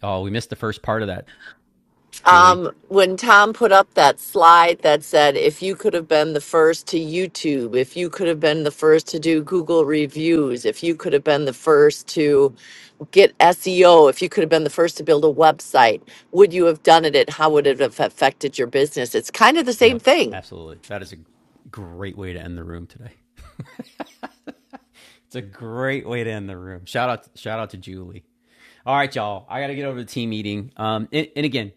[SPEAKER 1] Oh, we missed the first part of that, Julie.
[SPEAKER 14] Um, when Tom put up that slide that said, if you could have been the first to YouTube, if you could have been the first to do Google reviews, if you could have been the first to get SEO, if you could have been the first to build a website, would you have done it? And how would it have affected your business? It's kind of the same
[SPEAKER 1] Yep,
[SPEAKER 14] thing.
[SPEAKER 1] absolutely. That is a great way to end the room today. It's a great way to end the room. Shout out shout out to Julie. All right, y'all. I got to get over to team meeting. Um, and, and again,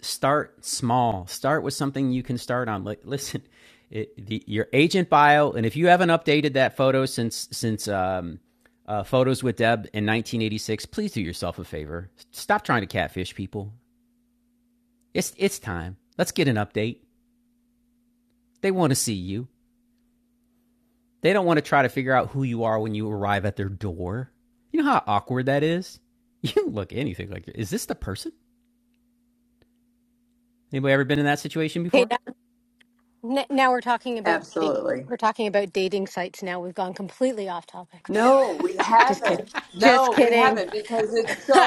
[SPEAKER 1] start small. Start with something you can start on. Like, listen, it, the, your agent bio, and if you haven't updated that photo since since um, uh, photos with Deb in 1986, please do yourself a favor. Stop trying to catfish people. It's it's time. Let's get an update. They want to see you. They don't want to try to figure out who you are when you arrive at their door. You know how awkward that is. You don't look anything like. Is this the person? Anybody ever been in that situation
[SPEAKER 23] Okay,
[SPEAKER 1] before?
[SPEAKER 23] now, n- now we're talking about dating. We're talking about dating sites now. We've gone completely off topic.
[SPEAKER 15] Have
[SPEAKER 23] Just
[SPEAKER 15] it.
[SPEAKER 23] kidding. Just kidding.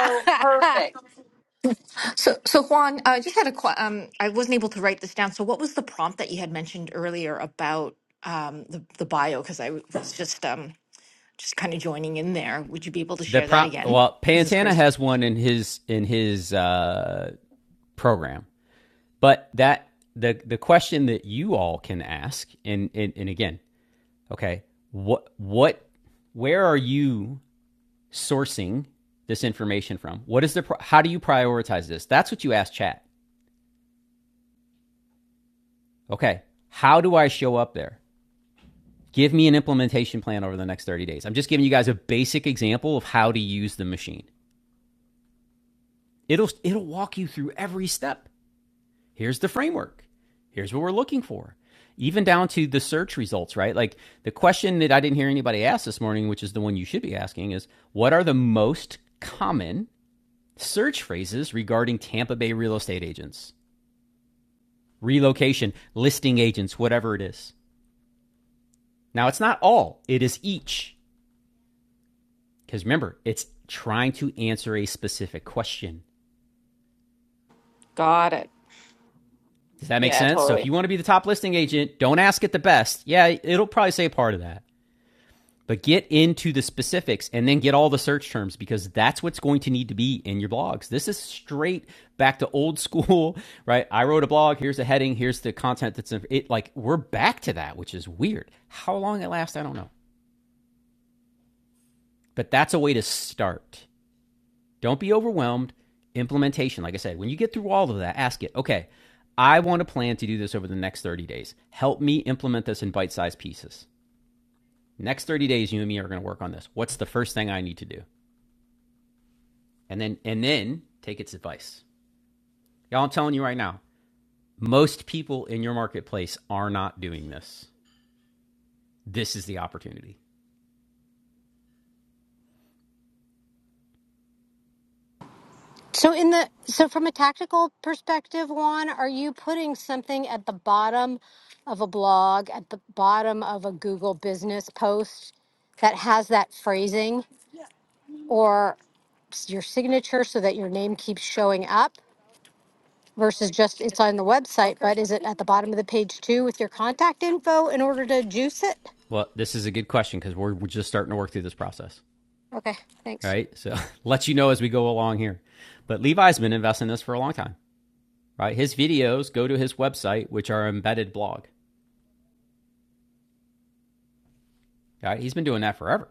[SPEAKER 24] So, so Juan, I just had a que- um, I wasn't able to write this down. So, what was the prompt that you had mentioned earlier about um, the the bio? Because I was just um, just kind of joining in there. Would you be able to
[SPEAKER 1] The
[SPEAKER 24] share that
[SPEAKER 1] prop
[SPEAKER 24] again?
[SPEAKER 1] well,
[SPEAKER 24] This is
[SPEAKER 1] Pantana
[SPEAKER 24] Grace.
[SPEAKER 1] has one in his in his uh, program, but that the the question that you all can ask, and and, and again, okay, what what where are you sourcing this information from? What is the how do you prioritize this? That's what you ask chat. Okay, how do I show up there? Give me an implementation plan over the next 30 days. I'm just giving you guys a basic example of how to use the machine. It'll it'll walk you through every step. here's the framework. Here's what we're looking for. Even down to the search results, right? Like the question that I didn't hear anybody ask this morning, which is the one you should be asking, is what are the most common search phrases regarding Tampa Bay real estate agents, relocation, listing agents, whatever it is? Now, it's not all, it is each. Because remember, it's trying to answer a specific question.
[SPEAKER 24] Got it.
[SPEAKER 1] Does that make
[SPEAKER 24] Yeah,
[SPEAKER 1] sense? So
[SPEAKER 24] totally.
[SPEAKER 1] if you want to be the top listing agent, don't ask it the best. Yeah, it'll probably say part of that. But get into the specifics and then get all the search terms because that's what's going to need to be in your blogs. This is straight back to old school, right? I wrote a blog, here's a heading, here's the content that's in it. Like we're back to that, which is weird. How long it lasts, I don't know. But that's a way to start. Don't be overwhelmed. Implementation, like I said, when you get through all of that, ask it, okay, I want to plan to do this over the next 30 days. Help me implement this in bite sized pieces. Next 30 days, you and me are going to work on this. What's the first thing I need to do? and then and then take its advice. Y'all, I'm telling you right now, most people in your marketplace are not doing this. This is the opportunity.
[SPEAKER 23] so in the so from a tactical perspective, Juan, are you putting something at the bottom of a blog, at the bottom of a Google business post that has that phrasing or your signature so that your name keeps showing up? versus just it's on the website, but is it at the bottom of the page too with your contact info in order to juice it?
[SPEAKER 1] Well, this is a good question because we're, we're just starting to work through this process.
[SPEAKER 23] Okay,
[SPEAKER 1] All
[SPEAKER 23] thanks.
[SPEAKER 1] Right. So let you know as we go along here. But Levi's been investing in this for a long time. Right. His videos go to his website, which are embedded blog. All Right. He's been doing that forever.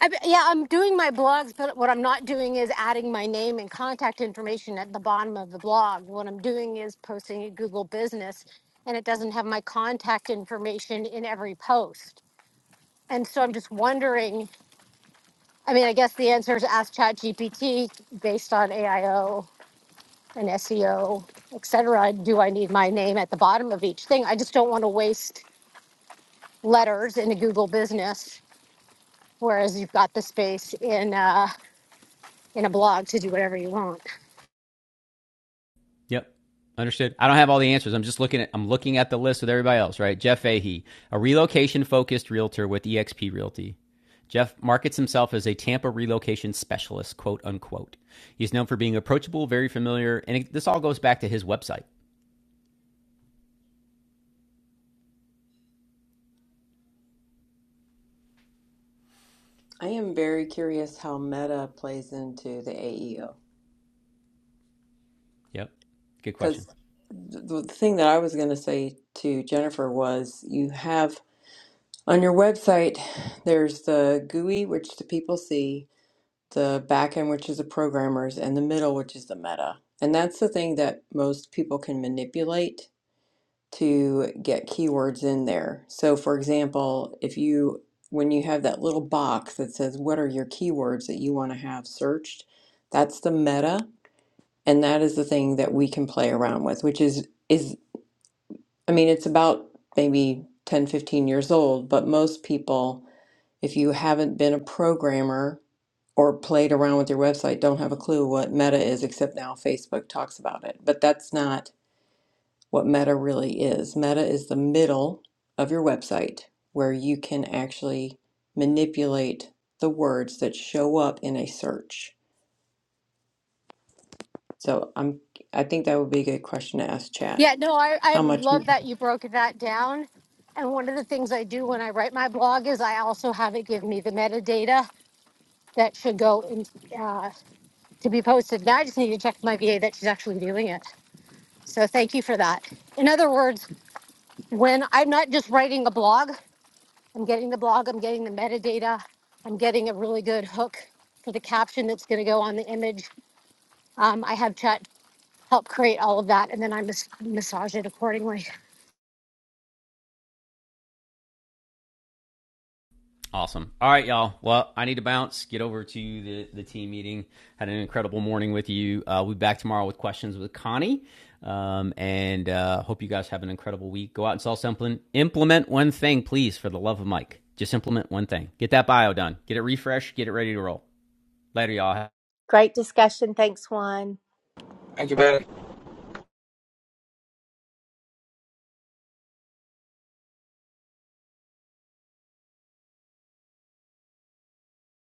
[SPEAKER 23] I, b- yeah, I'm doing my blogs, but what I'm not doing is adding my name and contact information at the bottom of the blog. What I'm doing is posting a Google business and it doesn't have my contact information in every post. And so I'm just wondering, I mean, I guess the answer is ask ChatGPT based on AIO and SEO, et cetera, do I need my name at the bottom of each thing? I just don't want to waste letters in a Google business, whereas you've got the space in uh, in a blog to do whatever you want.
[SPEAKER 1] Yep. Understood. I don't have all the answers. I'm just looking at I'm looking at the list with everybody else, right? Jeff Fahey, a relocation focused realtor with EXP Realty. Jeff markets himself as a Tampa relocation specialist, quote unquote. He's known for being approachable, very familiar, and it, this all goes back to his website.
[SPEAKER 15] I am very curious how meta plays into the AEO
[SPEAKER 1] Yep. Good question.
[SPEAKER 15] because the the thing that I was going to say to Jennifer was you have on your website there's the GUI which the people see, the backend which is the programmers, and the middle which is the meta, and that's the thing that most people can manipulate to get keywords in there. So, for example, if you when you have that little box that says what are your keywords that you want to have searched, that's the meta, and that is the thing that we can play around with, which is is I mean, it's about maybe 10 15 years old, but most people if you haven't been a programmer or played around with your website don't have a clue what meta is except now Facebook talks about it. But that's not what meta really is. Meta is the middle of your website where you can actually manipulate the words that show up in a search. So I'm I think that would be a good question to ask chat.
[SPEAKER 23] Yeah, no, I, I
[SPEAKER 15] How much
[SPEAKER 23] love that you broke that down. And one of the things I do when I write my blog is I also have it give me the metadata that should go in, uh, to be posted. Now I just need to check with my VA that she's actually doing it. So thank you for that. In other words, when I'm not just writing a blog. I'm getting the blog, I'm getting the metadata, I'm getting a really good hook for the caption that's going to go on the image. Um, I have Chet help create all of that, and then I mas- massage it accordingly.
[SPEAKER 1] Awesome. All right, y'all. Well, I need to bounce. Get over to the the team meeting. Had an incredible morning with you. Uh, we'll be back tomorrow with questions with Connie. Um, and uh, hope you guys have an incredible week. Go out and sell something. Implement one thing, please, for the love of Mike. Just implement one thing. Get that bio done. Get it refreshed. Get it ready to roll. Later, y'all.
[SPEAKER 9] Great discussion. Thanks, Juan.
[SPEAKER 25] Thank you, man.